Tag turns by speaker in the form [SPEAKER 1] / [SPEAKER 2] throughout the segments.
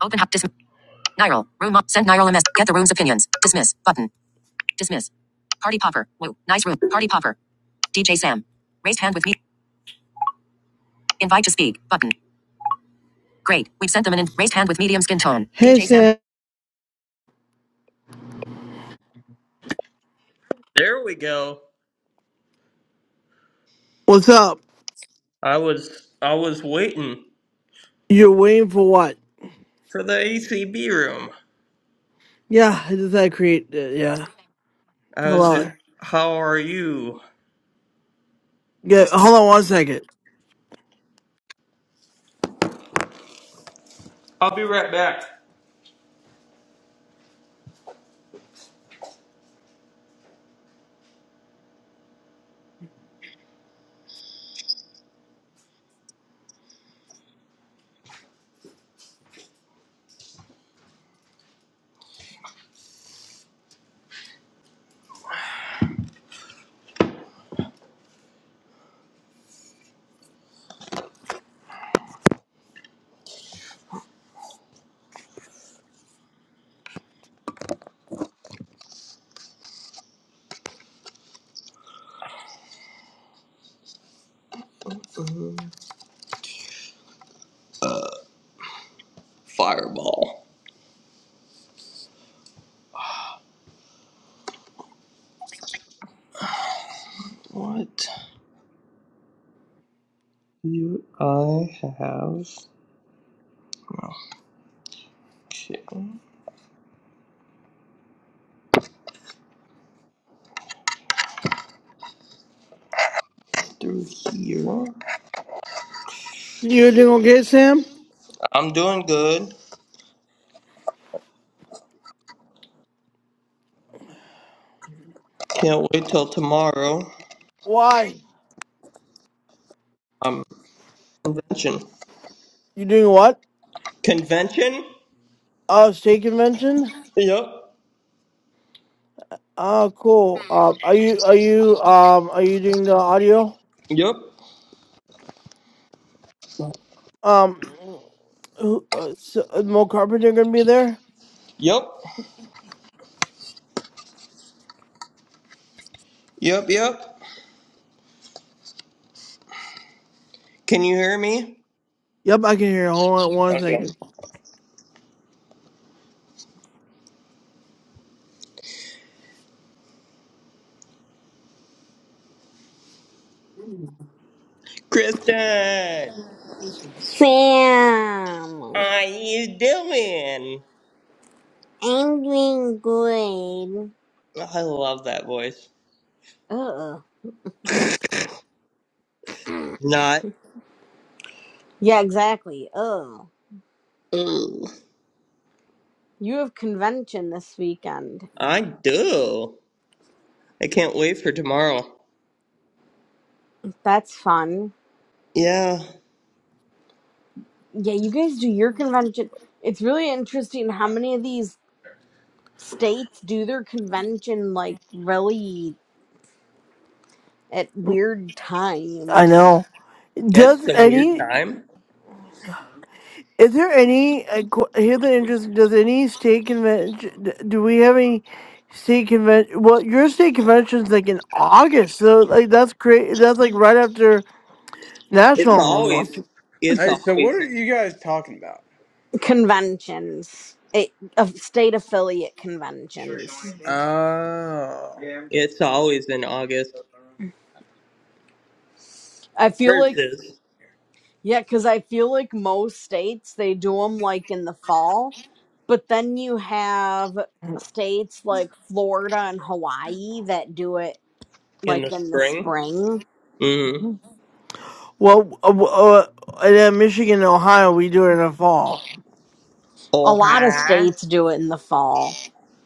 [SPEAKER 1] Open up. Dis- Niral. Room up. Send Niral a mess. Get the room's opinions. Dismiss. Button. Dismiss. Party popper. Woo. Nice room. Party popper. DJ Sam. Raised hand with me. Invite to speak. Button. Great. We've sent them an in- raised hand with medium skin tone. Hey, DJ Sam. Sam.
[SPEAKER 2] There we go.
[SPEAKER 1] What's up?
[SPEAKER 2] I was I was waiting
[SPEAKER 1] You're waiting for what?
[SPEAKER 2] for the ACB room.
[SPEAKER 1] Yeah, I just had to create. Uh, yeah.
[SPEAKER 2] I
[SPEAKER 1] Hold
[SPEAKER 2] was just,
[SPEAKER 1] on.
[SPEAKER 2] how are you?
[SPEAKER 1] Yeah, hold on one second.
[SPEAKER 2] I'll be right back. Mm, Fireball. What do I have? Okay, through here.
[SPEAKER 1] You doing okay, Sam?
[SPEAKER 2] I'm doing good. Can't wait till tomorrow.
[SPEAKER 1] Why?
[SPEAKER 2] Um, convention.
[SPEAKER 1] You doing what?
[SPEAKER 2] Convention?
[SPEAKER 1] Uh, state convention.
[SPEAKER 2] Yup.
[SPEAKER 1] Oh, cool. Uh, are you are you um are you doing the audio?
[SPEAKER 2] Yup.
[SPEAKER 1] Um, who, uh, so, uh, Mo Carpenter gonna be there?
[SPEAKER 2] Yup. Yup. Yup. Can you hear me?
[SPEAKER 1] Yep, I can hear. Hold on one
[SPEAKER 2] Okay.
[SPEAKER 1] second.
[SPEAKER 2] Kristen.
[SPEAKER 3] Sam,
[SPEAKER 2] Are you doing?
[SPEAKER 3] I'm doing good.
[SPEAKER 2] Oh, I love that voice.
[SPEAKER 3] Oh,
[SPEAKER 2] Not.
[SPEAKER 3] yeah, exactly. Oh,
[SPEAKER 2] Ooh.
[SPEAKER 3] you have convention this weekend.
[SPEAKER 2] I do. I can't wait for tomorrow.
[SPEAKER 3] That's fun.
[SPEAKER 2] Yeah.
[SPEAKER 3] Yeah, you guys do your convention. It's really interesting how many of these states do their convention like really at weird
[SPEAKER 1] I
[SPEAKER 3] times.
[SPEAKER 1] know.
[SPEAKER 2] That's
[SPEAKER 1] Does
[SPEAKER 2] the weird
[SPEAKER 1] any?
[SPEAKER 2] time.
[SPEAKER 1] Is there any? I qu- hear the interest. Does any state convention? Do we have any state convention? Well, your state convention's like in August, so like that's great. That's like right after national
[SPEAKER 2] It's always
[SPEAKER 1] almost.
[SPEAKER 2] it's always in
[SPEAKER 3] Conventions, it, of state affiliate conventions.
[SPEAKER 4] Oh.
[SPEAKER 2] it's always in August.
[SPEAKER 3] I feel
[SPEAKER 2] Ours
[SPEAKER 3] like.
[SPEAKER 2] is
[SPEAKER 3] Yeah, because I feel like most states they do them like in the fall, but then you have states like Florida and Hawaii that do it
[SPEAKER 2] in
[SPEAKER 3] like
[SPEAKER 2] the
[SPEAKER 3] in the
[SPEAKER 2] spring.
[SPEAKER 3] spring.
[SPEAKER 2] Mm.
[SPEAKER 1] Well, uh, uh, and then Michigan and Ohio, we do it in the fall.
[SPEAKER 3] A
[SPEAKER 2] Oh
[SPEAKER 3] lot of
[SPEAKER 2] hi.
[SPEAKER 3] states do it in the fall,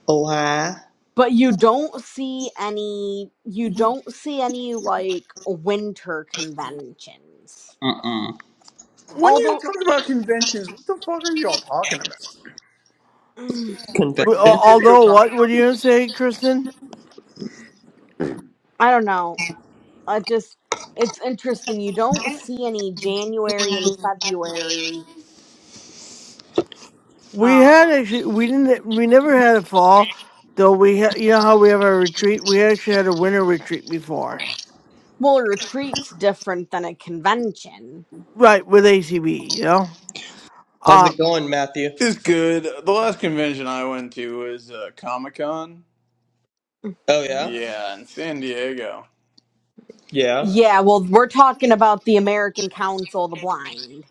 [SPEAKER 2] Oh hi.
[SPEAKER 3] but you don't see any, you don't see any like winter conventions.
[SPEAKER 2] Mm-mm.
[SPEAKER 4] When you
[SPEAKER 3] Although,
[SPEAKER 4] talk about conventions, what the fuck are y'all talking about?
[SPEAKER 3] mm,
[SPEAKER 4] Like
[SPEAKER 1] But, uh,
[SPEAKER 4] San
[SPEAKER 2] Convention.
[SPEAKER 4] Diego
[SPEAKER 1] although, what
[SPEAKER 4] Comic
[SPEAKER 1] were you
[SPEAKER 4] Con?
[SPEAKER 1] gonna say, Kristen?
[SPEAKER 3] I don't know. I just, it's interesting. You don't see any January and February.
[SPEAKER 1] We had
[SPEAKER 3] Um,
[SPEAKER 1] actually we didn't we never had a fall though we ha- you know how we have our retreat we actually had a winter retreat before
[SPEAKER 3] Well, a retreat's different than a convention.
[SPEAKER 1] right with ACB you know
[SPEAKER 2] How's
[SPEAKER 1] uh
[SPEAKER 2] it going, Matthew?
[SPEAKER 4] It's good. The last convention I went to was uh, Comic Con.
[SPEAKER 2] Oh yeah?
[SPEAKER 4] Yeah, in San Diego.
[SPEAKER 2] Yeah.
[SPEAKER 3] Yeah, well, we're talking about the American Council of the Blind.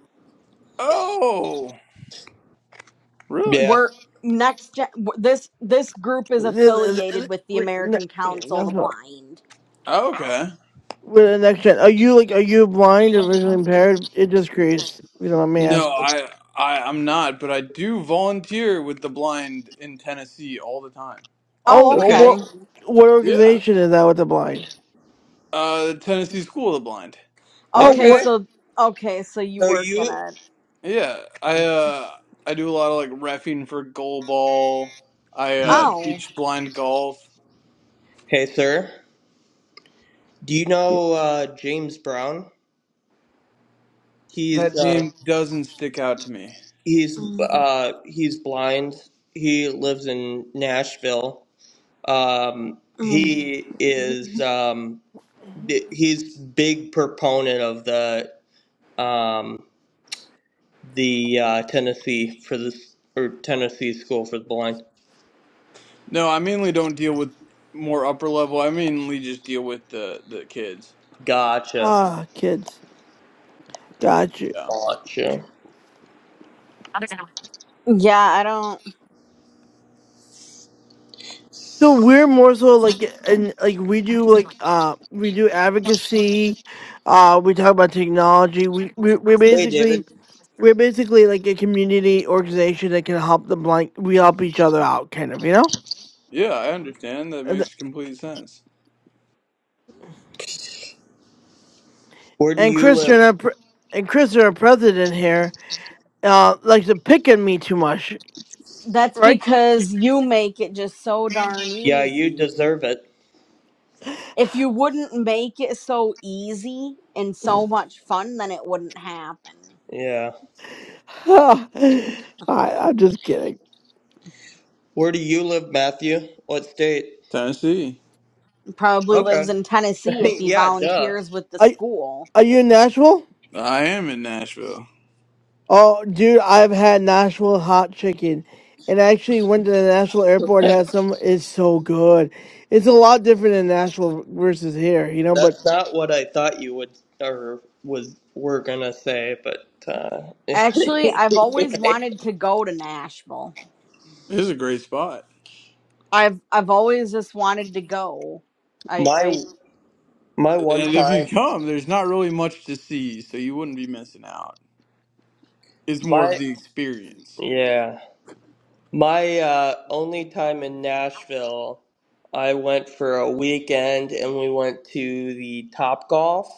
[SPEAKER 4] Oh, really?
[SPEAKER 2] Yeah.
[SPEAKER 3] We're next gen. w- This this group is
[SPEAKER 1] this,
[SPEAKER 3] affiliated
[SPEAKER 1] this-
[SPEAKER 3] with the
[SPEAKER 1] we- ne-
[SPEAKER 3] American Council of
[SPEAKER 1] that's
[SPEAKER 3] the
[SPEAKER 1] what
[SPEAKER 3] Blind.
[SPEAKER 4] Okay.
[SPEAKER 1] with the next gen are you like are you blind or visually impaired it just curious you know let me ask
[SPEAKER 4] No, I, I, I'm not, but I do volunteer with the blind in Tennessee all the time.
[SPEAKER 1] oh
[SPEAKER 3] Oh,
[SPEAKER 1] well,
[SPEAKER 2] Okay.
[SPEAKER 3] okay,
[SPEAKER 1] what what
[SPEAKER 4] Yeah.
[SPEAKER 1] organization is that with the blind
[SPEAKER 4] Uh, the Tennessee School of the Blind.
[SPEAKER 1] oh
[SPEAKER 3] okay.
[SPEAKER 2] Okay.
[SPEAKER 1] what
[SPEAKER 3] So okay, so you
[SPEAKER 2] So
[SPEAKER 3] work in
[SPEAKER 2] you
[SPEAKER 3] it.
[SPEAKER 4] Yeah, I uh I do a lot of like refing for goal ball. I uh
[SPEAKER 3] Oh,
[SPEAKER 4] teach blind golf.
[SPEAKER 2] Hey sir. Do you
[SPEAKER 1] yeah,
[SPEAKER 2] know uh, James Brown? He's
[SPEAKER 4] That
[SPEAKER 2] uh,
[SPEAKER 4] name doesn't stick out to me.
[SPEAKER 2] he's
[SPEAKER 3] Mm,
[SPEAKER 2] uh, he's blind. He lives in Nashville. Um,
[SPEAKER 3] mm.
[SPEAKER 2] he is um, b- he's big proponent of the um, the uh, Tennessee for this or Tennessee School for the Blind.
[SPEAKER 4] No, I mainly don't deal with more upper level. I mainly just deal with the the kids.
[SPEAKER 2] Gotcha,
[SPEAKER 1] ah kids got you
[SPEAKER 4] Yeah.
[SPEAKER 2] gotcha.
[SPEAKER 3] yeah. I don't.
[SPEAKER 1] So we're more so like and like we do like uh we do advocacy, uh we talk about technology. We we we're
[SPEAKER 2] Hey, David,
[SPEAKER 1] basically we're basically like a community organization that can help the like we help each other out kind of you know
[SPEAKER 4] Yeah, I understand. That
[SPEAKER 1] and
[SPEAKER 4] makes complete sense.
[SPEAKER 2] where do
[SPEAKER 1] and
[SPEAKER 2] you live?
[SPEAKER 1] Christian our pre- and Christian our president here uh likes to pick on me too much
[SPEAKER 3] That's
[SPEAKER 1] right
[SPEAKER 3] because you make it just so darn
[SPEAKER 2] Yeah, you
[SPEAKER 3] easy.
[SPEAKER 2] deserve it.
[SPEAKER 3] If you wouldn't make it so easy and so much fun, then it wouldn't happen.
[SPEAKER 2] Yeah,
[SPEAKER 1] I I'm just kidding
[SPEAKER 2] where do you live, Matthew? What state?
[SPEAKER 4] Tennessee.
[SPEAKER 3] probably
[SPEAKER 2] Okay.
[SPEAKER 3] lives in Tennessee if he
[SPEAKER 2] yeah, duh.
[SPEAKER 3] volunteers with the
[SPEAKER 1] I
[SPEAKER 3] school.
[SPEAKER 1] are you in Nashville
[SPEAKER 4] I am in Nashville.
[SPEAKER 1] Oh, dude, I've had Nashville hot chicken, and I actually went to the Nashville airport.
[SPEAKER 2] That's
[SPEAKER 1] Had some. It's so good. It's a lot different in Nashville versus here, you know. But
[SPEAKER 2] not what I thought you would or was were gonna say, but uh,
[SPEAKER 3] Actually, I've always wanted to go to Nashville.
[SPEAKER 4] It is a great spot.
[SPEAKER 3] I've I've always just wanted to go. I
[SPEAKER 2] my
[SPEAKER 3] I
[SPEAKER 2] my one
[SPEAKER 4] And if
[SPEAKER 2] time
[SPEAKER 4] you come, there's not really much to see, so you wouldn't be missing out. It's more of
[SPEAKER 2] my
[SPEAKER 4] the experience.
[SPEAKER 2] yeah my uh, only time in Nashville, I went for a weekend and we went to the Top Golf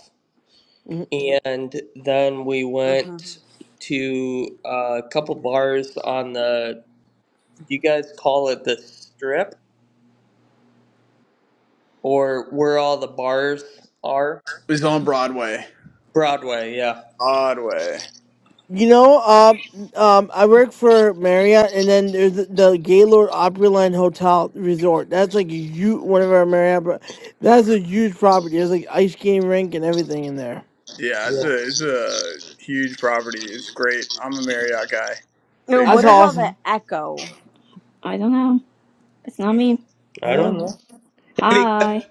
[SPEAKER 1] Mhm.
[SPEAKER 2] and then we went
[SPEAKER 3] mhm.
[SPEAKER 2] Mhm. to uh, a couple bars on the Do you guys call it the Strip or where all the bars are?
[SPEAKER 4] It's on Broadway.
[SPEAKER 2] Broadway, yeah.
[SPEAKER 4] Broadway.
[SPEAKER 1] you know, um, um, I work for Marriott, and then there's the, the Gaylord Opryland Hotel Resort. That's like a huge one of our Marriott. But that's a huge property. There's like ice skating rink and everything in there.
[SPEAKER 4] Yeah, it's
[SPEAKER 2] Yeah.
[SPEAKER 4] a it's a huge property. It's great. I'm a Marriott guy,
[SPEAKER 3] No,
[SPEAKER 4] big
[SPEAKER 1] That's
[SPEAKER 3] what is
[SPEAKER 4] Marriott.
[SPEAKER 3] all that
[SPEAKER 1] awesome.
[SPEAKER 3] echo?
[SPEAKER 5] I don't know. It's not me.
[SPEAKER 1] I
[SPEAKER 2] I don't know.
[SPEAKER 1] know.
[SPEAKER 2] Hey, Vika.
[SPEAKER 5] Hi.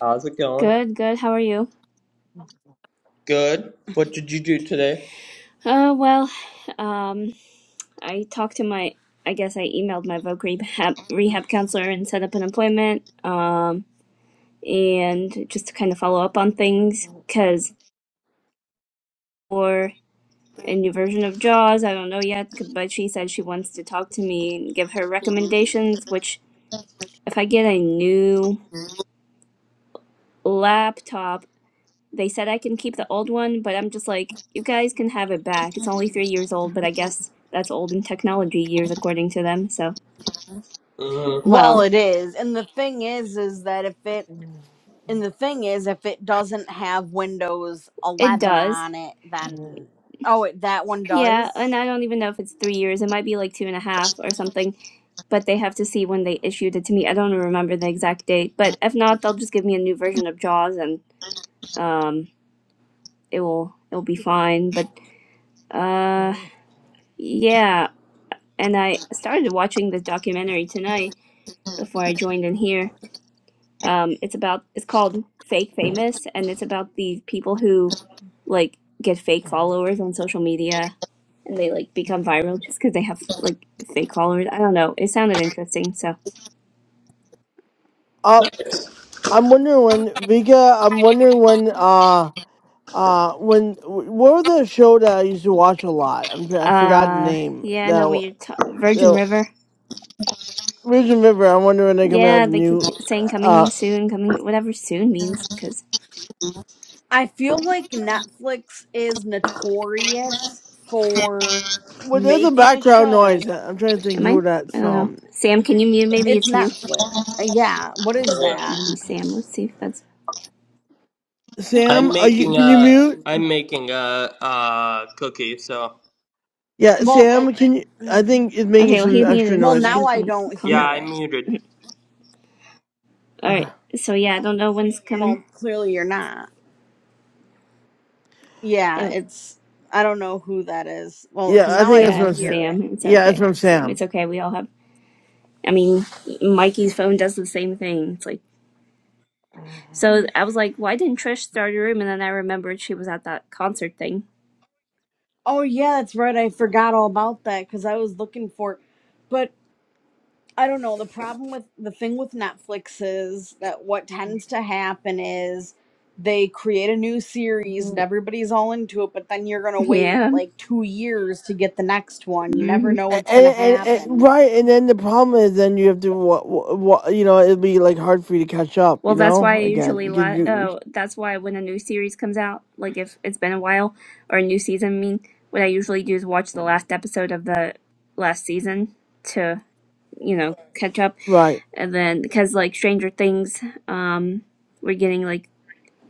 [SPEAKER 2] How's it going?
[SPEAKER 5] Good, good. How are you?
[SPEAKER 2] Good. What did you do today?
[SPEAKER 5] Uh, well, um, I talked to my, I guess I emailed my voc rehab, rehab counselor and set up an appointment. Um, and just to kind of follow up on things, because for a new version of Jaws, I don't know yet, c- but she said she wants to talk to me and give her recommendations, which if I get a new laptop, They said I can keep the old one, but I'm just like, you guys can have it back. It's only three years old, but I guess that's old in technology years, according to them. So,
[SPEAKER 2] Mm-hmm.
[SPEAKER 3] Well,
[SPEAKER 5] well,
[SPEAKER 3] it is. And the thing is is that if it and the thing is if it doesn't have Windows
[SPEAKER 5] it
[SPEAKER 3] 11
[SPEAKER 5] does.
[SPEAKER 3] on it, then oh, it, that one
[SPEAKER 5] Yeah, and
[SPEAKER 3] does.
[SPEAKER 5] I don't even know if it's three years. It might be like two and a half or something, but they have to see when they issued it to me. I don't remember the exact date, but if not, they'll just give me a new version of Jaws and um, it will it'll be fine. But uh, yeah, and I started watching this documentary tonight before I joined in here Um, it's about it's called Fake Famous, and it's about the people who like get fake followers on social media, and they like become viral just because they have like fake followers. I don't know. It sounded interesting, so
[SPEAKER 1] Uh, I'm wondering when Vika. I'm wondering when. uh. Uh, when what was that show that I used to watch a lot? I'm tr- I forgot the
[SPEAKER 5] uh,
[SPEAKER 1] name.
[SPEAKER 5] yeah.
[SPEAKER 1] That
[SPEAKER 5] No, when you're t- Virgin
[SPEAKER 1] the
[SPEAKER 5] River,
[SPEAKER 1] Virgin River. I wonder when they come out
[SPEAKER 5] yeah,
[SPEAKER 1] the
[SPEAKER 5] they keep
[SPEAKER 1] new.
[SPEAKER 5] saying
[SPEAKER 1] Uh,
[SPEAKER 5] coming soon, coming whatever soon means. Because
[SPEAKER 3] I feel like Netflix is notorious for
[SPEAKER 1] well, there's a
[SPEAKER 3] making a
[SPEAKER 1] background
[SPEAKER 3] show
[SPEAKER 1] noise. I- I'm trying to think
[SPEAKER 5] am I?
[SPEAKER 1] who that's
[SPEAKER 5] I don't know.
[SPEAKER 1] from.
[SPEAKER 5] Sam, can you mute? Maybe
[SPEAKER 3] It's
[SPEAKER 5] it's you.
[SPEAKER 3] Netflix. Uh, Yeah, what is that?
[SPEAKER 5] Maybe
[SPEAKER 2] Uh,
[SPEAKER 5] Sam. Let's see if that's
[SPEAKER 1] Sam,
[SPEAKER 2] I'm
[SPEAKER 1] are you?
[SPEAKER 2] making
[SPEAKER 1] Can you
[SPEAKER 2] a
[SPEAKER 1] mute?
[SPEAKER 2] I'm making a uh cookie, so
[SPEAKER 1] Yeah,
[SPEAKER 3] Well, it.
[SPEAKER 1] Sam. Can you? I
[SPEAKER 3] mm.
[SPEAKER 1] think it's making
[SPEAKER 5] okay. Well,
[SPEAKER 1] some
[SPEAKER 5] he's
[SPEAKER 1] extra
[SPEAKER 5] muted.
[SPEAKER 3] Well,
[SPEAKER 1] noise.
[SPEAKER 5] All right,
[SPEAKER 3] now
[SPEAKER 1] Can
[SPEAKER 3] I
[SPEAKER 5] come,
[SPEAKER 3] don't
[SPEAKER 5] calm
[SPEAKER 2] yeah,
[SPEAKER 5] down.
[SPEAKER 3] hear
[SPEAKER 2] I
[SPEAKER 3] it.
[SPEAKER 2] muted.
[SPEAKER 5] All
[SPEAKER 1] okay.
[SPEAKER 5] right. So yeah, I don't know when's coming.
[SPEAKER 3] Well, clearly you're not.
[SPEAKER 5] Anyway.
[SPEAKER 3] Yeah, it's. I don't know who that is. Well,
[SPEAKER 1] Yeah,
[SPEAKER 3] because
[SPEAKER 1] I
[SPEAKER 3] now
[SPEAKER 1] think
[SPEAKER 3] I
[SPEAKER 5] Yeah,
[SPEAKER 1] that's
[SPEAKER 5] I
[SPEAKER 3] don't
[SPEAKER 1] from
[SPEAKER 5] was
[SPEAKER 1] Sam.
[SPEAKER 3] hear it.
[SPEAKER 5] Sam. It's
[SPEAKER 1] Yeah, it's
[SPEAKER 5] okay.
[SPEAKER 1] from
[SPEAKER 5] Sam,
[SPEAKER 1] Sam.
[SPEAKER 5] it's okay. We all have. I mean, Mikey's phone does the same thing. It's like so. I was like, why didn't Trish start a room? And then I remembered she was at that concert thing.
[SPEAKER 3] Oh yeah, that's right. I forgot all about that because I was looking for. But. I don't know. The problem with the thing with Netflix is that what tends to happen is they create a new series and everybody's all into it, but then you're going to wait
[SPEAKER 5] Yeah.
[SPEAKER 3] like two years to get the next one. You never
[SPEAKER 5] hmm
[SPEAKER 3] know
[SPEAKER 1] And,
[SPEAKER 3] what's
[SPEAKER 1] and,
[SPEAKER 3] going to
[SPEAKER 1] and, and
[SPEAKER 3] happen.
[SPEAKER 1] right, and then the problem is, then you have to, what, what, you know, it'll be like hard for you to catch up,
[SPEAKER 5] Well,
[SPEAKER 1] you
[SPEAKER 5] that's why I
[SPEAKER 1] know, again,
[SPEAKER 5] usually
[SPEAKER 1] because
[SPEAKER 5] la-
[SPEAKER 1] you,
[SPEAKER 5] uh, that's why when a new series comes out, like if it's been a while or a new season, I mean, what I usually do is watch the last episode of the last season to you know catch up,
[SPEAKER 1] Right.
[SPEAKER 5] and then because like Stranger Things, um, we're getting like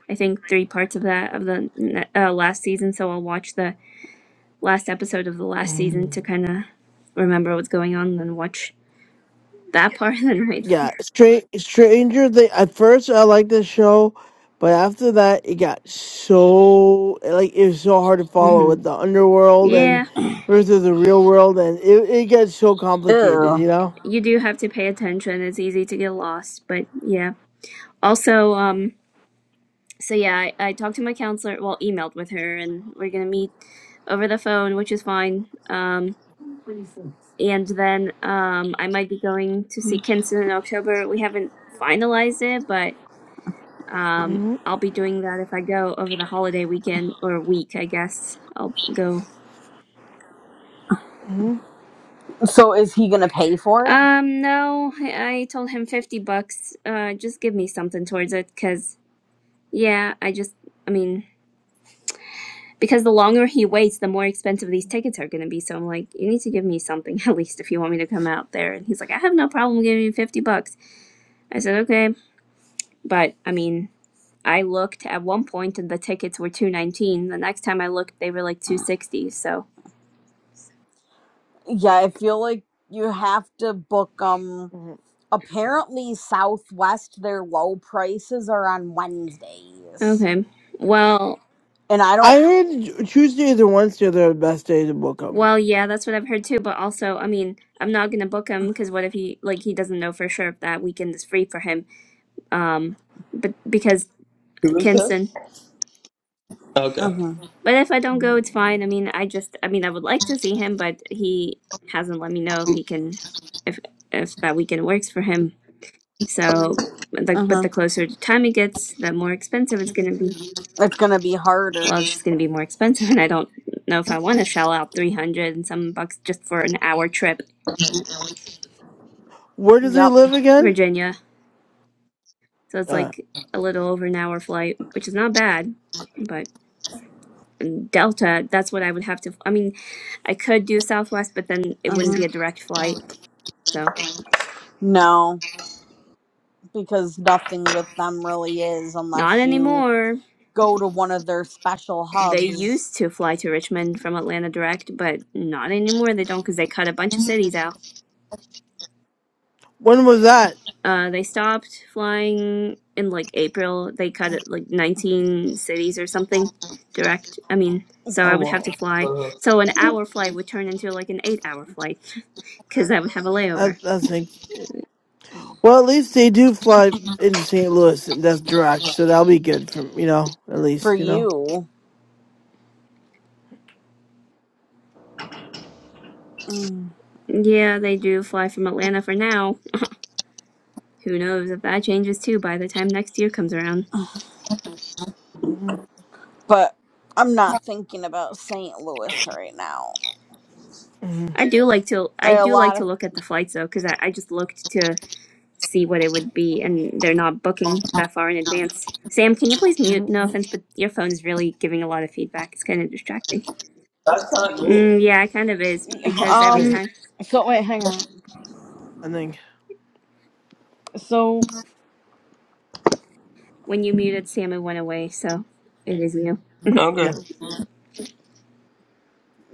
[SPEAKER 5] I think three parts of that of the uh, last season. So I'll watch the last episode of the last season to
[SPEAKER 1] Mhm.
[SPEAKER 5] kind of remember what's going on, and then watch that part, and then wait
[SPEAKER 1] Yeah.
[SPEAKER 5] for.
[SPEAKER 1] Straight Stranger Thing. At first, I liked the show, but after that, it got so like it was so hard to follow
[SPEAKER 5] hmm
[SPEAKER 1] with the underworld and
[SPEAKER 5] Yeah,
[SPEAKER 1] versus the real world, and it it gets so complicated, you
[SPEAKER 3] Ew.
[SPEAKER 1] know.
[SPEAKER 5] you do have to pay attention. It's easy to get lost, but yeah. Also, um, so yeah, I, I talked to my counselor. Well, emailed with her, and we're gonna meet over the phone, which is fine. Um, and then um, I might be going to see Kinston in October. We haven't finalized it, but Um,
[SPEAKER 1] hmm
[SPEAKER 5] I'll be doing that if I go over the holiday weekend or week, I guess. I'll go.
[SPEAKER 1] hmm
[SPEAKER 3] So is he going to pay for it?
[SPEAKER 5] Um, no, I, I told him 50 bucks. Uh, just give me something towards it, because, yeah, I just, I mean, because the longer he waits, the more expensive these tickets are going to be. So I'm like, you need to give me something, at least, if you want me to come out there. And he's like, I have no problem giving you 50 bucks. I said, okay. But, I mean, I looked at one point and the tickets were 219. The next time I looked, they were like 260. So,
[SPEAKER 3] Yeah, I feel like you have to book um apparently Southwest their low prices are on Wednesdays.
[SPEAKER 5] Okay. Well,
[SPEAKER 3] And I
[SPEAKER 1] I
[SPEAKER 3] don't
[SPEAKER 1] heard Ju- Tuesdays and Wednesdays are the best days to book them.
[SPEAKER 5] well, yeah, that's what I've heard too. But also, I mean, I'm not gonna book him because what if he like he doesn't know for sure if that weekend is free for him? Um, but because
[SPEAKER 2] Who is this?
[SPEAKER 5] Kinston.
[SPEAKER 2] Okay.
[SPEAKER 3] uh-huh.
[SPEAKER 5] But if I don't go, it's fine. I mean, I just, I mean, I would like to see him, but he hasn't let me know if he can, if if that weekend works for him. So, like, but
[SPEAKER 3] Uh-huh.
[SPEAKER 5] the closer the time it gets, the more expensive it's gonna be.
[SPEAKER 3] It's going to be harder.
[SPEAKER 5] Well, it's just gonna be more expensive, and I don't know if I want to shell out three hundred and some bucks just for an hour trip
[SPEAKER 1] Where does he
[SPEAKER 3] Yep.
[SPEAKER 1] live again?
[SPEAKER 5] Virginia. So it's
[SPEAKER 1] Uh,
[SPEAKER 5] like a little over an hour flight, which is not bad. But in Delta, that's what I would have to. I mean, I could do Southwest, but then it
[SPEAKER 3] Uh-huh.
[SPEAKER 5] wouldn't be a direct flight. So
[SPEAKER 3] No, because nothing with them really is
[SPEAKER 5] not
[SPEAKER 3] unless you
[SPEAKER 5] anymore.
[SPEAKER 3] go to one of their special
[SPEAKER 5] They used
[SPEAKER 3] hubs
[SPEAKER 5] to fly to Richmond from Atlanta direct, but not anymore. They don't because they cut a bunch of cities out.
[SPEAKER 1] when was that?
[SPEAKER 5] Uh, they stopped flying in like April. They cut it like 19 cities or something direct. I mean, so I
[SPEAKER 1] Oh
[SPEAKER 5] would have
[SPEAKER 1] well,
[SPEAKER 5] to fly.
[SPEAKER 2] Uh-huh.
[SPEAKER 5] So an hour flight would turn into like an eight hour flight because I would have a layover.
[SPEAKER 1] that, that's makes well. At least they do fly into St. Louis, and that's direct, so that'll be good for you know. At
[SPEAKER 3] for
[SPEAKER 1] least you know.
[SPEAKER 3] you. Mm.
[SPEAKER 5] Yeah, they do fly from Atlanta for now. Who knows if that changes too by the time next year comes around.
[SPEAKER 3] But I'm not thinking about St. Louis right now.
[SPEAKER 1] Mm-hmm.
[SPEAKER 5] I do like to
[SPEAKER 3] There
[SPEAKER 5] I
[SPEAKER 3] are a
[SPEAKER 5] do like
[SPEAKER 3] lot
[SPEAKER 5] to
[SPEAKER 3] of
[SPEAKER 5] look at the flights though because I, I just looked to see what it would be, and they're not booking that far in advance. Sam, can you please
[SPEAKER 1] hmm
[SPEAKER 5] mute? No offense, but your phone is really giving a lot of feedback. It's kind of distracting.
[SPEAKER 2] That's not
[SPEAKER 5] Mm,
[SPEAKER 2] me.
[SPEAKER 5] yeah, it kind of is
[SPEAKER 1] I,
[SPEAKER 5] because every
[SPEAKER 1] I
[SPEAKER 3] um.
[SPEAKER 5] time
[SPEAKER 3] So wait, hang on.
[SPEAKER 1] I think
[SPEAKER 3] So
[SPEAKER 5] when you muted Sam, it went away. So it is you.
[SPEAKER 2] Okay.
[SPEAKER 1] yeah.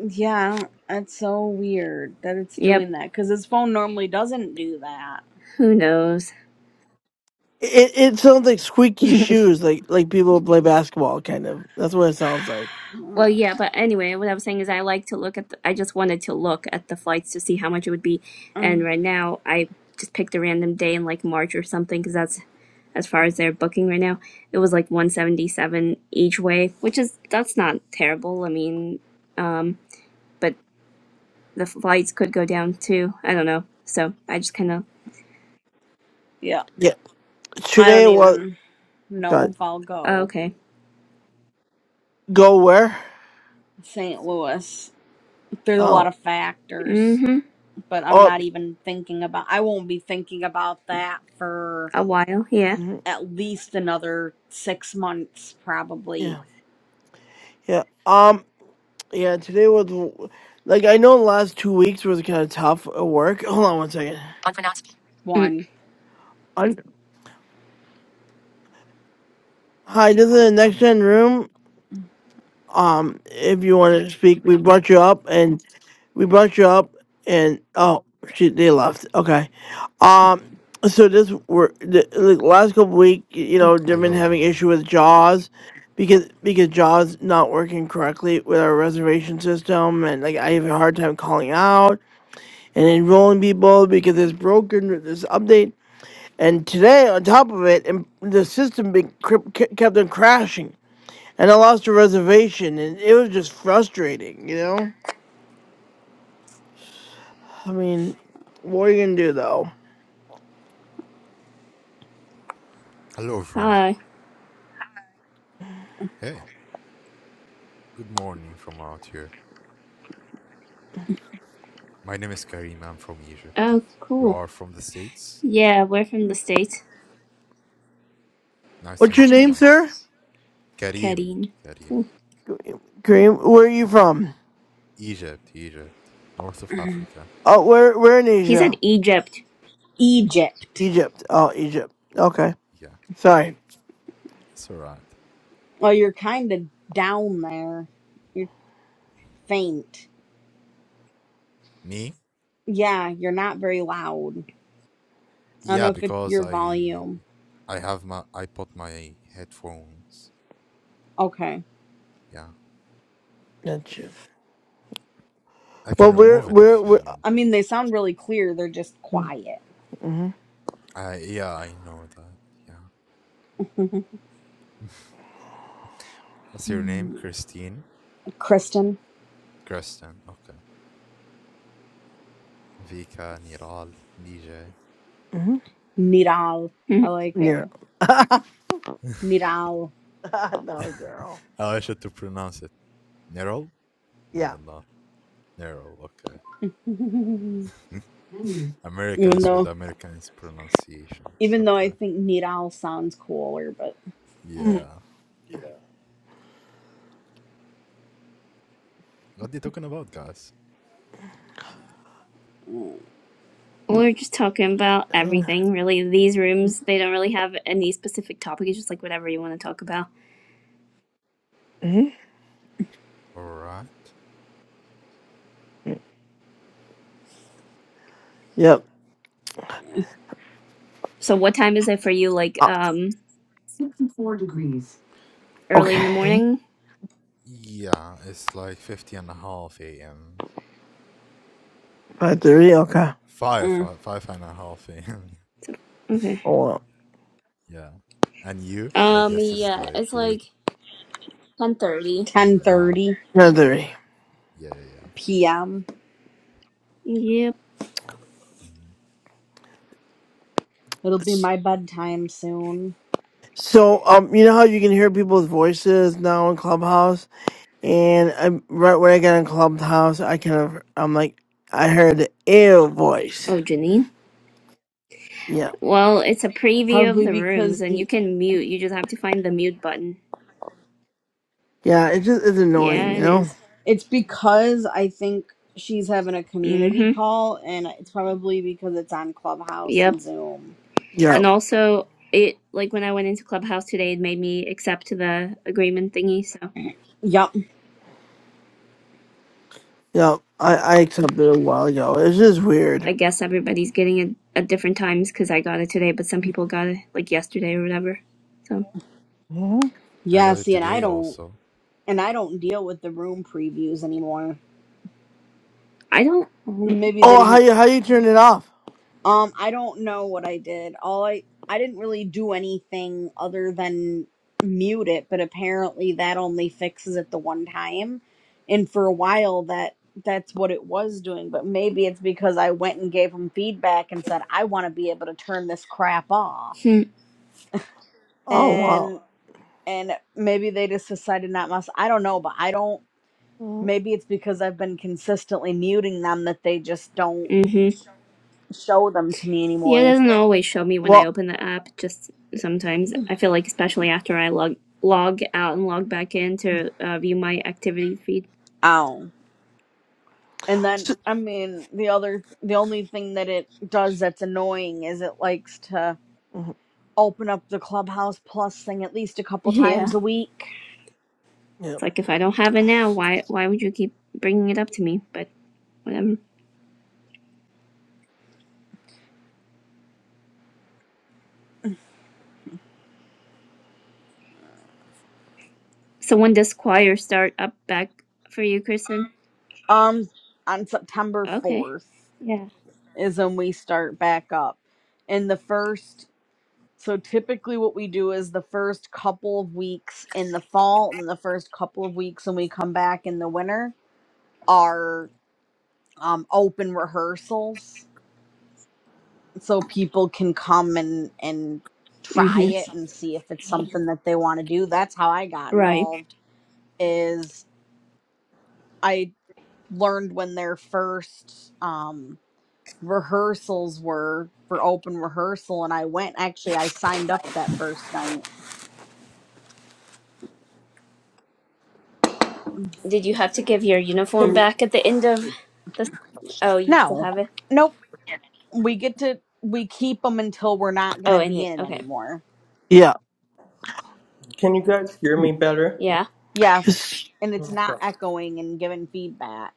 [SPEAKER 3] yeah, I don't- that's so weird that it's
[SPEAKER 5] Yep.
[SPEAKER 3] doing that because his phone normally doesn't do that.
[SPEAKER 5] Who knows?
[SPEAKER 1] It it sounds like squeaky shoes, like like people who play basketball, kind of. That's what it sounds like.
[SPEAKER 5] Well, yeah, but anyway, what I was saying is I like to look at the, I just wanted to look at the flights to see how much it would be. And right now, I just picked a random day in like March or something because that's as far as they're booking right now. It was like 177 each way, which is that's not terrible. I mean, um, but the flights could go down too. I don't know. So I just kind of
[SPEAKER 3] yeah,
[SPEAKER 1] Yeah.
[SPEAKER 3] I don't
[SPEAKER 1] Today was
[SPEAKER 3] even know
[SPEAKER 1] God
[SPEAKER 3] if I'll
[SPEAKER 5] oh,
[SPEAKER 3] go
[SPEAKER 5] okay.
[SPEAKER 1] go where?
[SPEAKER 3] St. Louis. There's a lot
[SPEAKER 1] Oh
[SPEAKER 3] of factors,
[SPEAKER 5] Mm-hmm.
[SPEAKER 3] but I'm
[SPEAKER 1] oh
[SPEAKER 3] not even thinking about I won't be thinking about that for
[SPEAKER 5] A while, yeah.
[SPEAKER 1] mhm,
[SPEAKER 3] at least another 6 months probably.
[SPEAKER 1] yeah yeah um yeah. Today was like I know the last two weeks was kind of tough at work. Hold on one second.
[SPEAKER 5] Mm.
[SPEAKER 3] One
[SPEAKER 1] Hi, this is the next gen room. Um, if you want to speak, we brought you up, and we brought you up, and oh, shoot, they left. Okay. Um, so this were the, like, the last couple week, y- you know, they've been
[SPEAKER 6] Hello,
[SPEAKER 1] having
[SPEAKER 6] Ron.
[SPEAKER 1] issue with Jaws because because Jaws not working correctly with our reservation system, and like I have a hard time calling out and enrolling people because it's broken with this update. And today, on top of it, and the system been, kept on crashing and I lost a reservation, and it was just frustrating, you know. I mean, what are you gonna do though?
[SPEAKER 6] Hello, Ron.
[SPEAKER 5] Hi.
[SPEAKER 6] Hey, good morning from out here. My name is Karim. I'm from Egypt.
[SPEAKER 5] Oh,
[SPEAKER 6] You
[SPEAKER 5] cool.
[SPEAKER 6] are from the States?
[SPEAKER 5] Yeah, we're from the States.
[SPEAKER 6] Nice to
[SPEAKER 1] What's your
[SPEAKER 6] meet you
[SPEAKER 1] name,
[SPEAKER 6] guys.
[SPEAKER 1] sir?
[SPEAKER 6] Karim,
[SPEAKER 5] Kadeen.
[SPEAKER 6] Karim.
[SPEAKER 5] Cool.
[SPEAKER 1] Kareem, where are you from?
[SPEAKER 6] Egypt, Egypt. North of Africa.
[SPEAKER 1] Oh, where where in
[SPEAKER 5] He said
[SPEAKER 1] Asia?
[SPEAKER 5] Egypt.
[SPEAKER 3] Egypt.
[SPEAKER 1] Egypt. Oh, Egypt. Okay,
[SPEAKER 6] Yeah,
[SPEAKER 1] sorry.
[SPEAKER 6] it's alright.
[SPEAKER 3] Well, you're kind of down there. You're faint.
[SPEAKER 6] Me?
[SPEAKER 3] Yeah, you're not very loud. I don't know
[SPEAKER 6] Yeah,
[SPEAKER 3] if it's
[SPEAKER 6] because
[SPEAKER 3] your
[SPEAKER 6] I
[SPEAKER 3] volume.
[SPEAKER 6] I have my I put my headphones.
[SPEAKER 3] Okay.
[SPEAKER 6] Yeah.
[SPEAKER 1] That's you.
[SPEAKER 6] I can
[SPEAKER 1] Well, where
[SPEAKER 6] remove it
[SPEAKER 1] where
[SPEAKER 6] if you
[SPEAKER 1] where?
[SPEAKER 6] need.
[SPEAKER 3] I mean, they sound really clear. They're just quiet.
[SPEAKER 1] Mm-hmm.
[SPEAKER 6] I yeah, I know that. Yeah. What's your name? Christine?
[SPEAKER 3] Kristen,
[SPEAKER 6] Kristen. Okay. Vika, Niral, DJ.
[SPEAKER 1] hmm
[SPEAKER 3] Nidal. I
[SPEAKER 5] Mhm.
[SPEAKER 3] like it.
[SPEAKER 1] Yeah.
[SPEAKER 3] Nidal.
[SPEAKER 1] no, they're all.
[SPEAKER 6] How I should to pronounce it? Nerol? I
[SPEAKER 1] Yeah.
[SPEAKER 6] don't know. Nerol, okay.
[SPEAKER 3] Even
[SPEAKER 1] Menu.
[SPEAKER 6] Americans
[SPEAKER 3] though
[SPEAKER 6] with Americans pronunciations.
[SPEAKER 3] Even though I
[SPEAKER 6] Okay.
[SPEAKER 3] think Night Owl sounds cooler, but
[SPEAKER 6] Yeah. What are you talking about, guys?
[SPEAKER 3] mm,
[SPEAKER 5] We're just talking about
[SPEAKER 1] Mm-hmm.
[SPEAKER 5] everything, really. These rooms, they don't really have any specific topic. It's just like whatever you want to talk about.
[SPEAKER 6] Alright.
[SPEAKER 1] Yep.
[SPEAKER 5] So what time is it for you? Like
[SPEAKER 1] Uh,
[SPEAKER 5] um
[SPEAKER 1] sixty-four degrees.
[SPEAKER 5] early in the
[SPEAKER 1] okay.
[SPEAKER 5] morning?
[SPEAKER 6] Yeah, it's like fifty and a half AM.
[SPEAKER 1] Five thirty. Okay.
[SPEAKER 6] Five,
[SPEAKER 3] eh.
[SPEAKER 6] five, five and a half AM.
[SPEAKER 5] So- Okay.
[SPEAKER 1] Hold on.
[SPEAKER 6] yeah. And you? I
[SPEAKER 5] Um
[SPEAKER 6] guess it's
[SPEAKER 5] yeah,
[SPEAKER 6] like
[SPEAKER 5] it's
[SPEAKER 6] late
[SPEAKER 5] like 10:30.
[SPEAKER 6] at
[SPEAKER 3] ten
[SPEAKER 6] night.
[SPEAKER 3] thirty
[SPEAKER 1] Nine thirty.
[SPEAKER 6] Yeah, yeah, yeah.
[SPEAKER 3] p.m.
[SPEAKER 5] Yep.
[SPEAKER 6] Mhm.
[SPEAKER 3] It'll be my bedtime soon.
[SPEAKER 1] So, um, you know how you can hear people's voices now in Clubhouse, and I, right when I got in Clubhouse, I kind of, I'm like, I heard the ew voice.
[SPEAKER 5] Oh, Janine.
[SPEAKER 1] Yeah,
[SPEAKER 5] Well, it's a preview of
[SPEAKER 3] Probably
[SPEAKER 5] the rooms
[SPEAKER 3] because
[SPEAKER 5] and you
[SPEAKER 3] the
[SPEAKER 5] can mute. You just have to find the mute button.
[SPEAKER 1] yeah, it's just it's
[SPEAKER 5] Yeah,
[SPEAKER 1] annoying, you
[SPEAKER 5] it
[SPEAKER 1] know.
[SPEAKER 5] is.
[SPEAKER 3] it's because I think she's having a community
[SPEAKER 5] Mhm.
[SPEAKER 3] call, and it's probably because it's on Clubhouse
[SPEAKER 5] Yep.
[SPEAKER 3] and Zoom.
[SPEAKER 1] Yeah,
[SPEAKER 5] And also it like when I went into Clubhouse today, it made me accept the agreement thingy, so
[SPEAKER 3] Yup.
[SPEAKER 1] yeah, I I accepted it a while ago. It's just weird.
[SPEAKER 5] I guess everybody's getting it at different times because I got it today, but some people got it like yesterday or whatever. So
[SPEAKER 1] hmm
[SPEAKER 6] I
[SPEAKER 3] Yeah.
[SPEAKER 6] got it
[SPEAKER 3] See, and I
[SPEAKER 6] today
[SPEAKER 3] don't
[SPEAKER 6] also.
[SPEAKER 3] and I don't deal with the room previews anymore.
[SPEAKER 5] I don't. Mm-hmm.
[SPEAKER 3] Maybe they
[SPEAKER 1] Oh, how
[SPEAKER 3] didn't
[SPEAKER 1] you how you turn it off?
[SPEAKER 3] Um, I don't know what I did. All I I didn't really do anything other than mute it, but apparently that only fixes it the one time. And for a while that that's what it was doing, but maybe it's because I went and gave him feedback and said I want to be able to turn this crap off.
[SPEAKER 1] Oh wow.
[SPEAKER 3] And and maybe they just decided not must. I don't know, but I don't
[SPEAKER 1] Mm,
[SPEAKER 3] maybe it's because I've been consistently muting them that they just don't show them to me
[SPEAKER 5] Yeah, it
[SPEAKER 3] anymore.
[SPEAKER 5] doesn't always show me when I
[SPEAKER 1] Well,
[SPEAKER 5] open the app. Just sometimes I feel like, especially after I log log out and log back in to uh, view my activity feed.
[SPEAKER 3] Oh. And then,
[SPEAKER 1] s-
[SPEAKER 3] I mean, the other, the only thing that it does that's annoying is it likes to
[SPEAKER 1] mhm,
[SPEAKER 3] open up the Clubhouse Plus thing at least a couple
[SPEAKER 5] Yeah.
[SPEAKER 3] times a week.
[SPEAKER 1] yeah,
[SPEAKER 5] It's like if I don't have it now, why why would you keep bringing it up to me? But whatever. So when does choir start up back for you, Kristen?
[SPEAKER 3] Um, on September
[SPEAKER 5] Okay.
[SPEAKER 3] 4th
[SPEAKER 5] Yeah.
[SPEAKER 3] is when we start back up. And the first, so typically what we do is the first couple of weeks in the fall and the first couple of weeks when we come back in the winter are um, open rehearsals so people can come and and try
[SPEAKER 5] Mm-hmm.
[SPEAKER 3] it and see if it's something that they want to do that's how i got
[SPEAKER 5] Right.
[SPEAKER 3] involved is i learned when their first um rehearsals were for open rehearsal and i went actually i signed up that first night
[SPEAKER 5] Did you have to give your uniform back at the end of the? Oh, you still
[SPEAKER 3] no
[SPEAKER 5] have it.
[SPEAKER 3] nope we get to we keep them until we're not going
[SPEAKER 5] Oh,
[SPEAKER 3] to
[SPEAKER 5] in
[SPEAKER 3] be
[SPEAKER 5] it.
[SPEAKER 3] in it
[SPEAKER 5] Okay.
[SPEAKER 3] anymore
[SPEAKER 1] yeah.
[SPEAKER 2] Can you guys hear me better?
[SPEAKER 5] Yeah.
[SPEAKER 3] yes
[SPEAKER 1] It's
[SPEAKER 3] and it's not
[SPEAKER 2] Okay.
[SPEAKER 3] echoing and giving feedback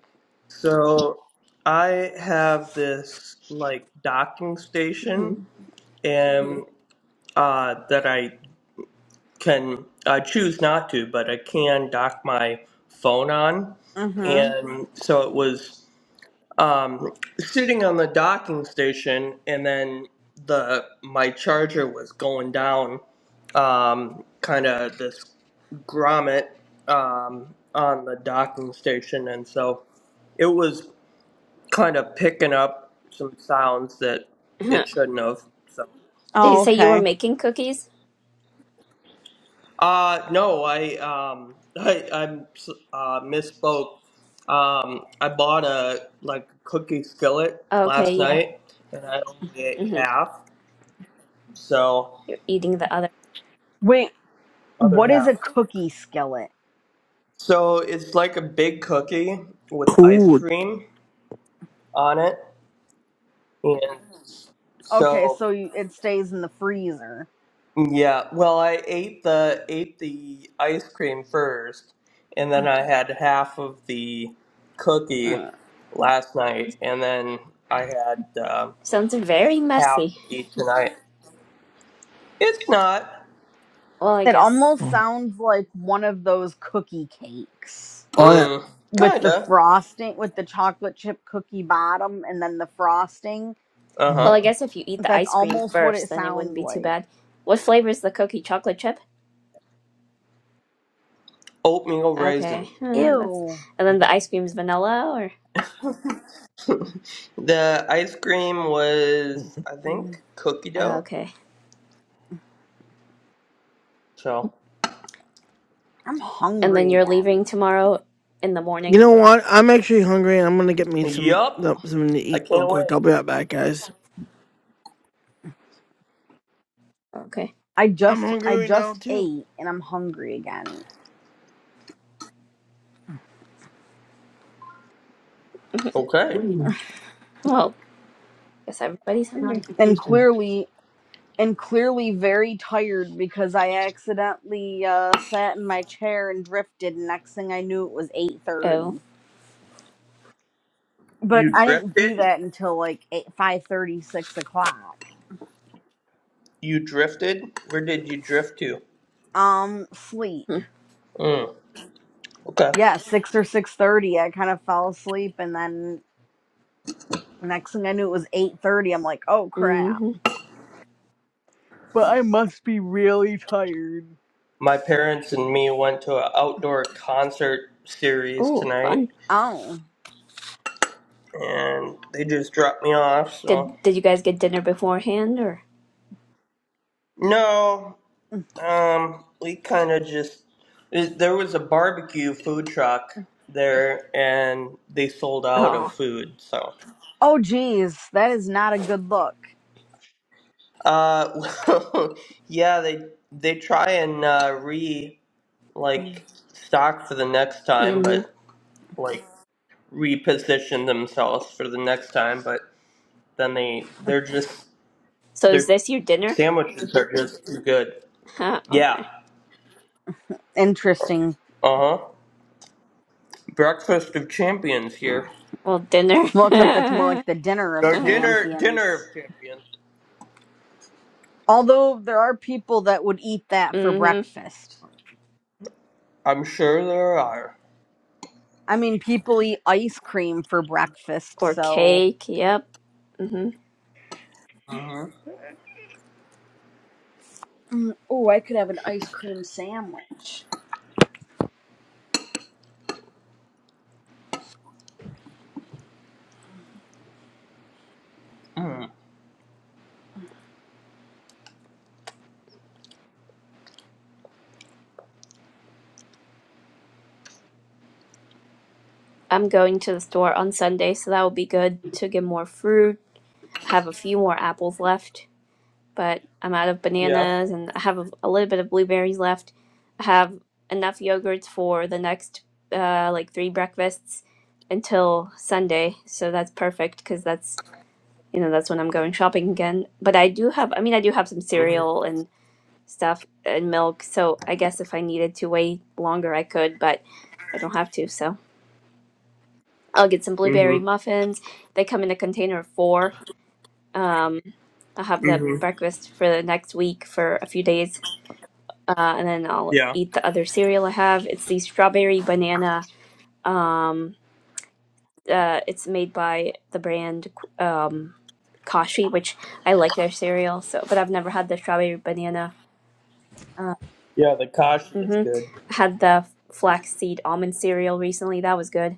[SPEAKER 2] So I have this like docking
[SPEAKER 5] hmm
[SPEAKER 2] station and uh that I can I choose not to, but I can dock my phone on.
[SPEAKER 3] mm-hmm
[SPEAKER 2] And so it was um, sitting on the docking station, and then the my charger was going down, um, kind of this grommet um, on the docking station, and so it was kind of picking up some sounds that it shouldn't have. So
[SPEAKER 5] Did you
[SPEAKER 3] oh
[SPEAKER 5] say you were
[SPEAKER 3] okay
[SPEAKER 5] making cookies?
[SPEAKER 2] Uh, no, I um, I I uh, misspoke. Um, I bought a like cookie skillet
[SPEAKER 5] Oh, Okay.
[SPEAKER 2] last
[SPEAKER 5] Yeah.
[SPEAKER 2] night, and I only ate
[SPEAKER 5] hmm
[SPEAKER 2] half. So
[SPEAKER 5] You're eating the other.
[SPEAKER 3] We.
[SPEAKER 2] other
[SPEAKER 3] What is a
[SPEAKER 2] half.
[SPEAKER 3] cookie skillet?
[SPEAKER 2] So it's like a big cookie with ice
[SPEAKER 1] cool.
[SPEAKER 2] cream on it, and
[SPEAKER 3] Okay,
[SPEAKER 2] so
[SPEAKER 3] so you, it stays in the freezer.
[SPEAKER 2] Yeah, well, I ate the ate the ice cream first, and then I had half of the cookie
[SPEAKER 3] Uh,
[SPEAKER 2] last night, and then I had uh,
[SPEAKER 5] Sounds very
[SPEAKER 2] half
[SPEAKER 5] messy.
[SPEAKER 2] to eat tonight. It's not,
[SPEAKER 5] Well, I
[SPEAKER 3] It
[SPEAKER 5] guess.
[SPEAKER 3] almost
[SPEAKER 1] Mm.
[SPEAKER 3] sounds like one of those cookie cakes
[SPEAKER 1] Oh yeah.
[SPEAKER 2] mm,
[SPEAKER 3] with the
[SPEAKER 2] kinda.
[SPEAKER 3] frosting, with the chocolate chip cookie bottom and then the frosting.
[SPEAKER 2] Uh
[SPEAKER 5] Well,
[SPEAKER 2] huh.
[SPEAKER 5] I guess if you eat the
[SPEAKER 3] That's
[SPEAKER 5] ice cream
[SPEAKER 3] almost what
[SPEAKER 5] first,
[SPEAKER 3] it
[SPEAKER 5] then it wouldn't
[SPEAKER 3] sounds
[SPEAKER 5] be too
[SPEAKER 3] like.
[SPEAKER 5] bad. What flavor is the cookie? Chocolate chip.
[SPEAKER 2] Oatmeal
[SPEAKER 5] Okay.
[SPEAKER 2] raisin.
[SPEAKER 5] Huh, that's.
[SPEAKER 3] Ew.
[SPEAKER 5] And then the ice cream is vanilla, or
[SPEAKER 2] The ice cream
[SPEAKER 1] Mhm.
[SPEAKER 2] was, I
[SPEAKER 3] Mm,
[SPEAKER 2] think, cookie
[SPEAKER 5] oh,
[SPEAKER 2] dough.
[SPEAKER 5] okay.
[SPEAKER 2] So,
[SPEAKER 3] I'm
[SPEAKER 5] And then
[SPEAKER 3] hungry
[SPEAKER 5] you're
[SPEAKER 3] again.
[SPEAKER 5] leaving tomorrow in the
[SPEAKER 1] You
[SPEAKER 5] morning.
[SPEAKER 1] know what? I'm actually hungry, and I'm gonna get me some
[SPEAKER 2] yup.
[SPEAKER 1] something to
[SPEAKER 2] I
[SPEAKER 1] eat real
[SPEAKER 2] can't
[SPEAKER 1] quick.
[SPEAKER 2] wait.
[SPEAKER 1] I'll be right back, guys.
[SPEAKER 5] Okay.
[SPEAKER 3] I
[SPEAKER 1] I'm
[SPEAKER 3] just
[SPEAKER 1] hungry
[SPEAKER 3] I
[SPEAKER 1] right now
[SPEAKER 3] just
[SPEAKER 1] too.
[SPEAKER 3] ate and I'm hungry again.
[SPEAKER 2] Okay.
[SPEAKER 5] Well, guess everybody's hungry.
[SPEAKER 3] And clearly and clearly very tired because I accidentally uh, sat in my chair and drifted. And next thing I knew, it was eight
[SPEAKER 5] Oh.
[SPEAKER 3] thirty. But
[SPEAKER 2] You
[SPEAKER 3] I didn't do
[SPEAKER 2] drifted.
[SPEAKER 3] that until like eight five thirty, six o'clock.
[SPEAKER 2] You drifted. Where did you drift to?
[SPEAKER 3] Um,
[SPEAKER 5] Hmm.
[SPEAKER 3] sleep.
[SPEAKER 2] Mm. Okay.
[SPEAKER 3] Yeah, six or six thirty. I kind of fell asleep, and then next thing I knew, it was eight thirty. I'm like, oh crap!
[SPEAKER 5] Mm-hmm.
[SPEAKER 3] But I must be really tired.
[SPEAKER 2] My parents and me went to an outdoor concert series
[SPEAKER 5] Oh,
[SPEAKER 2] tonight,
[SPEAKER 5] fun.
[SPEAKER 3] Oh.
[SPEAKER 2] and they just dropped me off. So
[SPEAKER 5] Did did you guys get dinner beforehand or?
[SPEAKER 2] no,
[SPEAKER 3] Mm.
[SPEAKER 2] um, we kind of just it- there was a barbecue food truck there, and they sold out of
[SPEAKER 5] Oh.
[SPEAKER 2] food. So
[SPEAKER 3] Oh, geez, that is not a good look.
[SPEAKER 2] uh, yeah, they they try and uh, re
[SPEAKER 3] Mm.
[SPEAKER 2] like stock for the next time,
[SPEAKER 5] Mm-hmm.
[SPEAKER 2] but like reposition themselves for the next time, but then they they're just
[SPEAKER 5] So is
[SPEAKER 2] Their
[SPEAKER 5] this your dinner?
[SPEAKER 2] sandwiches are just too good.
[SPEAKER 5] Huh,
[SPEAKER 2] Yeah.
[SPEAKER 5] okay.
[SPEAKER 3] Interesting.
[SPEAKER 2] Uh huh. Breakfast of champions here.
[SPEAKER 5] Well, dinner.
[SPEAKER 3] Well, except that's more like the dinner of
[SPEAKER 2] Or dinner, dinner
[SPEAKER 3] champions.
[SPEAKER 2] of champions.
[SPEAKER 3] Although there are people that would eat that for
[SPEAKER 5] mm-hmm.
[SPEAKER 3] breakfast.
[SPEAKER 2] I'm sure there are.
[SPEAKER 3] I mean, people eat ice cream for breakfast,
[SPEAKER 5] Or
[SPEAKER 3] so.
[SPEAKER 5] cake. Yep. Mm-hmm.
[SPEAKER 2] Uh huh.
[SPEAKER 3] Oh, I could have an ice cream sandwich.
[SPEAKER 2] Mm.
[SPEAKER 5] I'm going to the store on Sunday, so that will be good to get more fruit. have a few more apples left. but I'm out of
[SPEAKER 2] Yeah.
[SPEAKER 5] bananas and I have a, a little bit of blueberries left. I have enough yogurts for the next uh, like three breakfasts until Sunday, so that's perfect because that's you know that's when I'm going shopping again. But I do have, I mean, I do have some
[SPEAKER 2] Mm hmm.
[SPEAKER 5] cereal and stuff and milk, so I guess if I needed to wait longer, I could, but I don't have to, so. I'll get some blueberry
[SPEAKER 2] Mm
[SPEAKER 5] muffins. They come in a container of four. Um, I'll have
[SPEAKER 2] hmm.
[SPEAKER 5] that
[SPEAKER 2] hmm
[SPEAKER 5] breakfast for the next week for a few days uh, and then I'll
[SPEAKER 2] Yeah.
[SPEAKER 5] eat the other cereal I have. It's the strawberry banana. Uh, it's made by the brand um, Kashi, which I like their cereal. So, but I've never had the strawberry banana. Uh,
[SPEAKER 2] Yeah, the kashi is
[SPEAKER 5] mm-hmm.
[SPEAKER 2] good.
[SPEAKER 5] I had the flaxseed almond cereal recently. That was good,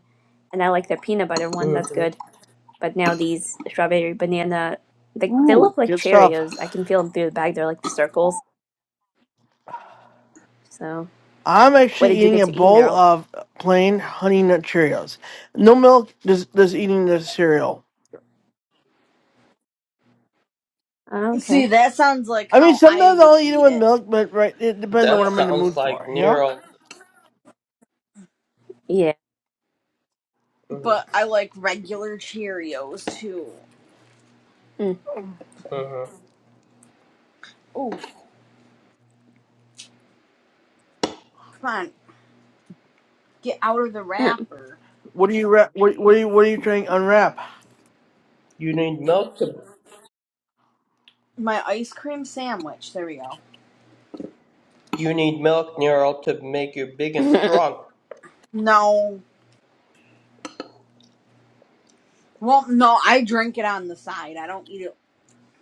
[SPEAKER 5] and I like their peanut butter one. That's
[SPEAKER 2] hmm
[SPEAKER 5] good. But now these strawberry banana, they they
[SPEAKER 1] Ooh,
[SPEAKER 5] look like
[SPEAKER 1] good stuff.
[SPEAKER 5] Cheerios. I can feel them through the bag. They're like the circles. So,
[SPEAKER 1] I'm
[SPEAKER 5] what
[SPEAKER 1] actually
[SPEAKER 5] did you
[SPEAKER 1] eating
[SPEAKER 5] get
[SPEAKER 1] a
[SPEAKER 5] to eat,
[SPEAKER 1] bowl
[SPEAKER 5] Neural?
[SPEAKER 1] of plain honey nut Cheerios. No milk. Just just eating the cereal.
[SPEAKER 5] Okay.
[SPEAKER 3] See, that sounds like
[SPEAKER 1] I mean,
[SPEAKER 3] how I
[SPEAKER 1] sometimes
[SPEAKER 3] would
[SPEAKER 1] I'll eat it
[SPEAKER 3] eat
[SPEAKER 1] with
[SPEAKER 3] it,
[SPEAKER 1] milk, but right, it depends on
[SPEAKER 2] That
[SPEAKER 1] what
[SPEAKER 3] but
[SPEAKER 1] I'm in the
[SPEAKER 2] sounds
[SPEAKER 1] mood
[SPEAKER 2] like
[SPEAKER 1] for. You know?
[SPEAKER 2] Nero.
[SPEAKER 5] Yeah.
[SPEAKER 3] but
[SPEAKER 2] Mm-hmm.
[SPEAKER 3] I like regular Cheerios too.
[SPEAKER 2] Mm-hmm.
[SPEAKER 3] Oh, come on, get out of the
[SPEAKER 5] Mm.
[SPEAKER 3] wrapper.
[SPEAKER 1] What do you wrap? What, what are you What are you trying to unwrap?
[SPEAKER 2] You need milk to
[SPEAKER 3] My ice cream sandwich. There we go.
[SPEAKER 2] you need milk, Nero, to make you big and strong.
[SPEAKER 3] No, well, no, I drink it on the side. I don't eat it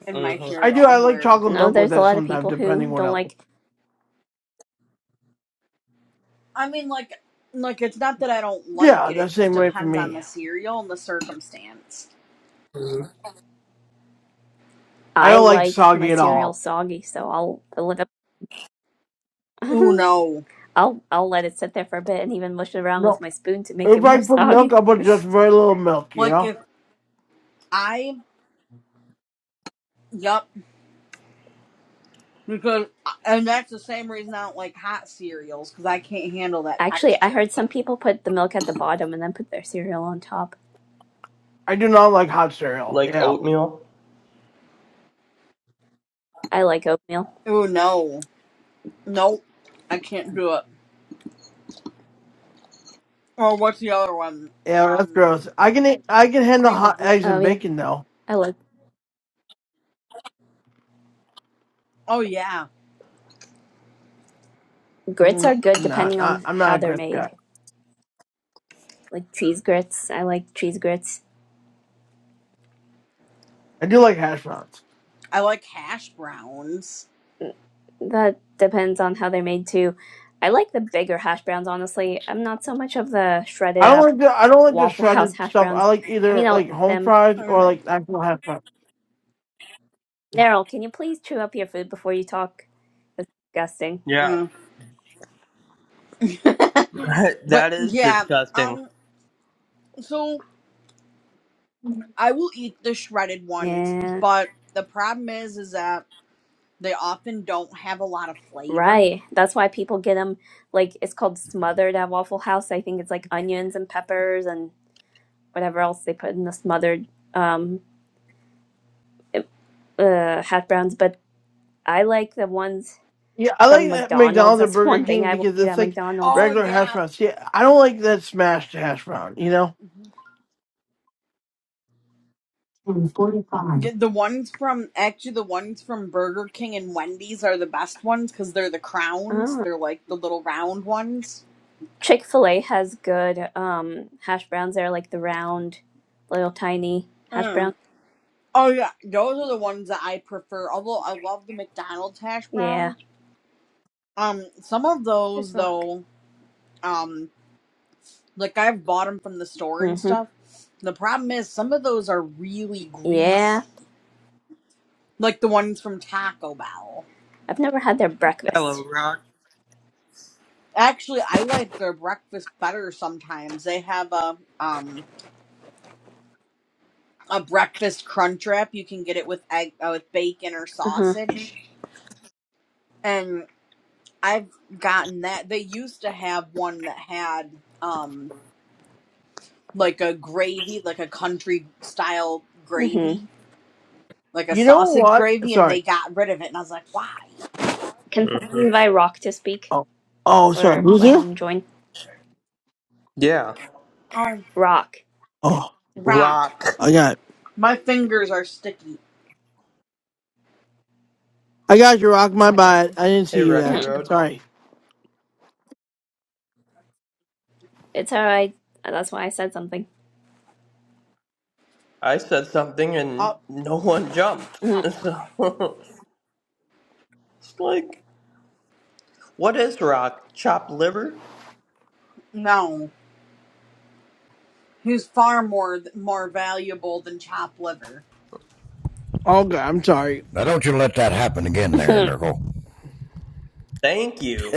[SPEAKER 3] in my
[SPEAKER 2] Mm-hmm.
[SPEAKER 1] I do.
[SPEAKER 3] cereal.
[SPEAKER 1] I
[SPEAKER 3] I'm
[SPEAKER 1] like
[SPEAKER 3] weird.
[SPEAKER 1] chocolate
[SPEAKER 5] No,
[SPEAKER 1] milk with
[SPEAKER 5] there's a
[SPEAKER 1] that
[SPEAKER 5] lot of
[SPEAKER 1] sometimes,
[SPEAKER 5] people
[SPEAKER 1] depending
[SPEAKER 5] who
[SPEAKER 1] what I
[SPEAKER 5] don't
[SPEAKER 1] like.
[SPEAKER 5] like.
[SPEAKER 3] I mean, like, like it's not that I don't like
[SPEAKER 1] Yeah,
[SPEAKER 3] it. It
[SPEAKER 1] that's the
[SPEAKER 3] just
[SPEAKER 1] same way for
[SPEAKER 3] depends on
[SPEAKER 1] me.
[SPEAKER 3] the cereal and the circumstance.
[SPEAKER 1] I
[SPEAKER 5] I
[SPEAKER 1] don't like
[SPEAKER 5] like my
[SPEAKER 1] soggy at
[SPEAKER 5] cereal
[SPEAKER 1] all.
[SPEAKER 5] soggy, so I'll let it,
[SPEAKER 3] Oh no!
[SPEAKER 5] I'll I'll let it sit there for a bit and even mush it around
[SPEAKER 1] No.
[SPEAKER 5] with my spoon to make it
[SPEAKER 1] If
[SPEAKER 5] more
[SPEAKER 1] I put milk,
[SPEAKER 5] soggy.
[SPEAKER 1] i put just very little milk. You
[SPEAKER 3] Like
[SPEAKER 1] know,
[SPEAKER 3] if I, yup, because and that's the same reason I don't like hot cereals because I can't handle that
[SPEAKER 5] Actually, I
[SPEAKER 3] texture.
[SPEAKER 5] heard some people put the milk at the bottom and then put their cereal on top.
[SPEAKER 1] I do not like hot cereal.
[SPEAKER 2] Like
[SPEAKER 1] Yeah,
[SPEAKER 2] oatmeal.
[SPEAKER 5] I like oatmeal.
[SPEAKER 3] Oh no, nope, I can't do it. Or what's the other one?
[SPEAKER 1] yeah, that's
[SPEAKER 3] Um,
[SPEAKER 1] gross. I can eat, I can handle
[SPEAKER 3] cream of
[SPEAKER 1] hot eggs
[SPEAKER 3] wheat.
[SPEAKER 5] Oh
[SPEAKER 1] and
[SPEAKER 5] yeah,
[SPEAKER 1] bacon though.
[SPEAKER 5] I like
[SPEAKER 3] Oh yeah,
[SPEAKER 1] Mm,
[SPEAKER 5] grits are
[SPEAKER 1] No,
[SPEAKER 5] good
[SPEAKER 1] not
[SPEAKER 5] depending
[SPEAKER 1] not
[SPEAKER 5] on
[SPEAKER 1] I'm not
[SPEAKER 5] how
[SPEAKER 1] a
[SPEAKER 5] they're
[SPEAKER 1] grits guy.
[SPEAKER 5] made. Like cheese grits, I like cheese grits.
[SPEAKER 1] I do
[SPEAKER 3] Mm.
[SPEAKER 1] like hash browns.
[SPEAKER 3] I like hash browns.
[SPEAKER 5] That depends on how they're made too. I like the bigger hash browns, honestly. I'm not so much of the shredded
[SPEAKER 1] I don't
[SPEAKER 5] up
[SPEAKER 1] like the I don't like the
[SPEAKER 5] Waffle House
[SPEAKER 1] shredded
[SPEAKER 5] hash
[SPEAKER 1] stuff. I
[SPEAKER 5] browns.
[SPEAKER 1] like
[SPEAKER 5] I
[SPEAKER 1] either
[SPEAKER 5] mean, I'll
[SPEAKER 1] like
[SPEAKER 5] eat
[SPEAKER 1] home
[SPEAKER 5] them,
[SPEAKER 1] fries or
[SPEAKER 3] Mm,
[SPEAKER 5] but
[SPEAKER 1] like actual hash browns. Yeah,
[SPEAKER 5] Neryl, can you please chew up your food before you talk? That's disgusting.
[SPEAKER 2] Yeah.
[SPEAKER 3] mm. but
[SPEAKER 2] that is
[SPEAKER 3] yeah,
[SPEAKER 2] disgusting.
[SPEAKER 3] um, so I will eat the shredded ones,
[SPEAKER 5] Yeah,
[SPEAKER 3] but the problem is, is that they often don't have a lot of flavor.
[SPEAKER 5] right. That's why people get them like it's called smothered at Waffle House. I think it's like onions and peppers and whatever else they put in the smothered um uh hash browns, but I like the ones
[SPEAKER 1] yeah. I like
[SPEAKER 5] from
[SPEAKER 1] that
[SPEAKER 5] McDonald's.
[SPEAKER 1] McDonald's or
[SPEAKER 5] That's
[SPEAKER 1] Burger
[SPEAKER 5] one thing
[SPEAKER 1] King
[SPEAKER 5] I will
[SPEAKER 1] because
[SPEAKER 5] eat
[SPEAKER 1] it's
[SPEAKER 5] at
[SPEAKER 1] like
[SPEAKER 5] McDonald's.
[SPEAKER 3] Oh
[SPEAKER 1] regular hash
[SPEAKER 3] yeah.
[SPEAKER 1] browns. Yeah, I don't like that smashed hash brown. You know.
[SPEAKER 3] Yeah, the ones from actually the ones from Burger King and Wendy's are the best ones because they're the crowns.
[SPEAKER 5] Oh.
[SPEAKER 3] They're like the little round ones.
[SPEAKER 5] Chick-fil-A has good um hash browns. They're like the round little tiny hash browns.
[SPEAKER 3] Mm. Oh yeah, those are the ones that I prefer. Although I love the McDonald's hash
[SPEAKER 5] Yeah.
[SPEAKER 3] browns. Um, some of
[SPEAKER 5] There's
[SPEAKER 3] those
[SPEAKER 5] rock.
[SPEAKER 3] though, um, like I've bought them from the store and
[SPEAKER 5] Moroccan. hmm
[SPEAKER 3] stuff. The problem is some of those are really greasy
[SPEAKER 5] Yeah.
[SPEAKER 3] like the ones from Taco Bell.
[SPEAKER 5] I've never had their
[SPEAKER 2] Hello,
[SPEAKER 5] breakfast.
[SPEAKER 2] Ron.
[SPEAKER 3] Actually, I like their breakfast better sometimes. They have a um a breakfast crunch wrap. You can get it with egg uh, with bacon or
[SPEAKER 5] Uh-huh.
[SPEAKER 3] sausage. And I've gotten that. They used to have one that had um like a gravy, like a country style
[SPEAKER 5] hmm
[SPEAKER 3] gravy, like a
[SPEAKER 1] You know
[SPEAKER 3] sausage
[SPEAKER 1] what?
[SPEAKER 3] gravy, and
[SPEAKER 1] Sorry.
[SPEAKER 3] they got rid of it. And I was like, why?
[SPEAKER 5] Can someone
[SPEAKER 2] Mhm.
[SPEAKER 5] invite Rock to speak?
[SPEAKER 1] Oh, oh, sorry.
[SPEAKER 5] Or
[SPEAKER 1] Who's
[SPEAKER 5] let
[SPEAKER 1] here?
[SPEAKER 5] him join?
[SPEAKER 2] Yeah.
[SPEAKER 3] Oh,
[SPEAKER 5] Rock.
[SPEAKER 1] Oh,
[SPEAKER 3] rock.
[SPEAKER 2] Rock.
[SPEAKER 1] I got
[SPEAKER 3] My fingers are sticky.
[SPEAKER 1] I got you, Rock. My bad. I didn't
[SPEAKER 2] Hey,
[SPEAKER 1] see you
[SPEAKER 2] Rocky
[SPEAKER 1] there.
[SPEAKER 5] Mm.
[SPEAKER 2] Road.
[SPEAKER 1] Sorry.
[SPEAKER 5] It's alright. That's why I said something.
[SPEAKER 2] I said something and
[SPEAKER 1] Oh,
[SPEAKER 2] no one jumped. So it's like, what is rock? Chopped liver?
[SPEAKER 3] No. who's far more more valuable than chopped liver.
[SPEAKER 1] oh God, I'm sorry.
[SPEAKER 7] Now don't you let that happen again there,
[SPEAKER 5] Mm-hmm.
[SPEAKER 7] Nurgle.
[SPEAKER 2] Thank you.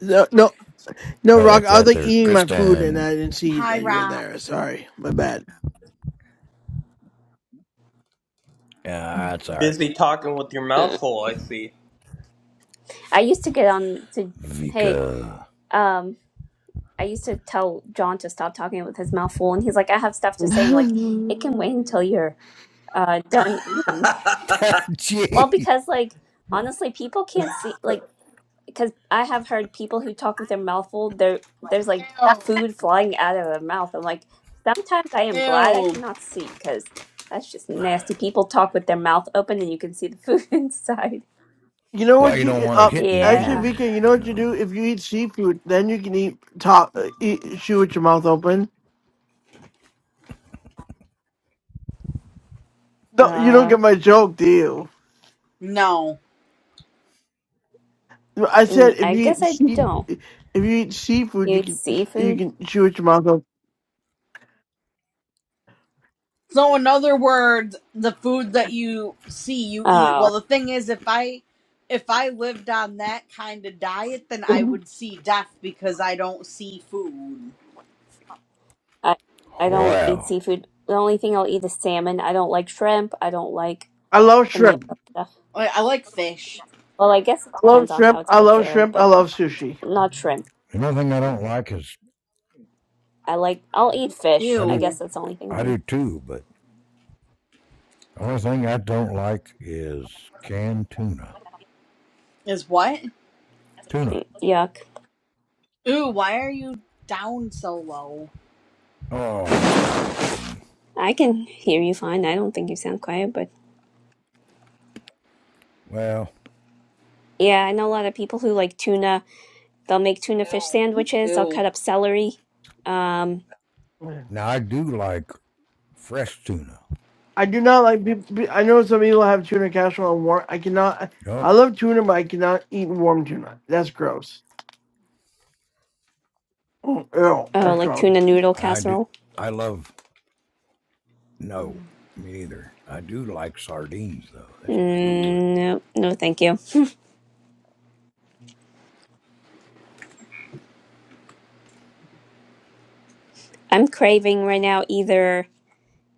[SPEAKER 1] No, no, no,
[SPEAKER 7] Hey, like
[SPEAKER 1] Rock. I was
[SPEAKER 7] that
[SPEAKER 1] like
[SPEAKER 7] there.
[SPEAKER 1] eating my food and
[SPEAKER 7] Kristen.
[SPEAKER 1] I didn't see
[SPEAKER 3] High
[SPEAKER 1] that you were
[SPEAKER 3] rock.
[SPEAKER 1] there. Sorry, my bad.
[SPEAKER 7] Yeah, that's all right.
[SPEAKER 2] Busy talking with your mouth full, I see.
[SPEAKER 5] I used to get on to hey,
[SPEAKER 7] Vika.
[SPEAKER 5] um, I used to tell John to stop talking with his mouth full, and he's like, I have stuff to say. I'm
[SPEAKER 1] you
[SPEAKER 5] like, it can wait until you're uh done eating. Well,
[SPEAKER 7] Gee.
[SPEAKER 5] because like honestly, people can't see like because I have heard people who talk with their mouth full, there there's like food flying out of their mouth. I'm like, sometimes I am glad I
[SPEAKER 3] Ew.
[SPEAKER 5] cannot see because that's just nasty. People talk with their mouth open and you can see the food inside.
[SPEAKER 1] know
[SPEAKER 7] Well,
[SPEAKER 1] what
[SPEAKER 7] you don't
[SPEAKER 1] you
[SPEAKER 7] want it
[SPEAKER 1] uh
[SPEAKER 7] hitting you
[SPEAKER 1] actually,
[SPEAKER 5] Yeah.
[SPEAKER 7] either,
[SPEAKER 1] Vika, you know
[SPEAKER 7] you
[SPEAKER 1] what you
[SPEAKER 7] know.
[SPEAKER 1] do? If you eat seafood, then you can eat top uh, eat shoe with your mouth open. No, you don't get
[SPEAKER 5] Uh,
[SPEAKER 1] my joke, do you?
[SPEAKER 3] No.
[SPEAKER 1] No, I
[SPEAKER 5] mm,
[SPEAKER 1] said if
[SPEAKER 5] I
[SPEAKER 1] you
[SPEAKER 5] guess
[SPEAKER 1] eat
[SPEAKER 5] I
[SPEAKER 1] sea,
[SPEAKER 5] don't.
[SPEAKER 1] if you eat seafood,
[SPEAKER 5] You
[SPEAKER 1] you
[SPEAKER 5] eat
[SPEAKER 1] can you
[SPEAKER 5] seafood?
[SPEAKER 1] can chew with your mouth
[SPEAKER 3] So in other words, the food that you see you eat.
[SPEAKER 5] Oh,
[SPEAKER 3] Well, the thing is, if I if I lived on that kind of diet, then I
[SPEAKER 1] open.
[SPEAKER 3] would see death because I don't see food.
[SPEAKER 5] I I don't eat
[SPEAKER 7] Wow.
[SPEAKER 5] seafood. The only thing I'll eat is salmon. I don't like shrimp. I don't like
[SPEAKER 1] I love
[SPEAKER 5] any of
[SPEAKER 1] shrimp.
[SPEAKER 5] that stuff.
[SPEAKER 3] I, I like fish.
[SPEAKER 5] Well, I guess it
[SPEAKER 1] I love
[SPEAKER 5] depends on how
[SPEAKER 1] shrimp.
[SPEAKER 5] it's
[SPEAKER 1] I love
[SPEAKER 5] prepared,
[SPEAKER 1] shrimp. I
[SPEAKER 5] but
[SPEAKER 1] love sushi.
[SPEAKER 5] not shrimp.
[SPEAKER 7] The only thing I don't like is
[SPEAKER 5] I like I'll eat fish.
[SPEAKER 7] I
[SPEAKER 5] I
[SPEAKER 7] do
[SPEAKER 5] guess
[SPEAKER 3] Ew.
[SPEAKER 5] that's the only thing
[SPEAKER 7] I
[SPEAKER 5] I'll
[SPEAKER 7] do
[SPEAKER 5] eat.
[SPEAKER 7] too, but the only thing I don't like is canned tuna.
[SPEAKER 3] Is what?
[SPEAKER 7] Tuna.
[SPEAKER 5] Mm, Yuck.
[SPEAKER 3] Ew. Why are you down so low?
[SPEAKER 7] Oh, this stupid thing.
[SPEAKER 5] I can hear you fine. I don't think you sound quiet, but
[SPEAKER 7] Well,
[SPEAKER 5] yeah, I know a lot of people who like tuna. They'll make tuna fish sandwiches. They'll
[SPEAKER 3] Ew.
[SPEAKER 5] cut up celery. Um,
[SPEAKER 1] I
[SPEAKER 7] now I do like fresh tuna.
[SPEAKER 1] do not like people. I know some people have tuna casserole and warm. I cannot.
[SPEAKER 7] No,
[SPEAKER 1] I love tuna, but I cannot eat warm tuna. That's gross. Mm, Ew,
[SPEAKER 5] oh,
[SPEAKER 1] that's
[SPEAKER 5] like
[SPEAKER 1] gross.
[SPEAKER 5] tuna noodle
[SPEAKER 7] I do
[SPEAKER 5] casserole.
[SPEAKER 7] I love No, me neither. I do like sardines though. That's good.
[SPEAKER 5] Mm, no, no, thank you. I'm craving right now either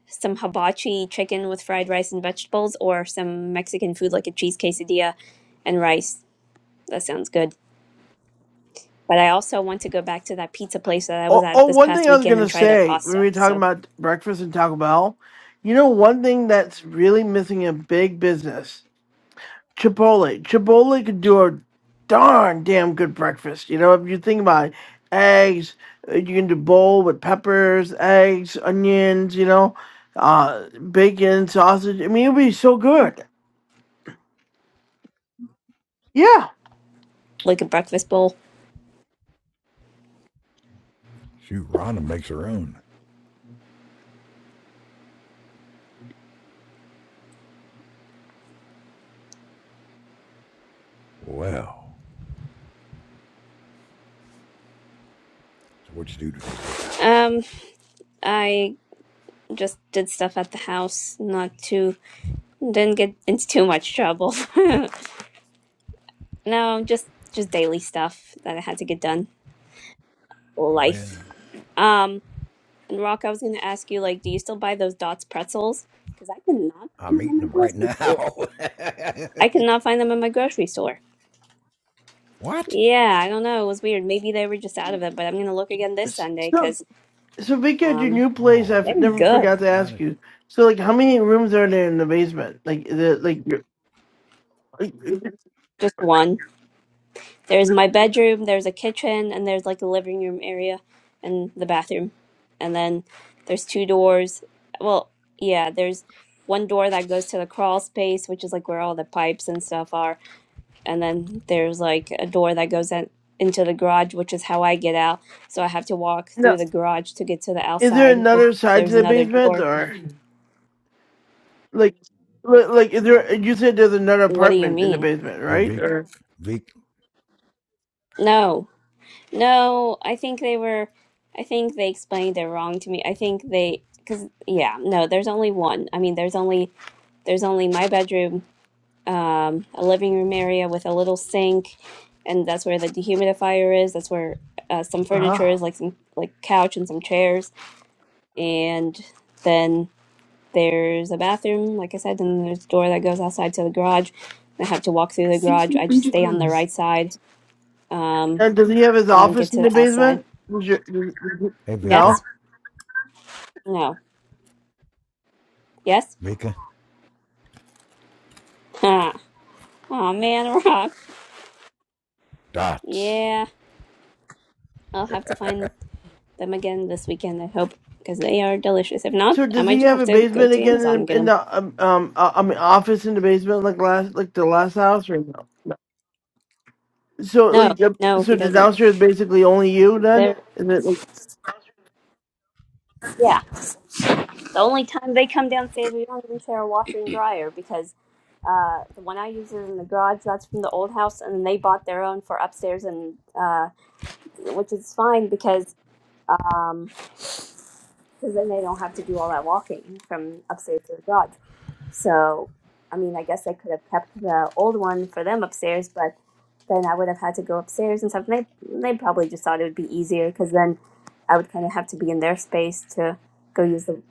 [SPEAKER 5] some hibachi chicken with fried rice and vegetables or some Mexican food like a cheese quesadilla and rice. That sounds good. But I also want to go back to that pizza place that I was
[SPEAKER 1] Oh,
[SPEAKER 5] at
[SPEAKER 1] oh,
[SPEAKER 5] this
[SPEAKER 1] one
[SPEAKER 5] past
[SPEAKER 1] thing I was
[SPEAKER 5] weekend and
[SPEAKER 1] gonna
[SPEAKER 5] try their
[SPEAKER 1] say when we
[SPEAKER 5] pasta.
[SPEAKER 1] were talking
[SPEAKER 5] So,
[SPEAKER 1] about breakfast and Taco Bell, you know, one thing that's really missing in big business. Chipotle. Chipotle could do a darn damn good breakfast. You know, if you think about it, eggs, uh, you can do bowl with peppers, eggs, onions, you know, uh, bacon, sausage. I mean, it'd be so good. Yeah.
[SPEAKER 5] like a breakfast bowl.
[SPEAKER 7] Shoot, Rhonda makes her own. Well, so what you do today, Vika?
[SPEAKER 5] Um, I just did stuff at the house, not too, didn't get into too much trouble. no, just, just daily stuff that I had to get done.
[SPEAKER 7] Oh yeah,
[SPEAKER 5] Life. Um, and Rock, I was going to ask you, like, do you still buy those Dots pretzels? Because I could not find
[SPEAKER 7] I'm
[SPEAKER 5] them in
[SPEAKER 7] eating
[SPEAKER 5] my
[SPEAKER 7] them right
[SPEAKER 5] grocery store.
[SPEAKER 7] now.
[SPEAKER 5] I could not find them in my grocery store.
[SPEAKER 7] what?
[SPEAKER 5] Yeah, I don't know. It was weird. Maybe they were just out of it, but I'm going to look again this
[SPEAKER 1] S-
[SPEAKER 5] Sunday
[SPEAKER 1] So,
[SPEAKER 5] because.
[SPEAKER 1] so Vic, at your new place, I
[SPEAKER 7] Oh
[SPEAKER 5] They
[SPEAKER 1] f-
[SPEAKER 5] were
[SPEAKER 1] never
[SPEAKER 7] man,
[SPEAKER 5] good.
[SPEAKER 1] forgot
[SPEAKER 7] you
[SPEAKER 1] to ask
[SPEAKER 7] gotta.
[SPEAKER 1] you. So, like, how many rooms are there in the basement? Like, is it like your-
[SPEAKER 5] Just one. There's my bedroom, there's a kitchen, and there's like a living room area and the bathroom. And then there's two doors. Well, yeah, there's one door that goes to the crawl space, which is like where all the pipes and stuff are. And then there's like a door that goes in, into the garage, which is how I get out. So I have to walk
[SPEAKER 1] no?
[SPEAKER 5] through the garage to get to the
[SPEAKER 1] Is there
[SPEAKER 5] outside, which
[SPEAKER 1] another side to
[SPEAKER 5] there's
[SPEAKER 1] the
[SPEAKER 5] another
[SPEAKER 1] basement,
[SPEAKER 5] door.
[SPEAKER 1] or like, li- like, is there? You said there's another
[SPEAKER 5] What do you
[SPEAKER 1] apartment in the
[SPEAKER 5] mean?
[SPEAKER 1] basement,
[SPEAKER 7] Hey,
[SPEAKER 1] right?
[SPEAKER 7] Vika,
[SPEAKER 1] Or
[SPEAKER 7] Vika,
[SPEAKER 5] No, No, I think they were. I think they explained it wrong to me. I think they, because yeah, no, there's only one. I mean, there's only there's only my bedroom, um, a living room area with a little sink, and that's where the dehumidifier is. That's where uh, some
[SPEAKER 1] Uh-huh.
[SPEAKER 5] furniture is, like some like couch and some chairs, and then there's a bathroom, like I said, and there's a door that goes outside to the garage. I have to walk through the garage. I just stay on the right side, um,
[SPEAKER 1] And does he have his
[SPEAKER 7] hey,
[SPEAKER 5] and
[SPEAKER 1] office
[SPEAKER 5] get to
[SPEAKER 1] in the
[SPEAKER 5] the outside.
[SPEAKER 1] basement? Does your- does- does-
[SPEAKER 7] hey,
[SPEAKER 5] Yes.
[SPEAKER 7] Vika,
[SPEAKER 1] no.
[SPEAKER 5] No. Yes?
[SPEAKER 7] Vika,
[SPEAKER 5] Huh. Aw, man, rock.
[SPEAKER 7] dots.
[SPEAKER 5] Yeah. I'll have to find them again this weekend, I hope, because they are delicious. If not,
[SPEAKER 1] So
[SPEAKER 5] I
[SPEAKER 1] does
[SPEAKER 5] might
[SPEAKER 1] he
[SPEAKER 5] just
[SPEAKER 1] have
[SPEAKER 5] have
[SPEAKER 1] a
[SPEAKER 5] to go
[SPEAKER 1] basement
[SPEAKER 5] to
[SPEAKER 1] again
[SPEAKER 5] Amazon
[SPEAKER 1] in,
[SPEAKER 5] and get
[SPEAKER 1] in
[SPEAKER 5] them.
[SPEAKER 1] the um, um uh, I mean office in the basement like last like the last house or no? no. So
[SPEAKER 5] No,
[SPEAKER 1] like the,
[SPEAKER 5] no,
[SPEAKER 1] so
[SPEAKER 5] he
[SPEAKER 1] the
[SPEAKER 5] doesn't.
[SPEAKER 1] downstairs is basically only you then?
[SPEAKER 5] They're,
[SPEAKER 1] Is it like,
[SPEAKER 5] yeah. The only time they come downstairs, we don't even share a washer and dryer because uh, the one I use is in the garage. That's from the old house, and they bought their own for upstairs, and uh, which is fine because. Um, because then they don't have to do all that walking from upstairs to the garage. So, I mean, I guess I could have kept the old one for them upstairs, but then I would have had to go upstairs and stuff. And they they probably just thought it would be easier because then I would kind of have to be in their space to go use the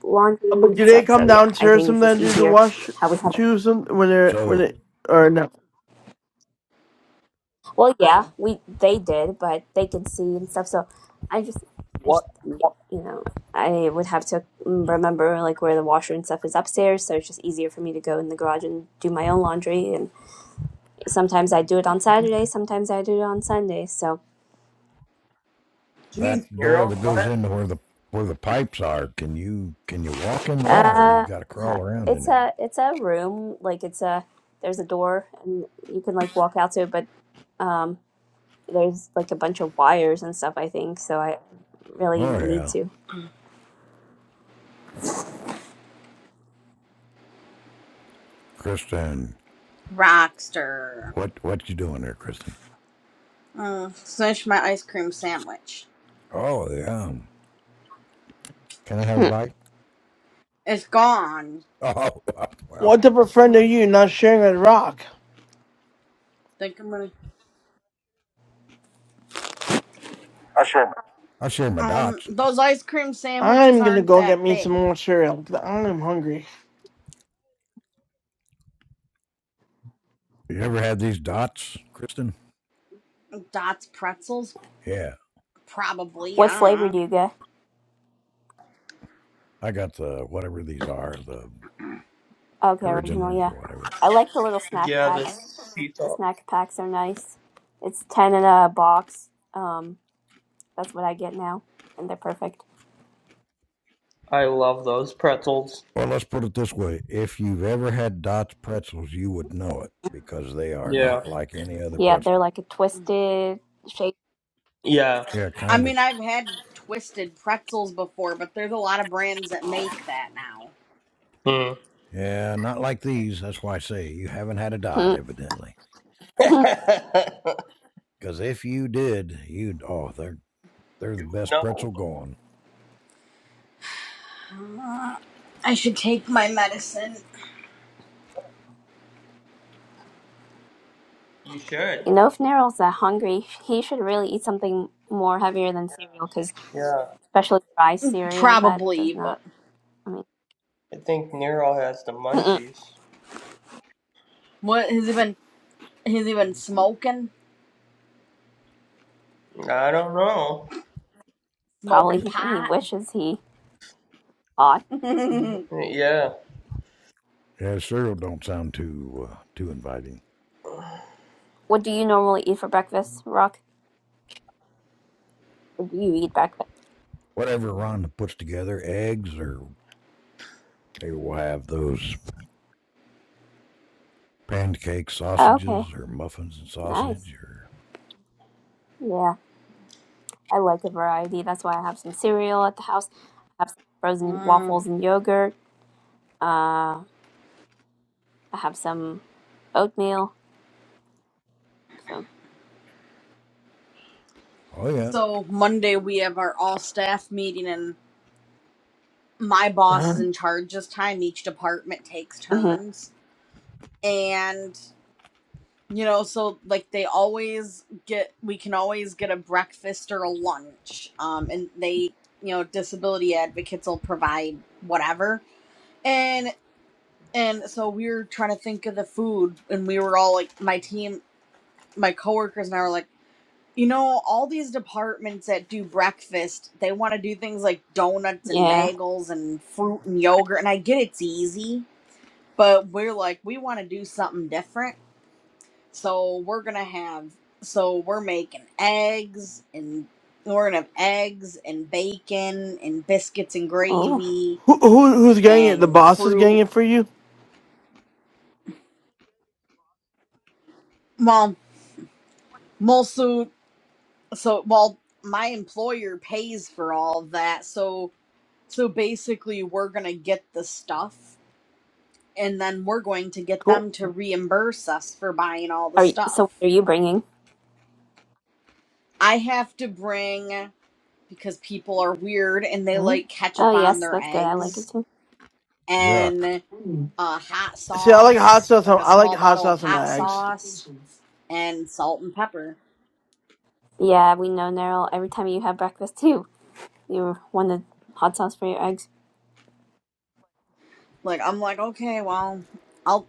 [SPEAKER 1] uh,
[SPEAKER 5] laundry
[SPEAKER 1] but
[SPEAKER 5] and
[SPEAKER 1] do they
[SPEAKER 5] stuff.
[SPEAKER 1] come
[SPEAKER 5] So yeah, I
[SPEAKER 1] downstairs
[SPEAKER 5] think it's just
[SPEAKER 1] sometimes to do the
[SPEAKER 5] easier
[SPEAKER 1] wash
[SPEAKER 5] how we have.
[SPEAKER 1] too some when they're when
[SPEAKER 7] So
[SPEAKER 1] they or no?
[SPEAKER 5] Well, yeah, we they did, but they can see and stuff. So I just. I just
[SPEAKER 2] what? what?
[SPEAKER 5] you know, I would have to mm, remember like where the washer and stuff is upstairs, so it's just easier for me to go in the garage and do my own laundry. And sometimes I do it on
[SPEAKER 1] Mm-hmm.
[SPEAKER 5] Saturday, sometimes I do it on Sunday. So,
[SPEAKER 7] that
[SPEAKER 2] Jeez,
[SPEAKER 7] door
[SPEAKER 2] Nero,
[SPEAKER 7] that
[SPEAKER 2] why
[SPEAKER 7] goes
[SPEAKER 2] are
[SPEAKER 7] into
[SPEAKER 2] you?
[SPEAKER 7] where the where the pipes are, can you can you walk in there, or you
[SPEAKER 5] uh,
[SPEAKER 7] gotta crawl
[SPEAKER 5] huh,
[SPEAKER 7] around in
[SPEAKER 5] it's
[SPEAKER 7] there?
[SPEAKER 5] a it's a room like it's a there's a door and you can like walk out to it, but um, there's like a bunch of wires and stuff. I think so. I really
[SPEAKER 7] Oh
[SPEAKER 5] need
[SPEAKER 7] yeah,
[SPEAKER 5] to.
[SPEAKER 7] Kristen,
[SPEAKER 3] Rockster.
[SPEAKER 7] what what you doing there, Kristen?
[SPEAKER 3] Uh, finish my ice cream sandwich.
[SPEAKER 7] Oh yeah. Can I have a
[SPEAKER 5] Hmm.
[SPEAKER 7] bite?
[SPEAKER 3] It's gone.
[SPEAKER 7] Oh well.
[SPEAKER 1] What type of friend are you not sharing a rock?
[SPEAKER 3] Think I'm gonna.
[SPEAKER 5] sure.
[SPEAKER 7] I'll share my
[SPEAKER 3] Um,
[SPEAKER 7] dots.
[SPEAKER 3] those ice cream sandwiches
[SPEAKER 1] I'm gonna
[SPEAKER 3] aren't
[SPEAKER 1] go
[SPEAKER 3] that
[SPEAKER 1] get me some
[SPEAKER 3] big.
[SPEAKER 1] more cereal. 'cause I'm hungry.
[SPEAKER 7] You ever had these dots, Kristen?
[SPEAKER 3] Dots pretzels,
[SPEAKER 7] Yeah.
[SPEAKER 3] probably.
[SPEAKER 5] What
[SPEAKER 3] I
[SPEAKER 5] flavor
[SPEAKER 3] don't
[SPEAKER 5] do
[SPEAKER 3] know.
[SPEAKER 5] you get?
[SPEAKER 7] I got the whatever these are, the
[SPEAKER 5] Okay, original,
[SPEAKER 7] originals
[SPEAKER 5] yeah.
[SPEAKER 7] or whatever.
[SPEAKER 5] I like the little snack
[SPEAKER 2] Yeah,
[SPEAKER 5] packs
[SPEAKER 2] this
[SPEAKER 5] The
[SPEAKER 2] pizza.
[SPEAKER 5] snack packs are nice. It's 10 in a box. Um, that's what I get now. And they're perfect.
[SPEAKER 2] I love those pretzels.
[SPEAKER 7] Well, let's put it this way. If you've ever had Dots pretzels, you would know it because they are
[SPEAKER 2] Yeah.
[SPEAKER 7] not like any other
[SPEAKER 5] Yeah, they're
[SPEAKER 7] pretzel.
[SPEAKER 5] like a twisted shape.
[SPEAKER 2] Yeah.
[SPEAKER 7] Yeah,
[SPEAKER 3] I
[SPEAKER 7] kind of.
[SPEAKER 3] mean, I've had twisted pretzels before, but there's a lot of brands that make that now.
[SPEAKER 2] Mm.
[SPEAKER 7] Yeah, not like these. That's why I say you haven't had a dot, evidently.
[SPEAKER 5] you
[SPEAKER 7] Because if you did, you'd, oh, they're, they're the
[SPEAKER 2] you
[SPEAKER 7] best
[SPEAKER 2] know.
[SPEAKER 7] pretzel going.
[SPEAKER 3] Uh, I should take my medicine,
[SPEAKER 2] You should.
[SPEAKER 5] know, if Neryl's that hungry, he should really eat something more heavier than cereal, because
[SPEAKER 2] Yeah.
[SPEAKER 5] especially dry cereal, that does
[SPEAKER 3] probably.
[SPEAKER 5] not,
[SPEAKER 3] But
[SPEAKER 5] I mean,
[SPEAKER 2] I think Nero has the
[SPEAKER 5] mm-mm.
[SPEAKER 2] munchies.
[SPEAKER 3] what has he been? Has he been smoking?
[SPEAKER 2] I don't know.
[SPEAKER 5] probably
[SPEAKER 3] Smoking
[SPEAKER 5] he, he
[SPEAKER 3] pot.
[SPEAKER 5] wishes he ought.
[SPEAKER 2] Yeah.
[SPEAKER 7] Yeah, cereal don't sound too, uh, too inviting.
[SPEAKER 5] What do you normally eat for breakfast, Rock? Or do you eat breakfast?
[SPEAKER 7] whatever Rhonda puts together, eggs, or maybe we'll have those pancake
[SPEAKER 5] Oh, okay,
[SPEAKER 7] sausages or muffins and
[SPEAKER 5] nice.
[SPEAKER 7] sausage or
[SPEAKER 5] Yeah. I like a variety. That's why I have some cereal at the house. I have some frozen
[SPEAKER 3] uh,
[SPEAKER 5] waffles and yogurt. Uh, I have some oatmeal. So,
[SPEAKER 7] oh yeah.
[SPEAKER 3] so Monday we have our all staff meeting, and. my boss
[SPEAKER 1] Uh-huh.
[SPEAKER 3] is in charge this time. Each department takes
[SPEAKER 5] hmm
[SPEAKER 3] turns. And, you know, so like they always get, we can always get a breakfast or a lunch. Um, and they, you know, disability advocates will provide whatever. And, and so we were trying to think of the food and we were all like, my team, my coworkers and I were like, you know, all these departments that do breakfast, they want to do things like donuts and
[SPEAKER 5] yeah.
[SPEAKER 3] bagels and fruit and yogurt. And I get it's easy but we're like we want to do something different so we're gonna have so we're making eggs and we're gonna have eggs and bacon and biscuits and
[SPEAKER 5] Oh,
[SPEAKER 3] gravy
[SPEAKER 1] Who, who who's getting it? The
[SPEAKER 3] and
[SPEAKER 1] boss is getting
[SPEAKER 3] fruit
[SPEAKER 1] it for you.
[SPEAKER 3] well mostly so well my employer pays for all that so so basically we're gonna get the stuff and then we're going to get
[SPEAKER 1] Cool.
[SPEAKER 3] them to reimburse us for buying all the
[SPEAKER 5] are you,
[SPEAKER 3] stuff
[SPEAKER 5] so? What are you bringing?
[SPEAKER 3] i have to bring because people are weird and they
[SPEAKER 1] Mhm.
[SPEAKER 3] like
[SPEAKER 5] Oh,
[SPEAKER 3] ketchup on
[SPEAKER 5] yes,
[SPEAKER 3] their
[SPEAKER 5] that's good. I like it
[SPEAKER 3] eggs
[SPEAKER 5] too.
[SPEAKER 7] Yuck.
[SPEAKER 3] and uh, hot
[SPEAKER 1] See, I like hot
[SPEAKER 3] sauce,
[SPEAKER 1] sauce.
[SPEAKER 3] like
[SPEAKER 1] On,
[SPEAKER 3] a
[SPEAKER 1] I like
[SPEAKER 3] small
[SPEAKER 1] hot
[SPEAKER 3] bottle of
[SPEAKER 1] sauce on
[SPEAKER 3] hot
[SPEAKER 1] my eggs.
[SPEAKER 3] sauce and salt and pepper.
[SPEAKER 5] Yeah, we know Nerl. Every time you have breakfast too, you wanted hot sauce for your eggs.
[SPEAKER 3] Like I'm like, okay, well, I'll.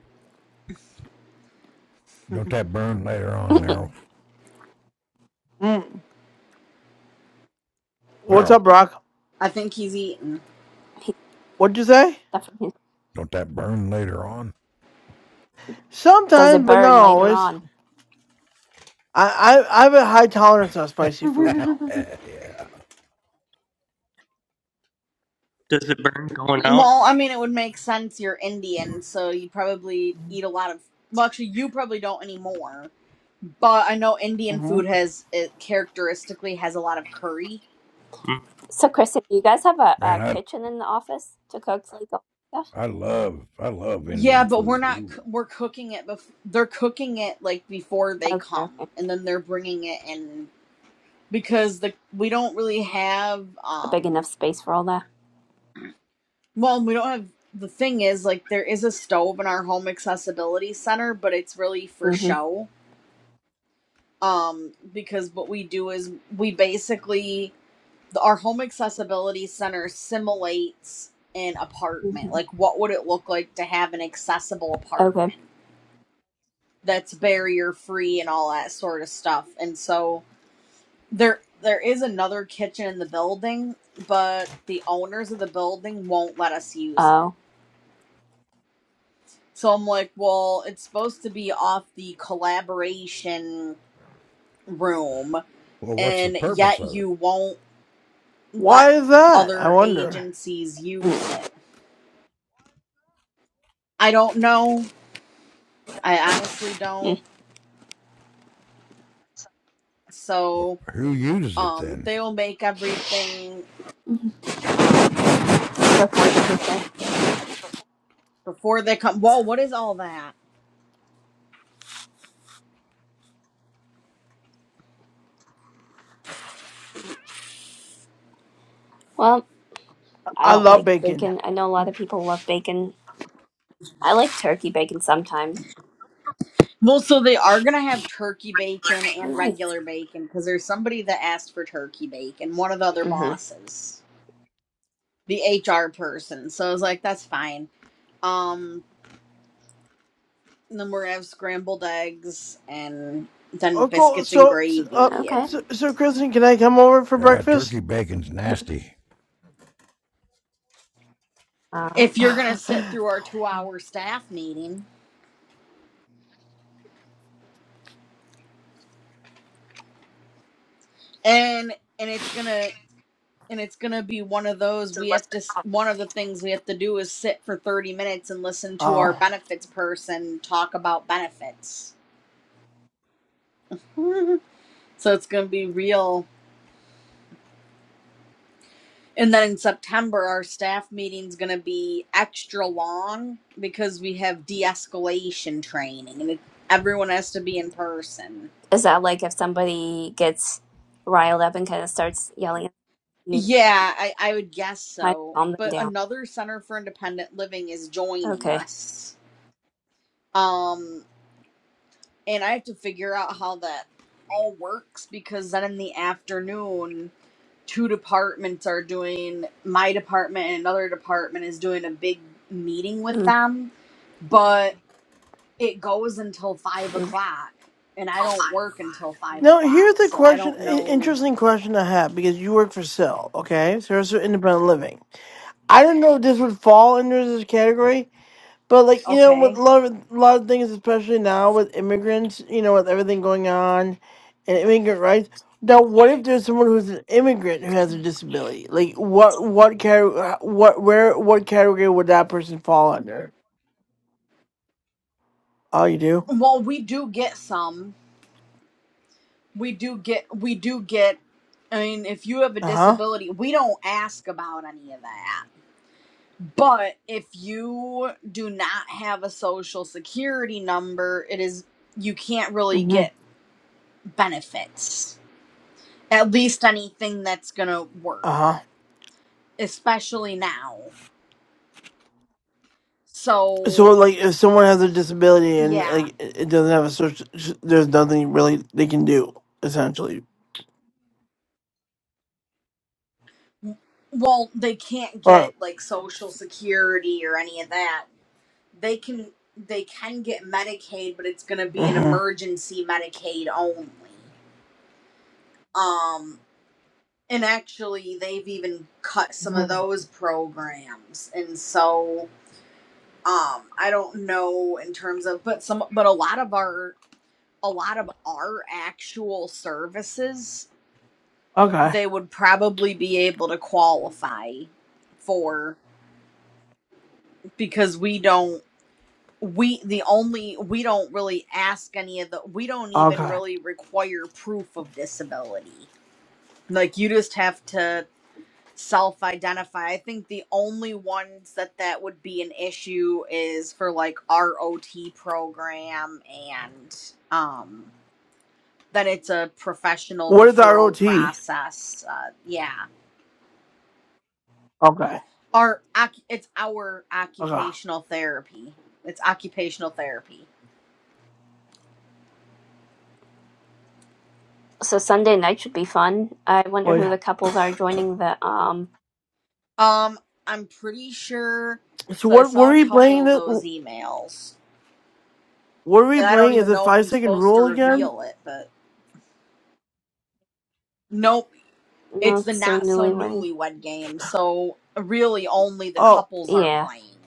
[SPEAKER 7] Don't that burn later on, Meryl.
[SPEAKER 1] Mm. Mm. What's
[SPEAKER 7] Meryl,
[SPEAKER 1] up, Brock?
[SPEAKER 3] I think he's eating.
[SPEAKER 5] He
[SPEAKER 1] What'd you say?
[SPEAKER 5] definitely
[SPEAKER 7] don't that burn later on?
[SPEAKER 5] does
[SPEAKER 1] Sometimes,
[SPEAKER 5] it
[SPEAKER 1] but not
[SPEAKER 5] burn later
[SPEAKER 1] always.
[SPEAKER 5] on.
[SPEAKER 1] I I, I have a high tolerance on spicy food.
[SPEAKER 3] well,
[SPEAKER 7] yeah.
[SPEAKER 2] Does it burn going out?
[SPEAKER 3] I mean, it would make sense. You're Indian, so you probably eat a lot of. Well, actually, you probably don't anymore. But I know Indian
[SPEAKER 1] hmm
[SPEAKER 3] food has it characteristically has a lot of curry
[SPEAKER 2] Mm.
[SPEAKER 5] So, Kristen, do you guys have a,
[SPEAKER 7] Man,
[SPEAKER 5] a
[SPEAKER 7] I
[SPEAKER 5] kitchen in the office to cook like all that stuff?
[SPEAKER 7] I love I love
[SPEAKER 3] Yeah,
[SPEAKER 7] Indian
[SPEAKER 3] but we're
[SPEAKER 7] food.
[SPEAKER 3] not.
[SPEAKER 7] Ooh.
[SPEAKER 3] We're cooking it. Bef- they're cooking it like before they
[SPEAKER 5] Okay,
[SPEAKER 3] come,
[SPEAKER 5] okay,
[SPEAKER 3] and then they're bringing it in because the we don't really have.
[SPEAKER 5] a big enough
[SPEAKER 3] um
[SPEAKER 5] space for all that.
[SPEAKER 3] Well, we don't have. The thing is, like, there is a stove in our home accessibility center, but it's really for
[SPEAKER 5] Mm-hmm.
[SPEAKER 3] show. Um, because what we do is we basically our home accessibility center simulates an apartment.
[SPEAKER 5] mm-hmm.
[SPEAKER 3] Like, what would it look like to have an accessible
[SPEAKER 5] Okay.
[SPEAKER 3] apartment? that's barrier free and all that sort of stuff. And so there there is another kitchen in the building, but the owners of the building won't let us use it.
[SPEAKER 5] Oh.
[SPEAKER 3] So I'm like, well, it's supposed to be off the collaboration room
[SPEAKER 7] Well, what's the
[SPEAKER 3] and
[SPEAKER 7] purpose
[SPEAKER 3] yet
[SPEAKER 7] of it?
[SPEAKER 3] you won't
[SPEAKER 1] Why
[SPEAKER 3] let
[SPEAKER 1] is that? I
[SPEAKER 3] other
[SPEAKER 1] wonder.
[SPEAKER 3] agencies use
[SPEAKER 5] Mm.
[SPEAKER 3] it. I don't know. I honestly don't.
[SPEAKER 5] Mm.
[SPEAKER 7] Well,
[SPEAKER 3] So
[SPEAKER 7] who uses it
[SPEAKER 3] um
[SPEAKER 7] then?
[SPEAKER 3] they'll make everything um
[SPEAKER 5] Unfortunate thing.
[SPEAKER 3] before they come. Whoa, what is all that?
[SPEAKER 5] Well, I
[SPEAKER 1] I
[SPEAKER 5] don't
[SPEAKER 1] love
[SPEAKER 5] like
[SPEAKER 1] bacon.
[SPEAKER 5] bacon. I know a lot of people love bacon. I like turkey bacon sometimes.
[SPEAKER 3] Well, so they are gonna have turkey bacon
[SPEAKER 5] Oh,
[SPEAKER 3] and
[SPEAKER 5] nice.
[SPEAKER 3] regular bacon because there's somebody that asked for turkey bacon, one of the other
[SPEAKER 5] Mm-hmm.
[SPEAKER 3] bosses, the HR person. So I was like, that's fine. Um, and then we're gonna have scrambled eggs and then
[SPEAKER 1] Oh, cool.
[SPEAKER 3] biscuits and
[SPEAKER 1] So, so, uh,
[SPEAKER 3] gravy.
[SPEAKER 5] Okay.
[SPEAKER 3] And
[SPEAKER 1] so, so, Kristen, can I come over for
[SPEAKER 7] Ah,
[SPEAKER 1] breakfast?
[SPEAKER 7] turkey bacon's nasty.
[SPEAKER 5] Uh,
[SPEAKER 3] if you're gonna sit through our two-hour staff meeting, and and it's gonna and it's gonna be one of those we have to s- one of the things we have to do is sit for 30 minutes and listen to our
[SPEAKER 1] Oh.
[SPEAKER 3] benefits person talk about benefits so it's going to be real. And then in September, our staff meeting's going to be extra long because we have de escalation training and it, everyone has to be in person.
[SPEAKER 5] is that like if somebody gets riled up and kind of starts yelling, at you
[SPEAKER 3] Yeah, I, I would guess
[SPEAKER 5] kind of
[SPEAKER 3] so.
[SPEAKER 5] calm them
[SPEAKER 3] But
[SPEAKER 5] down?
[SPEAKER 3] another Center for Independent Living is joining
[SPEAKER 5] Okay.
[SPEAKER 3] us. Um, and I have to figure out how that all works because then in the afternoon, two departments are doing my department and another department is doing a big meeting with
[SPEAKER 5] Mm.
[SPEAKER 3] them but it goes until five
[SPEAKER 5] Mm.
[SPEAKER 3] o'clock and i don't work until five
[SPEAKER 1] Now, here's
[SPEAKER 3] o'clock
[SPEAKER 1] a
[SPEAKER 3] so i
[SPEAKER 1] question,
[SPEAKER 3] don't
[SPEAKER 1] i-
[SPEAKER 3] know
[SPEAKER 1] interesting question I have because you work for Cell, okay? Service Independent Living. I do not know if this would fall under this category, But like you know, with
[SPEAKER 3] okay
[SPEAKER 1] a lot of a lot of things, especially now with immigrants, you know, with everything going on, and immigrant rights. Now, what if there's someone who's an immigrant who has a disability? Like, what what category? What where? What category would that person fall under? Oh, you do.
[SPEAKER 3] well we do get some we do get we do get i mean if you have a
[SPEAKER 1] Uh huh.
[SPEAKER 3] disability we don't ask about any of that but if you do not have a social security number it is you can't really
[SPEAKER 1] Mm-hmm.
[SPEAKER 3] get benefits. At least anything that's gonna
[SPEAKER 1] Uh
[SPEAKER 3] work,
[SPEAKER 1] huh.
[SPEAKER 3] especially now.
[SPEAKER 1] So,
[SPEAKER 3] So
[SPEAKER 1] like, if someone has a disability and
[SPEAKER 3] yeah.
[SPEAKER 1] like it it doesn't have a social, there's nothing really they can do essentially.
[SPEAKER 3] Well, they can't
[SPEAKER 1] All right.
[SPEAKER 3] get like social security or any of that. They can they can get Medicaid, but it's gonna be an
[SPEAKER 1] Mm-hmm.
[SPEAKER 3] emergency Medicaid only. Um and actually they've even cut some of those programs. And so um I don't know in terms of but some but a lot of our a lot of our actual services,
[SPEAKER 1] Okay.
[SPEAKER 3] they would probably be able to qualify for because we don't we the only we don't really ask any of the we don't even
[SPEAKER 1] Okay.
[SPEAKER 3] really require proof of disability. Like you just have to self-identify. I think the only ones that that would be an issue is for like ROT program and um that it's a professional
[SPEAKER 1] What is
[SPEAKER 3] referral
[SPEAKER 1] ROT?
[SPEAKER 3] process. Uh, yeah,
[SPEAKER 1] Okay.
[SPEAKER 3] our it's our
[SPEAKER 1] Okay.
[SPEAKER 3] occupational therapy. It's occupational therapy.
[SPEAKER 5] So Sunday night should be fun. I wonder
[SPEAKER 1] Oh
[SPEAKER 5] who
[SPEAKER 1] yeah.
[SPEAKER 5] the couples are joining the um.
[SPEAKER 3] Um, I'm pretty sure.
[SPEAKER 1] So
[SPEAKER 3] So I
[SPEAKER 1] what
[SPEAKER 3] saw
[SPEAKER 1] were
[SPEAKER 3] a
[SPEAKER 1] we
[SPEAKER 3] couple
[SPEAKER 1] playing?
[SPEAKER 3] of
[SPEAKER 1] That
[SPEAKER 3] those emails,
[SPEAKER 1] were we
[SPEAKER 3] and I don't
[SPEAKER 1] playing? Is
[SPEAKER 3] even
[SPEAKER 1] it
[SPEAKER 3] know if
[SPEAKER 1] five
[SPEAKER 3] I'm
[SPEAKER 1] second
[SPEAKER 3] supposed to
[SPEAKER 1] rule again?
[SPEAKER 3] reveal it, but nope.
[SPEAKER 5] No,
[SPEAKER 3] It's the
[SPEAKER 5] it's so
[SPEAKER 3] not so
[SPEAKER 5] newlywed.
[SPEAKER 3] newlywed game, so really only the
[SPEAKER 1] Oh.
[SPEAKER 3] couples are
[SPEAKER 5] Yeah.
[SPEAKER 3] playing.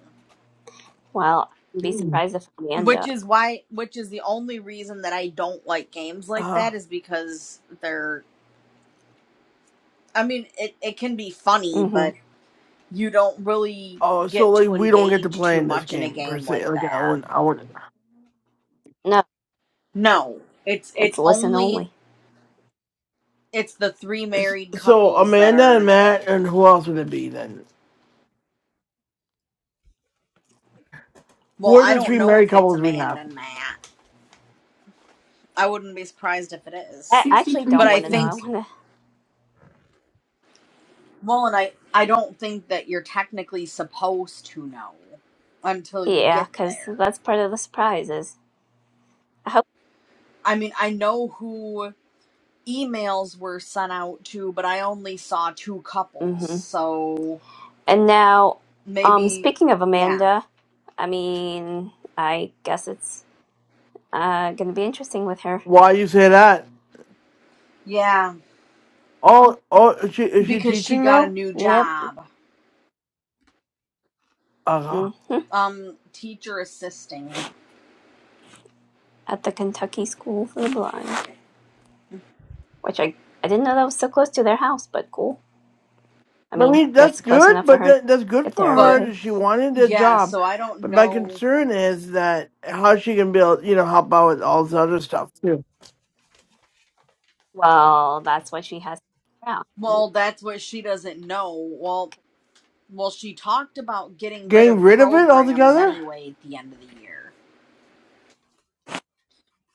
[SPEAKER 5] Well, I'd be surprised if
[SPEAKER 3] Which
[SPEAKER 5] Amanda.
[SPEAKER 3] is why, which is the only reason that I don't like games like
[SPEAKER 1] Uh,
[SPEAKER 3] that is because they're I mean, it, it can be funny, but
[SPEAKER 5] Mm-hmm.
[SPEAKER 3] you don't really
[SPEAKER 1] oh. So
[SPEAKER 3] get
[SPEAKER 1] like
[SPEAKER 3] to
[SPEAKER 1] we don't get to
[SPEAKER 3] engage
[SPEAKER 1] play
[SPEAKER 3] too
[SPEAKER 1] in this
[SPEAKER 3] much in a
[SPEAKER 1] game per
[SPEAKER 3] game
[SPEAKER 1] se.
[SPEAKER 3] like
[SPEAKER 1] Like I
[SPEAKER 3] that.
[SPEAKER 1] wouldn't. I wouldn't.
[SPEAKER 5] No,
[SPEAKER 3] No, it's
[SPEAKER 5] it's
[SPEAKER 3] it's
[SPEAKER 5] listen
[SPEAKER 3] only
[SPEAKER 5] only.
[SPEAKER 3] it's the three
[SPEAKER 1] S-
[SPEAKER 3] married
[SPEAKER 1] So
[SPEAKER 3] couples that
[SPEAKER 1] Amanda and
[SPEAKER 3] are.
[SPEAKER 1] Matt and who else would it be then? Who
[SPEAKER 3] Well,
[SPEAKER 1] are
[SPEAKER 3] I
[SPEAKER 1] the three
[SPEAKER 3] don't know
[SPEAKER 1] married
[SPEAKER 3] if it's
[SPEAKER 1] couples we have?
[SPEAKER 3] Amanda and Matt. I wouldn't be surprised if it is,
[SPEAKER 5] I actually
[SPEAKER 3] but
[SPEAKER 5] don't
[SPEAKER 3] I
[SPEAKER 5] want to know. I
[SPEAKER 3] think
[SPEAKER 5] want to,
[SPEAKER 3] well, and I I don't think that you're technically supposed to know until you
[SPEAKER 5] yeah,
[SPEAKER 3] get
[SPEAKER 5] because
[SPEAKER 3] there.
[SPEAKER 5] that's part of the surprise. Is I hope.
[SPEAKER 3] I mean, I know who emails were sent out too, but I only saw two couples.
[SPEAKER 5] hmm
[SPEAKER 3] So
[SPEAKER 5] And now, um,
[SPEAKER 3] maybe,
[SPEAKER 5] speaking of
[SPEAKER 3] yeah,
[SPEAKER 5] Amanda, I mean, I guess it's uh gonna be interesting with her.
[SPEAKER 1] Why you say that?
[SPEAKER 3] yeah,
[SPEAKER 1] Oh. Oh. Is she is she
[SPEAKER 3] because she
[SPEAKER 1] teaching
[SPEAKER 3] got a
[SPEAKER 1] now?
[SPEAKER 3] new
[SPEAKER 5] Yep.
[SPEAKER 3] job,
[SPEAKER 1] Uh huh.
[SPEAKER 5] hmm
[SPEAKER 3] um, teacher assisting.
[SPEAKER 5] At the Kentucky School for the Blind, which I I didn't know that was so close to their house, but cool. I
[SPEAKER 1] I
[SPEAKER 5] mean,
[SPEAKER 1] mean that's
[SPEAKER 5] gets close
[SPEAKER 1] good,
[SPEAKER 5] enough for
[SPEAKER 1] but
[SPEAKER 5] her to
[SPEAKER 1] that, that's good
[SPEAKER 5] get
[SPEAKER 1] for
[SPEAKER 5] there every
[SPEAKER 1] her.
[SPEAKER 3] But
[SPEAKER 5] day.
[SPEAKER 1] that She wanted a
[SPEAKER 3] yeah,
[SPEAKER 1] job.
[SPEAKER 3] so I don't
[SPEAKER 1] But my
[SPEAKER 3] know.
[SPEAKER 1] concern is that how she can build, you know, help out with all this other stuff too.
[SPEAKER 5] Well, that's what she has. to figure out.
[SPEAKER 3] Well, that's what she doesn't know. Well, well, she talked about getting rid
[SPEAKER 1] Getting
[SPEAKER 3] of
[SPEAKER 1] rid of it
[SPEAKER 3] programs
[SPEAKER 1] altogether?
[SPEAKER 3] anyway at the end of the year.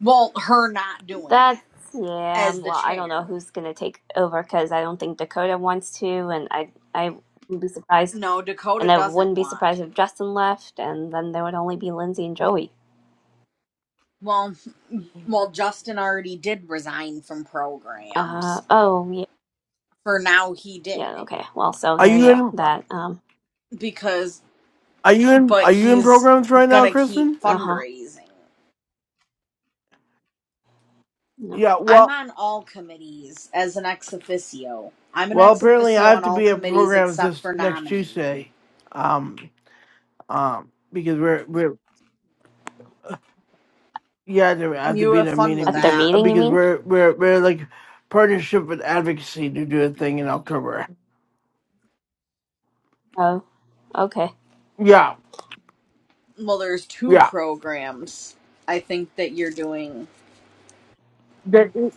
[SPEAKER 3] Well, her not doing
[SPEAKER 5] That's
[SPEAKER 3] it
[SPEAKER 5] yeah.
[SPEAKER 3] as
[SPEAKER 5] um,
[SPEAKER 3] the
[SPEAKER 5] Well, I don't know
[SPEAKER 3] chair.
[SPEAKER 5] who's gonna take over because I don't think Dakota wants to, and I I would be surprised,
[SPEAKER 3] No,
[SPEAKER 5] and
[SPEAKER 3] Dakota
[SPEAKER 5] I wouldn't
[SPEAKER 3] doesn't
[SPEAKER 5] be
[SPEAKER 3] want
[SPEAKER 5] surprised if
[SPEAKER 3] to.
[SPEAKER 5] Justin left, and then there would only be Lindsay and Joey.
[SPEAKER 3] Well, well, Justin already did resign from
[SPEAKER 5] Uh
[SPEAKER 3] programs.
[SPEAKER 5] oh yeah
[SPEAKER 3] For now, he
[SPEAKER 5] yeah
[SPEAKER 3] did
[SPEAKER 5] okay well so
[SPEAKER 1] Are
[SPEAKER 5] there
[SPEAKER 1] you
[SPEAKER 5] you go
[SPEAKER 1] in?
[SPEAKER 5] that um
[SPEAKER 3] because,
[SPEAKER 1] Are you in?
[SPEAKER 3] but
[SPEAKER 1] Are you in
[SPEAKER 3] he's
[SPEAKER 1] programs right now,
[SPEAKER 3] gonna keep
[SPEAKER 1] Kristen?
[SPEAKER 5] uh huh
[SPEAKER 3] fundraising.
[SPEAKER 5] no
[SPEAKER 1] Yeah.
[SPEAKER 3] I'm
[SPEAKER 1] Well,
[SPEAKER 3] on all committees as an ex officio. I'm an
[SPEAKER 1] well,
[SPEAKER 3] ex
[SPEAKER 1] apparently
[SPEAKER 3] officio
[SPEAKER 1] I have
[SPEAKER 3] on
[SPEAKER 1] to
[SPEAKER 3] all
[SPEAKER 1] be at
[SPEAKER 3] committees
[SPEAKER 1] programs
[SPEAKER 3] except
[SPEAKER 1] this
[SPEAKER 3] for
[SPEAKER 1] next
[SPEAKER 3] nominating.
[SPEAKER 1] Tuesday, um, um, because we're we're yeah, I have to
[SPEAKER 3] You
[SPEAKER 1] be
[SPEAKER 3] have
[SPEAKER 1] at a
[SPEAKER 3] fun with
[SPEAKER 1] meeting
[SPEAKER 5] at their
[SPEAKER 1] because
[SPEAKER 3] that.
[SPEAKER 1] uh,
[SPEAKER 5] meeting you
[SPEAKER 1] because
[SPEAKER 5] mean
[SPEAKER 1] we're we're we're like partnership and advocacy to do a thing in October.
[SPEAKER 5] oh okay
[SPEAKER 1] Yeah,
[SPEAKER 3] Well, there's two
[SPEAKER 1] yeah.
[SPEAKER 3] programs I think that you're doing.
[SPEAKER 1] The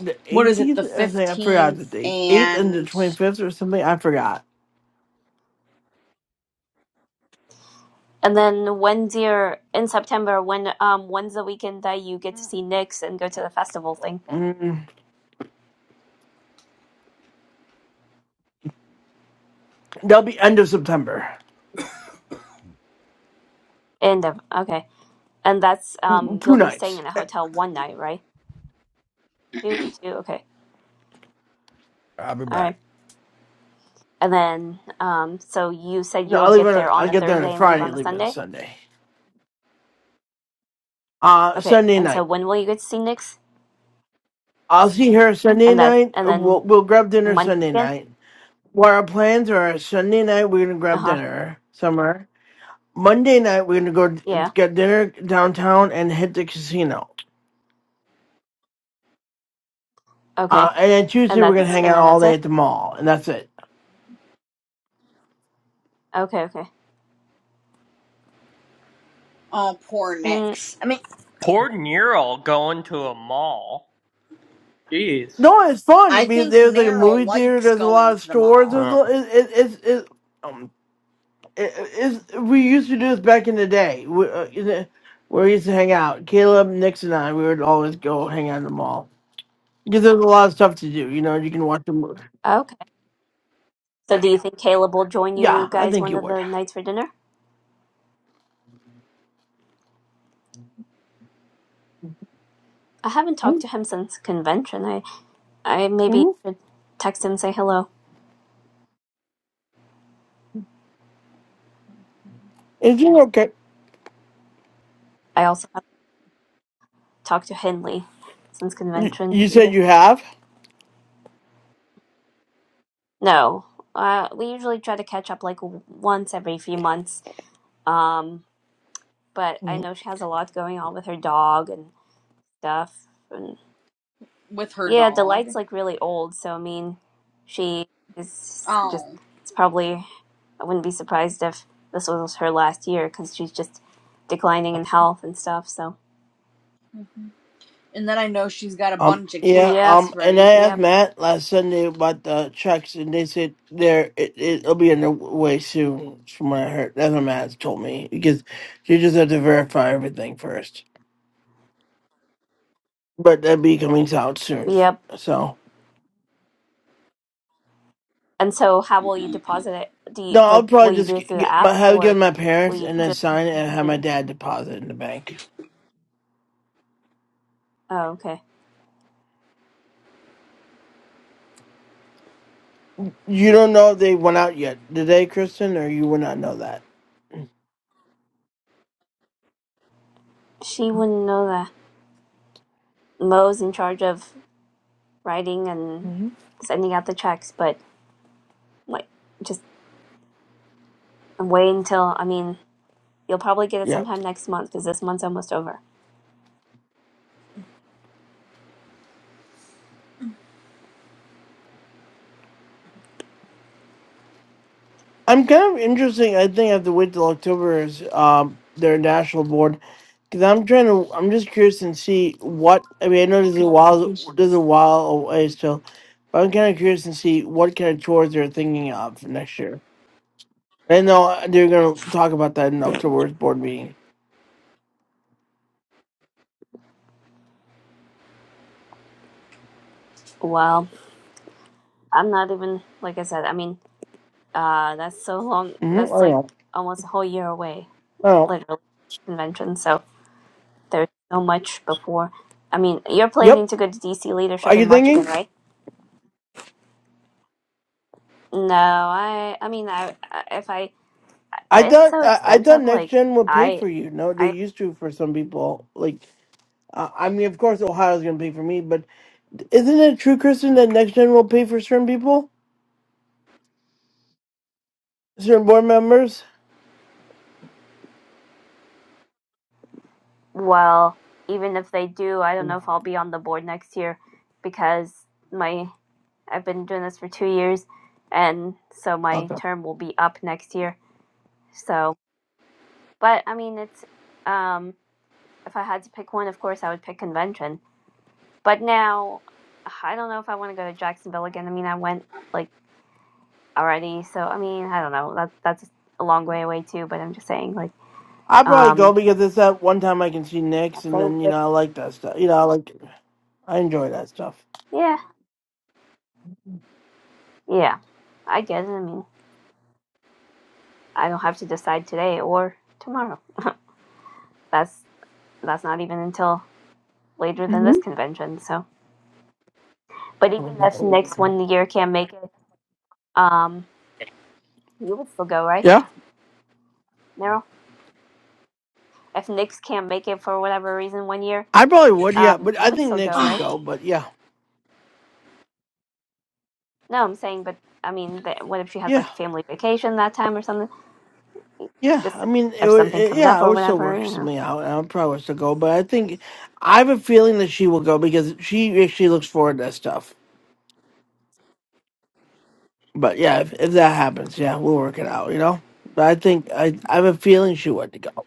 [SPEAKER 1] the
[SPEAKER 3] What is it, the
[SPEAKER 1] eighteenth, I think I forgot the
[SPEAKER 3] 15th
[SPEAKER 1] dates. Eighth and the
[SPEAKER 3] and.
[SPEAKER 1] twenty fifth or something. I forgot.
[SPEAKER 5] and then when's your in September when um when's the weekend that you get to see Nyx and go to the festival thing
[SPEAKER 1] Mm, that'll be end of September.
[SPEAKER 5] end of okay and that's
[SPEAKER 1] Mm,
[SPEAKER 5] um
[SPEAKER 1] Two
[SPEAKER 5] you'll be staying
[SPEAKER 1] nights.
[SPEAKER 5] in a hotel one night right Two, two. Okay.
[SPEAKER 7] I'll be
[SPEAKER 5] All
[SPEAKER 7] back.
[SPEAKER 5] right. And then, um, so you said
[SPEAKER 1] No,
[SPEAKER 5] you'll
[SPEAKER 1] I'll leave
[SPEAKER 5] get
[SPEAKER 1] on.
[SPEAKER 5] there
[SPEAKER 1] I'll
[SPEAKER 5] on a
[SPEAKER 1] get there on a
[SPEAKER 5] Thursday and leave
[SPEAKER 1] Friday.
[SPEAKER 5] on a
[SPEAKER 1] Leave on a
[SPEAKER 5] Sunday.
[SPEAKER 1] Sunday. Uh,
[SPEAKER 5] Okay.
[SPEAKER 1] Sunday
[SPEAKER 5] And so
[SPEAKER 1] night.
[SPEAKER 5] when will you get to see Nick's?
[SPEAKER 1] I'll see her Sunday
[SPEAKER 5] And that,
[SPEAKER 1] night.
[SPEAKER 5] and
[SPEAKER 1] uh,
[SPEAKER 5] then
[SPEAKER 1] We'll we'll grab dinner
[SPEAKER 5] Monday
[SPEAKER 1] Sunday
[SPEAKER 5] again.
[SPEAKER 1] night. What our plans are: Sunday night we're gonna
[SPEAKER 5] Uh
[SPEAKER 1] grab
[SPEAKER 5] huh.
[SPEAKER 1] dinner somewhere. Monday night we're gonna go d-
[SPEAKER 5] Yeah.
[SPEAKER 1] get dinner downtown and hit the casino.
[SPEAKER 5] Okay.
[SPEAKER 1] Uh, and then
[SPEAKER 5] And
[SPEAKER 1] Tuesday we're gonna
[SPEAKER 5] that's,
[SPEAKER 1] hang
[SPEAKER 3] Mhm.
[SPEAKER 5] and
[SPEAKER 1] out
[SPEAKER 5] then
[SPEAKER 1] all
[SPEAKER 5] that's
[SPEAKER 1] day
[SPEAKER 5] it.
[SPEAKER 1] at the mall, and that's it.
[SPEAKER 5] Okay. Okay.
[SPEAKER 3] Oh, poor
[SPEAKER 5] Mm,
[SPEAKER 3] Nix. I mean,
[SPEAKER 2] Poor Neural going to a mall. Jeez.
[SPEAKER 1] No, it's fun. I
[SPEAKER 3] I think
[SPEAKER 1] there's like a
[SPEAKER 3] Neryl
[SPEAKER 1] movie theater.
[SPEAKER 3] likes
[SPEAKER 1] There's a lot
[SPEAKER 3] going
[SPEAKER 1] of
[SPEAKER 3] to the
[SPEAKER 1] stores. There's
[SPEAKER 3] mall
[SPEAKER 2] Uh,
[SPEAKER 1] a, it, it, it's it. um, it, it's, we used to do this back in the day. We, uh, you know, where we used to hang out. Caleb, Nix, and I, we would always go hang out in the mall because there's a lot of stuff to do. You know, you can watch the movie.
[SPEAKER 5] okay. So do you think Caleb will join
[SPEAKER 1] Yeah,
[SPEAKER 5] you
[SPEAKER 1] I
[SPEAKER 5] guys
[SPEAKER 1] think
[SPEAKER 5] one
[SPEAKER 1] you
[SPEAKER 5] of
[SPEAKER 1] would.
[SPEAKER 5] the nights for dinner? I haven't talked to him since convention. I, I maybe
[SPEAKER 1] Mm-hmm.
[SPEAKER 5] should text him and say hello.
[SPEAKER 1] Is it okay?
[SPEAKER 5] I also haven't talked to Henley since
[SPEAKER 1] You,
[SPEAKER 5] convention
[SPEAKER 1] you
[SPEAKER 5] either.
[SPEAKER 1] said you have.
[SPEAKER 5] No, uh, we usually try to catch up like w- once every few months. Um, but I
[SPEAKER 1] Mhm.
[SPEAKER 5] know she has a lot going on with her dog and stuff. And
[SPEAKER 3] with her
[SPEAKER 5] yeah, Delight's
[SPEAKER 3] dog.
[SPEAKER 5] like really old, so I mean, she is just,
[SPEAKER 3] Oh.
[SPEAKER 5] it's probably, I wouldn't be surprised if this was her last year because she's just declining in health and stuff. So,
[SPEAKER 3] Mhm. And then I know she's got a
[SPEAKER 1] Um.
[SPEAKER 3] bunch of
[SPEAKER 1] Yeah.
[SPEAKER 5] yep,
[SPEAKER 3] cats,
[SPEAKER 1] Um. And I
[SPEAKER 3] right?
[SPEAKER 1] asked
[SPEAKER 5] yep,
[SPEAKER 1] Matt last Sunday about the checks, and they said they're it, it'll be in the way soon, from what I heard. That's what Matt told me because you just have to verify everything first. but that be coming out soon.
[SPEAKER 5] yep.
[SPEAKER 1] So
[SPEAKER 5] And so, how will you
[SPEAKER 3] Mm-hmm.
[SPEAKER 5] deposit it? Do you
[SPEAKER 1] no, I'll
[SPEAKER 5] like, will
[SPEAKER 1] probably
[SPEAKER 5] you
[SPEAKER 1] just
[SPEAKER 5] do it
[SPEAKER 1] g-
[SPEAKER 5] through the
[SPEAKER 1] get my,
[SPEAKER 5] app
[SPEAKER 1] have it given
[SPEAKER 5] or
[SPEAKER 1] my
[SPEAKER 5] will
[SPEAKER 1] parents
[SPEAKER 5] you
[SPEAKER 1] and then
[SPEAKER 5] just,
[SPEAKER 1] sign it and have my
[SPEAKER 5] oh,
[SPEAKER 1] dad deposit it in the bank.
[SPEAKER 5] okay.
[SPEAKER 1] You don't know if they went out yet, did they, Kristen? Or you would not know that.
[SPEAKER 5] She wouldn't know that. Mo's in charge of writing and
[SPEAKER 1] hmm
[SPEAKER 5] sending out the checks, but like, just wait until, I mean, you'll probably get it
[SPEAKER 1] Yeah,
[SPEAKER 5] sometime next month because this month's almost over.
[SPEAKER 1] I'm kind of interesting. I think I have to wait till October is um their national board because I'm trying to. I'm just curious and see what I mean. I know there's a while there's a while away still, but I'm kind of curious and see what kind of chores they're thinking of for next year. I know they're gonna talk about that in October's board meeting.
[SPEAKER 5] Well, I'm not even, like I said, I mean, uh, that's so long,
[SPEAKER 1] Mm-hmm.
[SPEAKER 5] that's
[SPEAKER 1] I
[SPEAKER 5] like
[SPEAKER 1] know.
[SPEAKER 5] almost a whole year away,
[SPEAKER 1] I know.
[SPEAKER 5] literally, convention. So there's so much before. I mean, you're
[SPEAKER 1] Yep.
[SPEAKER 5] planning to go to DC
[SPEAKER 1] Are
[SPEAKER 5] leadership
[SPEAKER 1] you
[SPEAKER 5] in March again,
[SPEAKER 1] thinking?
[SPEAKER 5] right? No, I, I mean, I, I if I,
[SPEAKER 1] I
[SPEAKER 5] it's
[SPEAKER 1] thought
[SPEAKER 5] so
[SPEAKER 1] I, I thought
[SPEAKER 5] expensive.
[SPEAKER 1] next
[SPEAKER 5] Like,
[SPEAKER 1] gen would pay
[SPEAKER 5] I,
[SPEAKER 1] for you. No, they
[SPEAKER 5] I
[SPEAKER 1] used to for some people. Like uh, I mean, of course Ohio's gonna pay for me, but isn't it true, Kristen, that next gen will pay for certain people, certain board members?
[SPEAKER 5] Well, even if they do, I don't know if I'll be on the board next year because my I've been doing this for two years, and so my
[SPEAKER 1] Okay.
[SPEAKER 5] term will be up next year. So, but I mean, it's um, if I had to pick one, of course I would pick convention. But now, I don't know if I want to go to Jacksonville again. I mean, I went like already, so I mean, I don't know. That that's a long way away too. But I'm just saying, like,
[SPEAKER 1] I probably
[SPEAKER 5] um,
[SPEAKER 1] go because it's that one time I can see
[SPEAKER 5] I'll
[SPEAKER 1] Nick's,
[SPEAKER 5] say
[SPEAKER 1] and then you
[SPEAKER 5] with
[SPEAKER 1] know I like that stuff. You know, I like I enjoy that stuff.
[SPEAKER 5] yeah, yeah, I get it. I mean. i don't have to decide today or tomorrow. That's that's not even until later than
[SPEAKER 1] hmm
[SPEAKER 5] this convention. So, but even if Knicks one year can't make it, um, you would still go, right,
[SPEAKER 1] Yeah,
[SPEAKER 5] Nero? If Knicks can't make it for whatever reason one year,
[SPEAKER 1] I probably would. Yeah,
[SPEAKER 5] um,
[SPEAKER 1] but
[SPEAKER 5] you
[SPEAKER 1] I
[SPEAKER 5] would
[SPEAKER 1] think
[SPEAKER 5] still
[SPEAKER 1] Nick's
[SPEAKER 5] go,
[SPEAKER 1] would
[SPEAKER 5] right?
[SPEAKER 3] Oh.
[SPEAKER 1] go. But yeah,
[SPEAKER 5] No, I'm saying, but I mean, that what if she has
[SPEAKER 1] yeah.
[SPEAKER 5] like a family vacation that time or something?
[SPEAKER 1] Yeah, I
[SPEAKER 5] Just
[SPEAKER 1] mean, it
[SPEAKER 5] if
[SPEAKER 1] would.
[SPEAKER 5] something
[SPEAKER 1] It,
[SPEAKER 5] comes
[SPEAKER 1] yeah,
[SPEAKER 5] up
[SPEAKER 1] I
[SPEAKER 5] or
[SPEAKER 1] would still
[SPEAKER 5] whatever,
[SPEAKER 1] work
[SPEAKER 5] you know.
[SPEAKER 1] something out. I would probably still go, but I think I have a feeling that she will go because she actually looks forward to that stuff. But yeah, if, if that happens, yeah, we'll work it out. You know, but I think I I have a feeling she would go.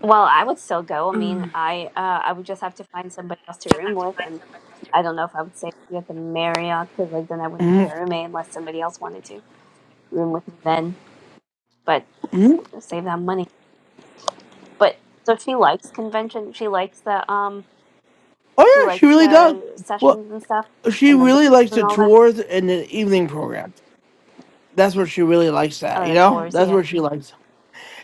[SPEAKER 5] Well, I would still go. I mean, I uh, I would just have to find somebody else to room with, and I don't know if I would say you at the Marriott because like then I wouldn't
[SPEAKER 1] hmm
[SPEAKER 5] have a roommate unless somebody else wanted to room with me then. But
[SPEAKER 1] hmm
[SPEAKER 5] s- save that money. But so she likes convention. She likes the um.
[SPEAKER 1] Oh
[SPEAKER 5] She
[SPEAKER 1] yeah, she
[SPEAKER 5] likes
[SPEAKER 1] really does.
[SPEAKER 5] the
[SPEAKER 1] Well,
[SPEAKER 5] sessions and stuff
[SPEAKER 1] she
[SPEAKER 5] and the
[SPEAKER 1] really
[SPEAKER 5] dinners
[SPEAKER 1] likes
[SPEAKER 5] and
[SPEAKER 1] the
[SPEAKER 5] all that.
[SPEAKER 1] tours and the evening program. That's what she really likes. That
[SPEAKER 5] Oh,
[SPEAKER 1] you
[SPEAKER 5] the
[SPEAKER 1] know,
[SPEAKER 5] tours.
[SPEAKER 1] that's
[SPEAKER 5] Yeah.
[SPEAKER 1] what she likes.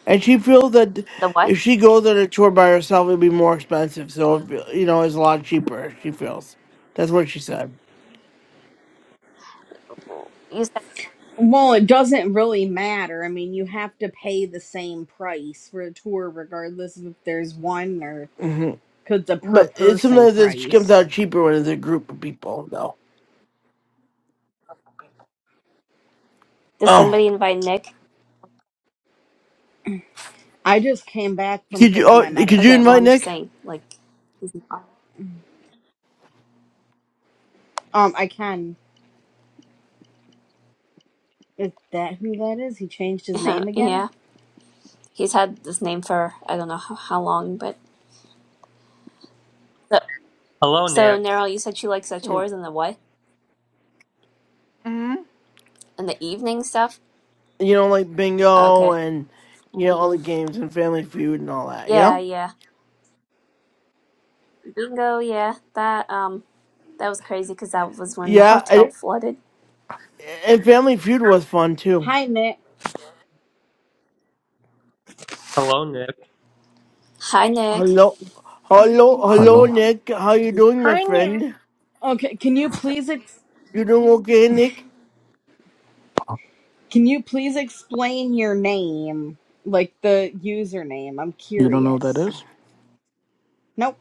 [SPEAKER 1] And she feels that
[SPEAKER 5] The what?
[SPEAKER 1] if she goes on a tour by herself, it'd be more expensive. So, if, you know, it's a lot cheaper, she feels. That's what she said.
[SPEAKER 5] You said
[SPEAKER 3] well, it doesn't really matter. I mean, you have to pay the same price for a tour, regardless if there's one or
[SPEAKER 1] hmm
[SPEAKER 3] because it's a per
[SPEAKER 1] But it,
[SPEAKER 3] person
[SPEAKER 1] sometimes it comes
[SPEAKER 3] price.
[SPEAKER 1] out cheaper when it's a group of people, though.
[SPEAKER 5] does
[SPEAKER 1] Oh.
[SPEAKER 5] somebody invite Nick?
[SPEAKER 3] I just came back from
[SPEAKER 1] Could you
[SPEAKER 3] taking
[SPEAKER 1] oh,
[SPEAKER 3] my
[SPEAKER 1] could you
[SPEAKER 5] Okay. Well,
[SPEAKER 1] invite
[SPEAKER 3] medicine.
[SPEAKER 5] I'm just
[SPEAKER 1] Nick?
[SPEAKER 5] saying like he's
[SPEAKER 3] Um, I can. Is that who that is? He changed his name
[SPEAKER 5] not.
[SPEAKER 3] again?
[SPEAKER 5] yeah. He's had this name for I don't know how, how long, but so,
[SPEAKER 2] hello,
[SPEAKER 5] so
[SPEAKER 2] Nick.
[SPEAKER 5] Nero, you said she likes the chores and the what?
[SPEAKER 1] Mm-hmm.
[SPEAKER 5] And the evening stuff?
[SPEAKER 1] You know, like bingo
[SPEAKER 5] Okay.
[SPEAKER 1] and, you know, all the games and Family Feud and all that, you
[SPEAKER 5] Yeah,
[SPEAKER 1] know?
[SPEAKER 5] yeah. Bingo, yeah. That um that was crazy cuz that was when the
[SPEAKER 1] Yeah,
[SPEAKER 5] hotel
[SPEAKER 1] and,
[SPEAKER 5] flooded.
[SPEAKER 1] and Family Feud was fun, too.
[SPEAKER 3] Hi, Nick.
[SPEAKER 2] Hello, Nick.
[SPEAKER 5] Hi, Nick.
[SPEAKER 1] Hello, hello, hello,
[SPEAKER 8] Hello.
[SPEAKER 1] Nick. How you doing, my friend?
[SPEAKER 3] Okay, can you please? ex-
[SPEAKER 1] You doing okay, Nick?
[SPEAKER 3] Can you please explain your name? Like the username. I'm
[SPEAKER 8] You don't know what that
[SPEAKER 3] curious.
[SPEAKER 8] is?
[SPEAKER 3] Nope.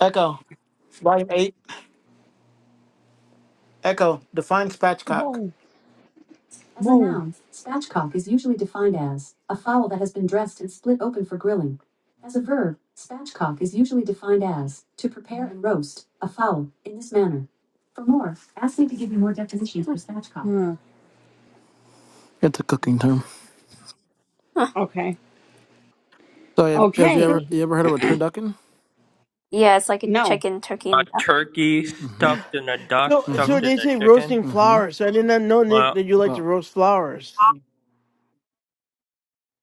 [SPEAKER 8] Echo, Volume 8. Echo, define spatchcock.
[SPEAKER 3] Whoa.
[SPEAKER 8] As a
[SPEAKER 3] Whoa.
[SPEAKER 8] noun, spatchcock is usually defined as a fowl that has been dressed and split open for grilling. As a verb, spatchcock is usually defined as to prepare and roast a fowl in this manner. For more, ask me to give you more definitions for spatchcock.
[SPEAKER 3] Huh.
[SPEAKER 8] It's a cooking term.
[SPEAKER 5] Huh.
[SPEAKER 3] Okay.
[SPEAKER 8] So have, have you ever
[SPEAKER 3] Okay.
[SPEAKER 8] you ever heard of a turducken?
[SPEAKER 5] Yeah, it's like a
[SPEAKER 3] No.
[SPEAKER 5] chicken, turkey
[SPEAKER 2] A
[SPEAKER 5] and duck.
[SPEAKER 2] turkey
[SPEAKER 8] Mm-hmm.
[SPEAKER 2] stuffed in a duck
[SPEAKER 1] So,
[SPEAKER 8] Mm-hmm.
[SPEAKER 1] so
[SPEAKER 2] stuffed in
[SPEAKER 1] they
[SPEAKER 2] a
[SPEAKER 1] say
[SPEAKER 2] chicken.
[SPEAKER 1] roasting
[SPEAKER 8] Mm-hmm.
[SPEAKER 1] flowers. So I did not know, Nick,
[SPEAKER 2] Well,
[SPEAKER 1] that you like
[SPEAKER 8] Well.
[SPEAKER 1] to roast flowers.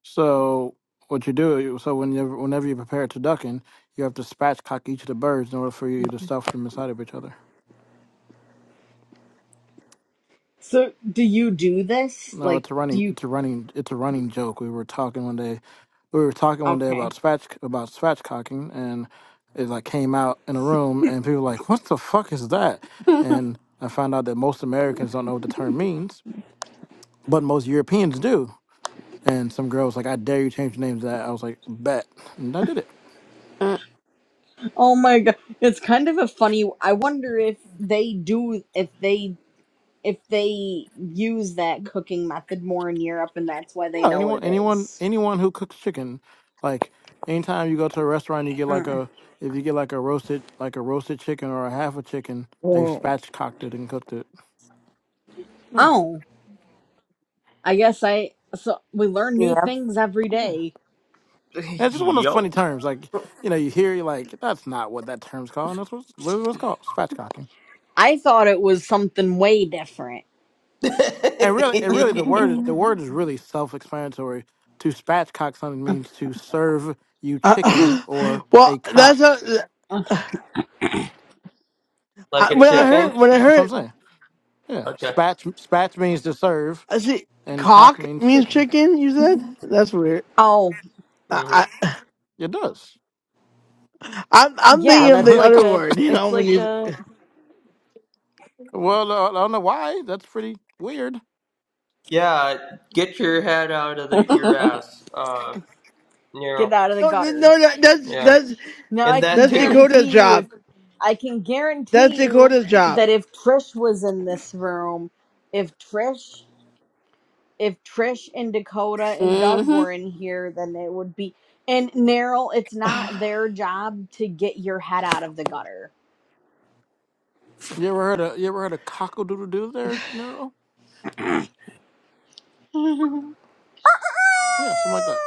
[SPEAKER 8] So what you do, so whenever whenever you prepare turducken, you have to spatchcock each of the birds in order for you to stuff them inside of each other.
[SPEAKER 3] So do you do this?
[SPEAKER 8] No,
[SPEAKER 3] Like,
[SPEAKER 8] it's a
[SPEAKER 3] do
[SPEAKER 8] running,
[SPEAKER 3] you.
[SPEAKER 8] it's a running, it's a running joke. We were talking one day, we were talking one day
[SPEAKER 3] Okay.
[SPEAKER 8] about spatch about spatchcocking, and it like came out in a room, and people were like, "What the fuck is that?" And I found out that most Americans don't know what the term means, but most Europeans do. And some girl was like, "I dare you change your name to that." I was like, "Bet," and I did it.
[SPEAKER 5] mm,
[SPEAKER 3] Oh my god. It's kind of a funny. I wonder if they do. If they. If they use that cooking method more in Europe and that's why they
[SPEAKER 8] No,
[SPEAKER 3] know what
[SPEAKER 8] anyone,
[SPEAKER 3] it
[SPEAKER 8] anyone,
[SPEAKER 3] is.
[SPEAKER 8] anyone who cooks chicken, like anytime you go to a restaurant, you get like
[SPEAKER 3] Uh.
[SPEAKER 8] a if you get like a roasted like a roasted chicken or a half a chicken, they've spatchcocked it and cooked it. Yeah,
[SPEAKER 3] Oh. I guess I. So we learn new
[SPEAKER 5] yeah.
[SPEAKER 3] things every
[SPEAKER 8] yeah.
[SPEAKER 3] day.
[SPEAKER 8] And it's just one of those funny
[SPEAKER 2] yup.
[SPEAKER 8] terms. Like you know, you hear you like that's not what that term's called, and that's what's literally what's called spatchcocking.
[SPEAKER 3] I thought it was something way different.
[SPEAKER 2] like
[SPEAKER 8] And really, and really, the word the word is really self-explanatory. To spatchcock something means to serve you
[SPEAKER 1] Uh,
[SPEAKER 8] chicken or a
[SPEAKER 1] well, that's
[SPEAKER 8] cock.
[SPEAKER 1] how, I,
[SPEAKER 2] a
[SPEAKER 1] when I
[SPEAKER 8] Yes,
[SPEAKER 2] chicken?
[SPEAKER 1] heard when I
[SPEAKER 8] that's what
[SPEAKER 1] heard
[SPEAKER 8] I'm saying. Yeah,
[SPEAKER 2] Okay.
[SPEAKER 8] spatch spatch means to serve
[SPEAKER 1] I see
[SPEAKER 8] and cock
[SPEAKER 1] cock
[SPEAKER 8] means
[SPEAKER 1] means
[SPEAKER 8] chicken.
[SPEAKER 1] chicken. You said that's weird.
[SPEAKER 3] Oh,
[SPEAKER 2] hmm
[SPEAKER 1] I,
[SPEAKER 8] It does.
[SPEAKER 1] I I'm I'm
[SPEAKER 3] yeah,
[SPEAKER 1] thinking
[SPEAKER 8] That's
[SPEAKER 1] of
[SPEAKER 8] what
[SPEAKER 3] that's
[SPEAKER 1] the
[SPEAKER 8] it's
[SPEAKER 3] like
[SPEAKER 1] other
[SPEAKER 8] called.
[SPEAKER 3] a
[SPEAKER 1] word. You
[SPEAKER 3] it's
[SPEAKER 1] know when
[SPEAKER 3] like
[SPEAKER 1] you
[SPEAKER 3] a
[SPEAKER 8] well, uh, I don't know why. That's pretty weird.
[SPEAKER 2] Yeah, get your head out of the, your ass, uh, Neural.
[SPEAKER 3] get out of the
[SPEAKER 1] no no
[SPEAKER 3] gutter.
[SPEAKER 1] no, that, that's
[SPEAKER 2] Yeah.
[SPEAKER 1] that's
[SPEAKER 3] Now
[SPEAKER 2] And
[SPEAKER 3] I can
[SPEAKER 2] that
[SPEAKER 1] that's
[SPEAKER 2] too.
[SPEAKER 1] Dakota's
[SPEAKER 3] guarantee you if
[SPEAKER 1] job.
[SPEAKER 3] I can
[SPEAKER 1] That's
[SPEAKER 3] guarantee you
[SPEAKER 1] Dakota's job.
[SPEAKER 3] that if Trish was in this room, if Trish if Trish and Dakota and Doug
[SPEAKER 5] mhm.
[SPEAKER 3] were in here, then it would be and Neryl, it's not their job to get your head out of the gutter.
[SPEAKER 8] You ever heard a you ever heard a cockle-doodle doo there, Nero? Yeah, something like that.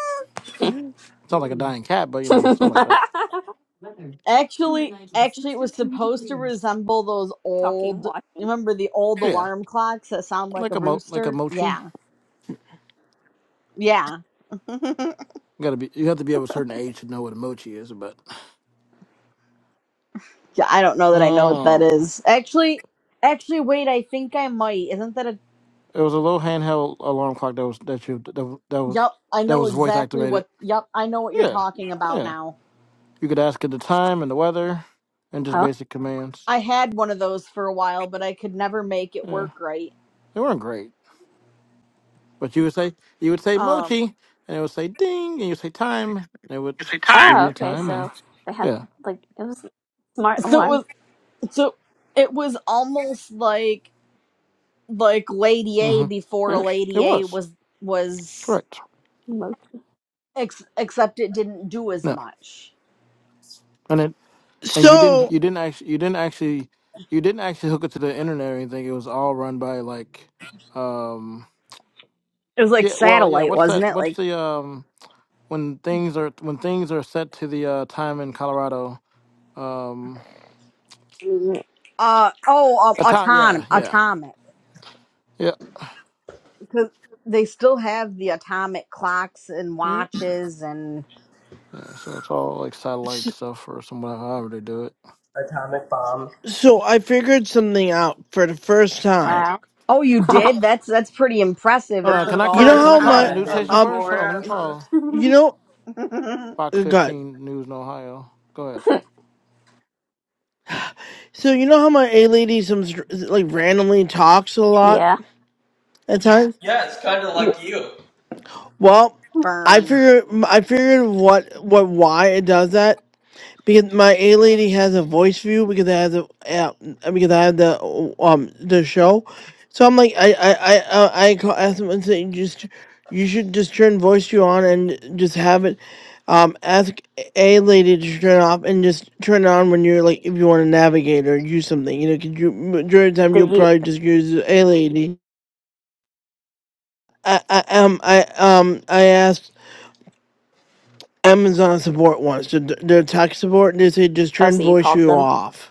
[SPEAKER 8] Sounds like a dying cat, but you know, something like that.
[SPEAKER 3] Actually, actually, it was supposed to resemble those
[SPEAKER 5] Talking
[SPEAKER 3] old. You
[SPEAKER 5] watching.
[SPEAKER 3] remember the old
[SPEAKER 8] Yeah,
[SPEAKER 3] alarm clocks that sound like
[SPEAKER 8] like
[SPEAKER 3] a
[SPEAKER 8] a mo like a
[SPEAKER 3] rooster?
[SPEAKER 8] mochi.
[SPEAKER 3] Yeah, yeah. yeah
[SPEAKER 8] You gotta be you have to be of a certain age to know what a mochi is, but
[SPEAKER 3] I don't know that I know what that
[SPEAKER 8] oh,
[SPEAKER 3] is. Actually, actually, wait. I think I might. Isn't that a?
[SPEAKER 8] it was a little handheld alarm clock that was that you that, was- that was
[SPEAKER 3] Yup, I
[SPEAKER 8] that
[SPEAKER 3] know
[SPEAKER 8] was voice
[SPEAKER 3] exactly
[SPEAKER 8] activated.
[SPEAKER 3] what. Yup, I know what you're
[SPEAKER 8] Yeah,
[SPEAKER 3] talking about
[SPEAKER 8] yeah.
[SPEAKER 3] now.
[SPEAKER 8] You could ask it the time and the weather, and just
[SPEAKER 5] Oh.
[SPEAKER 8] basic commands.
[SPEAKER 3] I had one of those for a while, but I could never make it
[SPEAKER 8] Yeah.
[SPEAKER 3] work right.
[SPEAKER 8] They weren't great. But you would say you would say
[SPEAKER 3] Um,
[SPEAKER 8] mochi and it would say ding and you would say time and it would
[SPEAKER 1] It's a time.
[SPEAKER 8] give
[SPEAKER 5] Oh,
[SPEAKER 8] you the
[SPEAKER 5] okay.
[SPEAKER 8] time
[SPEAKER 5] So
[SPEAKER 8] and
[SPEAKER 5] they had
[SPEAKER 8] yeah.
[SPEAKER 5] like it was smart
[SPEAKER 3] so it
[SPEAKER 5] alarm.
[SPEAKER 3] was so it was almost like like Lady A
[SPEAKER 8] hmm
[SPEAKER 3] before
[SPEAKER 8] It
[SPEAKER 3] Lady A
[SPEAKER 8] was.
[SPEAKER 3] was was
[SPEAKER 8] Correct.
[SPEAKER 5] Mo-
[SPEAKER 3] ex- except it didn't do as
[SPEAKER 8] No.
[SPEAKER 3] much.
[SPEAKER 8] And it and you didn't
[SPEAKER 1] So
[SPEAKER 8] you didn't actually you didn't actually you didn't actually hook it to the internet or anything. It was all run by like um
[SPEAKER 3] It was like
[SPEAKER 8] yeah, well yeah,
[SPEAKER 3] satellite,
[SPEAKER 8] what's
[SPEAKER 3] wasn't
[SPEAKER 8] that
[SPEAKER 3] it?
[SPEAKER 8] what's
[SPEAKER 3] Like
[SPEAKER 8] the um when things are when things are set to the uh time in Colorado um
[SPEAKER 3] uh oh,
[SPEAKER 8] a
[SPEAKER 3] uh,
[SPEAKER 8] time
[SPEAKER 3] autonom
[SPEAKER 8] yeah, yeah.
[SPEAKER 3] atomic
[SPEAKER 8] Yeah.
[SPEAKER 3] because they still have the atomic clocks and
[SPEAKER 8] Yeah.
[SPEAKER 3] watches and
[SPEAKER 8] Yeah, so it's all like satellite
[SPEAKER 1] s-
[SPEAKER 8] stuff or somewhere however they do it.
[SPEAKER 2] Atomic bomb.
[SPEAKER 1] so I figured something out for the first time.
[SPEAKER 5] wow.
[SPEAKER 3] oh, you did? That's that's pretty impressive.
[SPEAKER 8] Hold
[SPEAKER 3] It
[SPEAKER 2] for
[SPEAKER 8] on, can
[SPEAKER 3] took
[SPEAKER 8] I
[SPEAKER 2] the
[SPEAKER 3] all
[SPEAKER 1] You know
[SPEAKER 8] call
[SPEAKER 3] this
[SPEAKER 8] can I
[SPEAKER 1] how
[SPEAKER 2] first
[SPEAKER 8] call the
[SPEAKER 1] my
[SPEAKER 2] time
[SPEAKER 8] news
[SPEAKER 1] uh,
[SPEAKER 3] time.
[SPEAKER 8] station
[SPEAKER 2] in
[SPEAKER 1] um,
[SPEAKER 8] first? Hold on, let me
[SPEAKER 2] forever.
[SPEAKER 8] call
[SPEAKER 1] you know,
[SPEAKER 8] Fox
[SPEAKER 1] uh, God.
[SPEAKER 8] fifteen News in Ohio. Go ahead.
[SPEAKER 1] So you know how my A lady some like randomly talks a lot
[SPEAKER 5] Yeah.
[SPEAKER 1] at times.
[SPEAKER 2] Yeah, it's kind of
[SPEAKER 1] W-
[SPEAKER 2] like you.
[SPEAKER 1] Well, I
[SPEAKER 3] Burn.
[SPEAKER 1] figured I figured what what why it does that Because my A lady has a voice view because I have the yeah, uh, because I have the uh, um the show, so I'm like I I I I, I call ask them and say just you should just turn voice view on and just have it, um ask A lady to turn it off and just turn it on when you're like if you want to navigate or use something you know because you majority the time you'll
[SPEAKER 5] Did you?
[SPEAKER 1] probably just use A lady. I, I um I um I asked Amazon support once their their tech support and they say just
[SPEAKER 5] Oh,
[SPEAKER 1] turn
[SPEAKER 5] so you
[SPEAKER 1] voice
[SPEAKER 5] called
[SPEAKER 1] view
[SPEAKER 5] them?
[SPEAKER 1] off.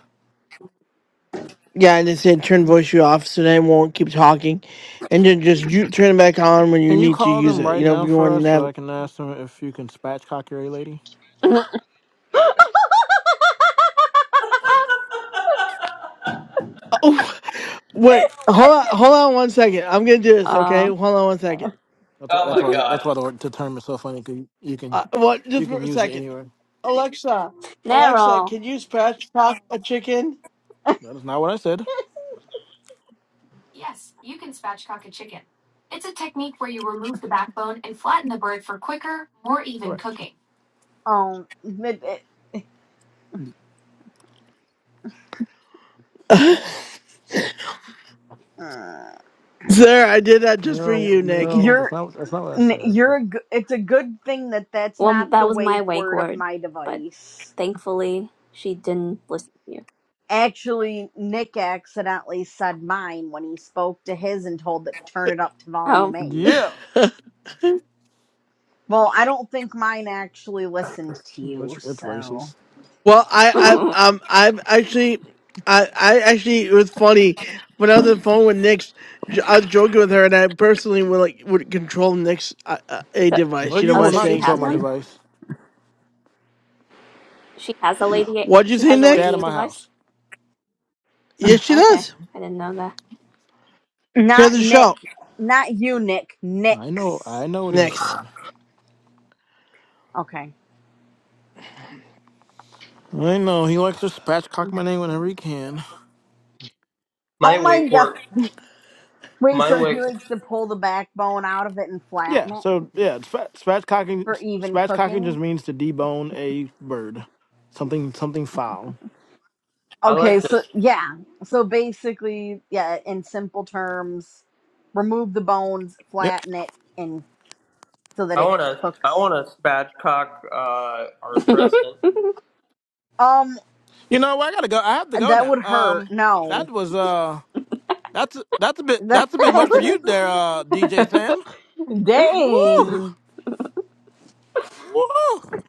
[SPEAKER 1] Yeah, and they said turn voice you off so they won't keep talking, and then just you turn it back on when you
[SPEAKER 8] Can you
[SPEAKER 1] need to
[SPEAKER 8] call
[SPEAKER 1] use
[SPEAKER 8] them
[SPEAKER 1] it.
[SPEAKER 8] right
[SPEAKER 1] You know, if
[SPEAKER 8] now
[SPEAKER 1] you
[SPEAKER 8] for
[SPEAKER 1] want
[SPEAKER 8] us
[SPEAKER 1] to
[SPEAKER 8] so
[SPEAKER 1] have.
[SPEAKER 8] I can ask them if you can spatchcock your A lady?
[SPEAKER 1] Oh, wait, hold on, hold on one second. I'm gonna do this. Okay,
[SPEAKER 5] Uh,
[SPEAKER 1] hold on one second.
[SPEAKER 8] That's why
[SPEAKER 2] Oh
[SPEAKER 8] that's
[SPEAKER 2] my
[SPEAKER 8] why that's
[SPEAKER 2] god.
[SPEAKER 8] why the, word- the term is so funny 'cause you can
[SPEAKER 1] Uh, what?
[SPEAKER 8] you
[SPEAKER 1] Just for
[SPEAKER 8] can
[SPEAKER 1] a
[SPEAKER 8] use it
[SPEAKER 1] second.
[SPEAKER 8] anywhere.
[SPEAKER 1] Alexa, Alexa,
[SPEAKER 5] Nero.
[SPEAKER 1] can you scratch pop a chicken?
[SPEAKER 8] That is not what I said. Correct.
[SPEAKER 3] Um, it, it- uh,
[SPEAKER 1] Sir, I did that just for
[SPEAKER 8] Neuro
[SPEAKER 1] you, Nick.
[SPEAKER 8] neuro
[SPEAKER 3] you're
[SPEAKER 8] that's not that's not what I
[SPEAKER 3] N-
[SPEAKER 8] said, but
[SPEAKER 3] You're a g- it's a good thing that that's
[SPEAKER 5] Well,
[SPEAKER 3] not the
[SPEAKER 5] that was my
[SPEAKER 3] wake
[SPEAKER 5] wake
[SPEAKER 3] word of
[SPEAKER 5] word,
[SPEAKER 3] my
[SPEAKER 5] but
[SPEAKER 3] device.
[SPEAKER 5] thankfully she didn't listen to you.
[SPEAKER 3] Actually, Nick accidentally said mine when he spoke to his and told it turn it up to volume
[SPEAKER 5] Oh.
[SPEAKER 3] 8.
[SPEAKER 8] Yeah.
[SPEAKER 3] Well, I don't think mine actually listened to you,
[SPEAKER 8] It's it's
[SPEAKER 3] so.
[SPEAKER 8] racist.
[SPEAKER 1] Well, I, I, um, I've actually, I, I actually, it was funny when I was on the phone with Nick's. j- I was joking with her, and I personally would like would control Nick's uh, uh, a
[SPEAKER 5] so,
[SPEAKER 8] No,
[SPEAKER 1] device. You know
[SPEAKER 8] you
[SPEAKER 5] oh,
[SPEAKER 1] what
[SPEAKER 8] will
[SPEAKER 1] I'm
[SPEAKER 5] so
[SPEAKER 8] not
[SPEAKER 5] she
[SPEAKER 1] saying to
[SPEAKER 8] control
[SPEAKER 5] has
[SPEAKER 8] my
[SPEAKER 5] one.
[SPEAKER 1] me?
[SPEAKER 8] device.
[SPEAKER 5] She has a lady. A-
[SPEAKER 1] What'd you
[SPEAKER 5] She
[SPEAKER 1] say,
[SPEAKER 5] has a
[SPEAKER 8] Stay
[SPEAKER 5] lady
[SPEAKER 8] out
[SPEAKER 1] Nick?
[SPEAKER 8] of
[SPEAKER 5] a
[SPEAKER 8] my
[SPEAKER 5] device.
[SPEAKER 8] house.
[SPEAKER 1] Yes, she
[SPEAKER 5] Okay,
[SPEAKER 1] does.
[SPEAKER 5] I didn't know
[SPEAKER 1] She has
[SPEAKER 3] Not
[SPEAKER 1] a
[SPEAKER 3] Nick.
[SPEAKER 1] show
[SPEAKER 3] Not you, Nick.
[SPEAKER 8] I know I
[SPEAKER 3] Nick's.
[SPEAKER 8] know what he
[SPEAKER 1] next.
[SPEAKER 8] said.
[SPEAKER 3] Okay.
[SPEAKER 8] I know he likes to spatchcock my name whenever he can.
[SPEAKER 3] Oh
[SPEAKER 2] My
[SPEAKER 3] my
[SPEAKER 2] wake
[SPEAKER 3] god.
[SPEAKER 2] work.
[SPEAKER 3] Wait,
[SPEAKER 2] My
[SPEAKER 3] so he
[SPEAKER 2] wake.
[SPEAKER 3] likes to pull the backbone out of it and flatten
[SPEAKER 8] Yeah,
[SPEAKER 3] it
[SPEAKER 8] so yeah, spa-
[SPEAKER 3] for
[SPEAKER 8] spatchcocking
[SPEAKER 3] even
[SPEAKER 8] spatchcocking just
[SPEAKER 3] cooking?
[SPEAKER 8] means to debone a bird, something something foul.
[SPEAKER 2] I
[SPEAKER 3] Okay,
[SPEAKER 2] like
[SPEAKER 3] so
[SPEAKER 2] this.
[SPEAKER 3] yeah. So basically, yeah, in simple terms, remove the bones,
[SPEAKER 8] Yep.
[SPEAKER 3] flatten it and so that
[SPEAKER 2] I
[SPEAKER 3] it
[SPEAKER 2] wanna. I
[SPEAKER 3] cooks.
[SPEAKER 2] wanna spatchcock uh,
[SPEAKER 5] that.
[SPEAKER 2] our president.
[SPEAKER 3] Um
[SPEAKER 8] You know what? I gotta go. I have to go
[SPEAKER 3] that
[SPEAKER 8] now.
[SPEAKER 3] would hurt.
[SPEAKER 8] Um, that
[SPEAKER 3] No.
[SPEAKER 8] was uh, that's that's a bit
[SPEAKER 3] That
[SPEAKER 8] that's a bit much for you there,
[SPEAKER 3] was-
[SPEAKER 8] uh, DJ Sam. Woo,
[SPEAKER 3] Dang.
[SPEAKER 8] woo.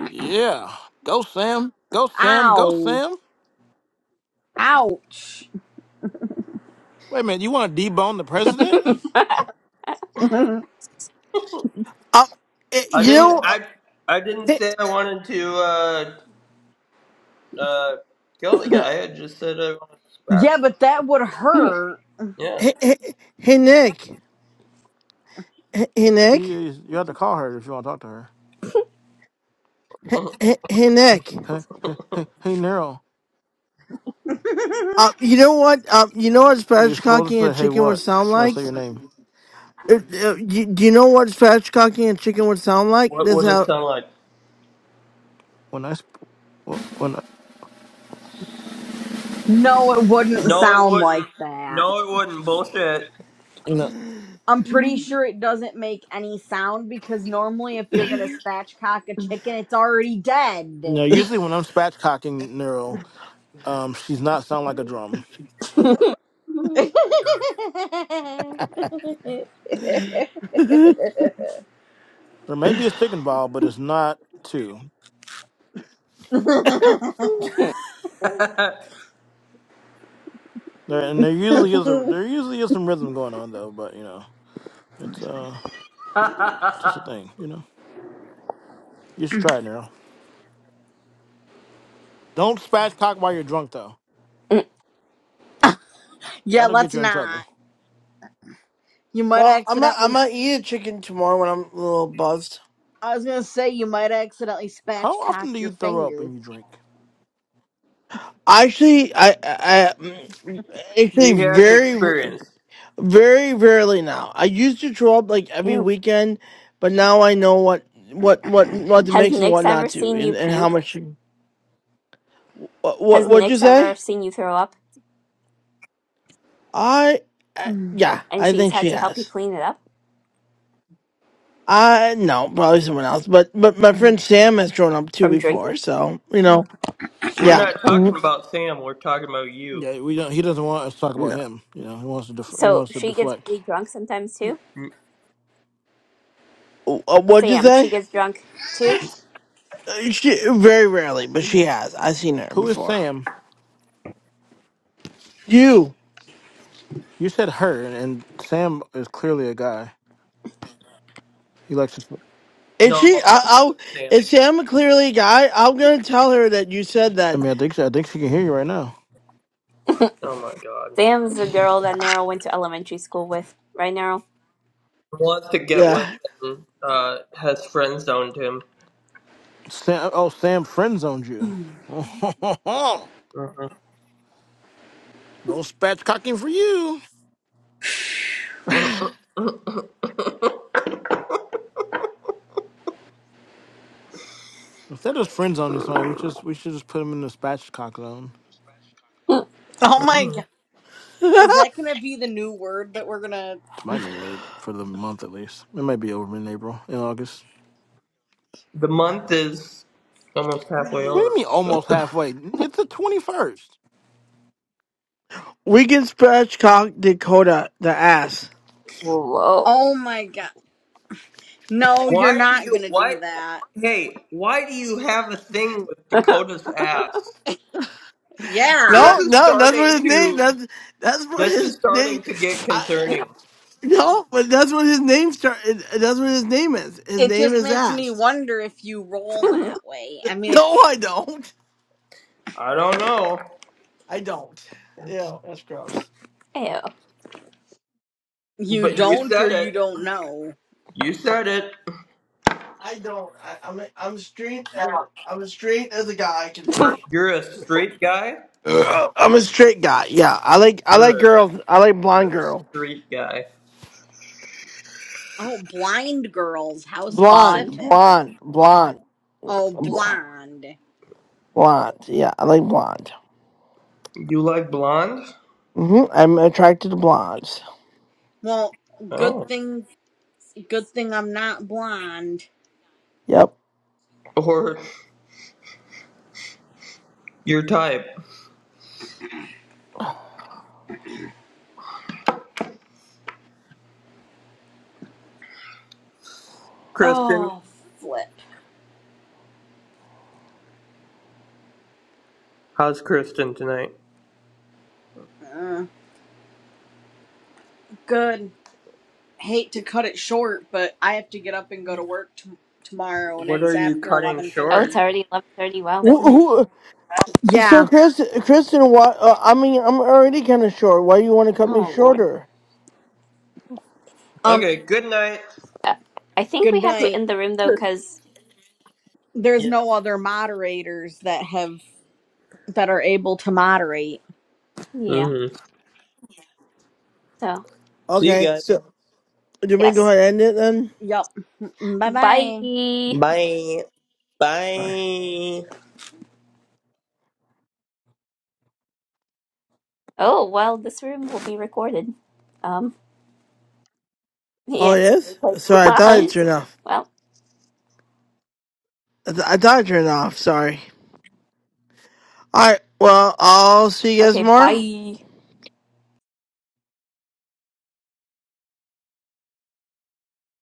[SPEAKER 8] Yeah, go Sam, go Sam, go
[SPEAKER 3] Ow.
[SPEAKER 8] Sam.
[SPEAKER 3] Ouch.
[SPEAKER 8] Wait a minute, you want to debone the president?
[SPEAKER 3] yeah,
[SPEAKER 1] Uh, eh,
[SPEAKER 2] I
[SPEAKER 1] you
[SPEAKER 2] didn't.
[SPEAKER 1] know, uh,
[SPEAKER 2] I. I didn't
[SPEAKER 1] hey,
[SPEAKER 2] say I wanted to uh, uh, kill the guy. I just said I wanted to
[SPEAKER 3] but
[SPEAKER 2] spatchcock
[SPEAKER 3] that
[SPEAKER 2] him.
[SPEAKER 3] would hurt.
[SPEAKER 2] Yeah.
[SPEAKER 1] hey, hey, hey, Nick, hey, hey,
[SPEAKER 8] She
[SPEAKER 1] Nick,
[SPEAKER 8] is. You have to call her if you want to talk to her.
[SPEAKER 2] Mhm.
[SPEAKER 1] hey, hey, Nick.
[SPEAKER 8] Hey, hey, hey, hey, Nero.
[SPEAKER 1] Uh, you know what? Um, you know what
[SPEAKER 8] You're
[SPEAKER 1] Spanish
[SPEAKER 8] supposed
[SPEAKER 1] cocking
[SPEAKER 8] to say,
[SPEAKER 1] and
[SPEAKER 8] "Hey,
[SPEAKER 1] chicken would
[SPEAKER 8] what?"
[SPEAKER 1] sound
[SPEAKER 8] When I
[SPEAKER 1] like?
[SPEAKER 8] say your name.
[SPEAKER 1] Uh, uh, you- Do you know what spatchcocking a chicken would sound like?
[SPEAKER 2] What
[SPEAKER 1] This
[SPEAKER 2] would it
[SPEAKER 1] how.
[SPEAKER 2] sound like?
[SPEAKER 8] When I sp- wh- when I,
[SPEAKER 3] No, it wouldn't
[SPEAKER 2] No, it
[SPEAKER 3] sound like
[SPEAKER 2] wouldn't.
[SPEAKER 3] that.
[SPEAKER 2] No, it wouldn't. Bullshit.
[SPEAKER 8] no
[SPEAKER 3] I'm pretty sure it doesn't make any sound because normally if you're going to spatchcock a chicken, it's already dead.
[SPEAKER 8] no. Usually when I'm spatchcocking Neural, um, she's not sound like a drum.
[SPEAKER 1] well,
[SPEAKER 8] There may be a stick involved, but it's not two. There and there usually is a there usually is some rhythm going on though. But you know, it's uh just a thing. You know, you should try it, Neural. Don't spatchcock while you're drunk though.
[SPEAKER 3] yeah,
[SPEAKER 8] That'll get
[SPEAKER 3] let's
[SPEAKER 8] you in trouble.
[SPEAKER 3] not. You might
[SPEAKER 1] I'm not.
[SPEAKER 3] accidentally.
[SPEAKER 1] I'm gonna
[SPEAKER 3] s-
[SPEAKER 1] eat a chicken tomorrow when I'm a little buzzed.
[SPEAKER 3] I was gonna say you might accidentally
[SPEAKER 8] How
[SPEAKER 3] spatchcock
[SPEAKER 8] often do
[SPEAKER 3] your
[SPEAKER 8] you throw up
[SPEAKER 3] finger.
[SPEAKER 8] when you drink?
[SPEAKER 1] Actually, I, I, I mm, actually
[SPEAKER 2] he has
[SPEAKER 1] very,
[SPEAKER 2] experience.
[SPEAKER 1] very rarely now. I used to throw up like every
[SPEAKER 5] Ew.
[SPEAKER 1] weekend, but now I know what, what, what, what to
[SPEAKER 5] Has
[SPEAKER 1] mix and
[SPEAKER 5] Nyx
[SPEAKER 1] what
[SPEAKER 5] ever
[SPEAKER 1] not to,
[SPEAKER 5] seen you
[SPEAKER 1] and, and how
[SPEAKER 5] puke?
[SPEAKER 1] much. What, what,
[SPEAKER 5] Has
[SPEAKER 1] what'd you
[SPEAKER 5] Nyx ever
[SPEAKER 1] say?
[SPEAKER 5] seen you throw up?
[SPEAKER 1] I, I, yeah,
[SPEAKER 5] And
[SPEAKER 1] I
[SPEAKER 5] she's
[SPEAKER 1] think
[SPEAKER 5] had
[SPEAKER 1] she
[SPEAKER 5] to help you
[SPEAKER 1] has.
[SPEAKER 5] clean it up
[SPEAKER 1] Uh no, probably someone else. But but my friend Sam has thrown up too
[SPEAKER 5] from
[SPEAKER 1] before,
[SPEAKER 5] drinking?
[SPEAKER 1] so you know,
[SPEAKER 2] We're
[SPEAKER 1] yeah.
[SPEAKER 2] not talking
[SPEAKER 1] Mhm.
[SPEAKER 2] about Sam. We're talking about you.
[SPEAKER 8] Yeah, we don't. He doesn't want us to talk about
[SPEAKER 1] No.
[SPEAKER 8] him. You know, he wants to def- he
[SPEAKER 5] So
[SPEAKER 8] wants to
[SPEAKER 5] she gets
[SPEAKER 8] deflect.
[SPEAKER 5] pretty drunk sometimes too.
[SPEAKER 2] N-
[SPEAKER 1] Uh, what'd you
[SPEAKER 5] Sam, she
[SPEAKER 1] say?
[SPEAKER 5] gets drunk too.
[SPEAKER 1] Uh, She very rarely, but she
[SPEAKER 5] hmm
[SPEAKER 1] has. I've seen her
[SPEAKER 8] Who is
[SPEAKER 1] before.
[SPEAKER 8] Sam?
[SPEAKER 1] You
[SPEAKER 8] You said her, and Sam is clearly a guy. He likes to.
[SPEAKER 1] is
[SPEAKER 2] No,
[SPEAKER 1] she? I, I'll
[SPEAKER 2] another Sam.
[SPEAKER 1] is Sam clearly a guy? I'm gonna tell her that you said
[SPEAKER 8] I
[SPEAKER 1] that.
[SPEAKER 8] mean, I think she, I think she can hear you right now.
[SPEAKER 2] Oh my God.
[SPEAKER 5] Sam's the girl that Nero went to elementary school with, right, Nero?
[SPEAKER 2] Wants to get with
[SPEAKER 1] Yeah,
[SPEAKER 2] and uh, has friend zoned him.
[SPEAKER 8] Sam, oh, Sam friend zoned you. no spatchcocking for you. Instead of friend zoning somebody, we just we should just put him in the spatchcock zone.
[SPEAKER 3] Oh my god.
[SPEAKER 2] Mhm.
[SPEAKER 3] Is that gonna be the new word that we're gonna.
[SPEAKER 8] It's my new word for the month at least. It might be over in April, in August.
[SPEAKER 2] the month is almost
[SPEAKER 3] Wait a
[SPEAKER 2] halfway
[SPEAKER 8] What do you
[SPEAKER 2] over.
[SPEAKER 8] mean almost
[SPEAKER 2] So
[SPEAKER 8] halfway? It's the twenty first.
[SPEAKER 1] we can scratch cock Dakota the ass.
[SPEAKER 5] Whoa.
[SPEAKER 3] Oh my god. No, you're
[SPEAKER 2] why do
[SPEAKER 3] not
[SPEAKER 2] you
[SPEAKER 3] gonna
[SPEAKER 2] why?
[SPEAKER 3] do that.
[SPEAKER 2] Hey, why do you have a thing with Dakota's ass? This
[SPEAKER 3] Yeah.
[SPEAKER 1] No,
[SPEAKER 2] is
[SPEAKER 1] no, that's what
[SPEAKER 2] starting
[SPEAKER 1] his name.
[SPEAKER 2] to
[SPEAKER 1] That's that's what
[SPEAKER 2] this is
[SPEAKER 1] his name.
[SPEAKER 2] starting to get concerning.
[SPEAKER 1] No, but that's what his name start. it- That's what his name is. His
[SPEAKER 3] It
[SPEAKER 1] name
[SPEAKER 3] just
[SPEAKER 1] is
[SPEAKER 3] makes me
[SPEAKER 1] ass.
[SPEAKER 3] wonder if you roll that way. I mean,
[SPEAKER 1] No,
[SPEAKER 3] it's.
[SPEAKER 1] I don't.
[SPEAKER 2] I don't know,
[SPEAKER 1] I don't. Yeah, that's gross.
[SPEAKER 5] Ew.
[SPEAKER 3] You
[SPEAKER 2] but you
[SPEAKER 3] don't or
[SPEAKER 2] said
[SPEAKER 3] you
[SPEAKER 2] it.
[SPEAKER 3] don't know.
[SPEAKER 2] You said it.
[SPEAKER 1] I don't. I, I'm a, I'm straight. As, I'm as straight as a guy can be.
[SPEAKER 2] You're a straight guy?
[SPEAKER 1] Ugh, I'm a straight guy. Yeah, I like I like
[SPEAKER 2] You're a,
[SPEAKER 1] girls. I like
[SPEAKER 2] you're
[SPEAKER 1] blonde
[SPEAKER 2] a
[SPEAKER 1] girl.
[SPEAKER 2] straight guy.
[SPEAKER 3] Oh, blind girls. How
[SPEAKER 1] Blonde,
[SPEAKER 5] Blonde.
[SPEAKER 3] specific.
[SPEAKER 1] blonde, blonde,
[SPEAKER 3] Oh,
[SPEAKER 1] bl-
[SPEAKER 3] blonde.
[SPEAKER 1] blonde. Yeah, I like blonde.
[SPEAKER 2] You like blonde?
[SPEAKER 1] hmm I'm attracted to blondes.
[SPEAKER 3] Well, good
[SPEAKER 2] Oh.
[SPEAKER 3] thing, good thing I'm not blind.
[SPEAKER 1] Yep.
[SPEAKER 2] Or your type. Kristen?
[SPEAKER 3] Oh, flip.
[SPEAKER 2] How's Kristen tonight?
[SPEAKER 3] Uh, good. Hate to cut it short, but I have to get up and go to work t- tomorrow, and
[SPEAKER 2] What
[SPEAKER 3] it's
[SPEAKER 2] are you
[SPEAKER 3] after
[SPEAKER 2] cutting
[SPEAKER 3] eleven
[SPEAKER 5] Oh,
[SPEAKER 2] short?
[SPEAKER 5] it's
[SPEAKER 3] thirty.
[SPEAKER 5] already eleven thirty. Wow.
[SPEAKER 3] Th-
[SPEAKER 1] Who,
[SPEAKER 5] Mm.
[SPEAKER 1] who So,
[SPEAKER 3] Yeah.
[SPEAKER 1] Chris, Kristen, why? Uh, I mean, I'm already kind of short. Why do you want to cut me
[SPEAKER 5] Oh Lord.
[SPEAKER 1] shorter?
[SPEAKER 3] Um.
[SPEAKER 2] Okay, good night.
[SPEAKER 5] Uh, I think we
[SPEAKER 3] Good
[SPEAKER 5] have to
[SPEAKER 3] night.
[SPEAKER 5] end the room though, cause
[SPEAKER 3] There's
[SPEAKER 2] Yeah.
[SPEAKER 3] no other moderators that have that are able to moderate.
[SPEAKER 5] yeah.
[SPEAKER 2] hmm
[SPEAKER 5] So
[SPEAKER 2] See you
[SPEAKER 1] Okay,
[SPEAKER 2] guys.
[SPEAKER 1] so do we go
[SPEAKER 5] yes.
[SPEAKER 1] ahead and end it then?
[SPEAKER 3] Yup. Bye bye.
[SPEAKER 5] Bye.
[SPEAKER 2] Bye.
[SPEAKER 1] Bye.
[SPEAKER 2] Bye.
[SPEAKER 5] Oh well, this room will be recorded. Um.
[SPEAKER 1] Oh,
[SPEAKER 5] Yeah,
[SPEAKER 1] it
[SPEAKER 5] it's a
[SPEAKER 1] is.
[SPEAKER 5] replay
[SPEAKER 1] Sorry, I thought it
[SPEAKER 5] song.
[SPEAKER 1] turned off.
[SPEAKER 5] well.
[SPEAKER 1] I, th- I thought it turned off. Sorry. All right. Well, I'll see you guys
[SPEAKER 5] Okay.
[SPEAKER 1] tomorrow.
[SPEAKER 5] Bye.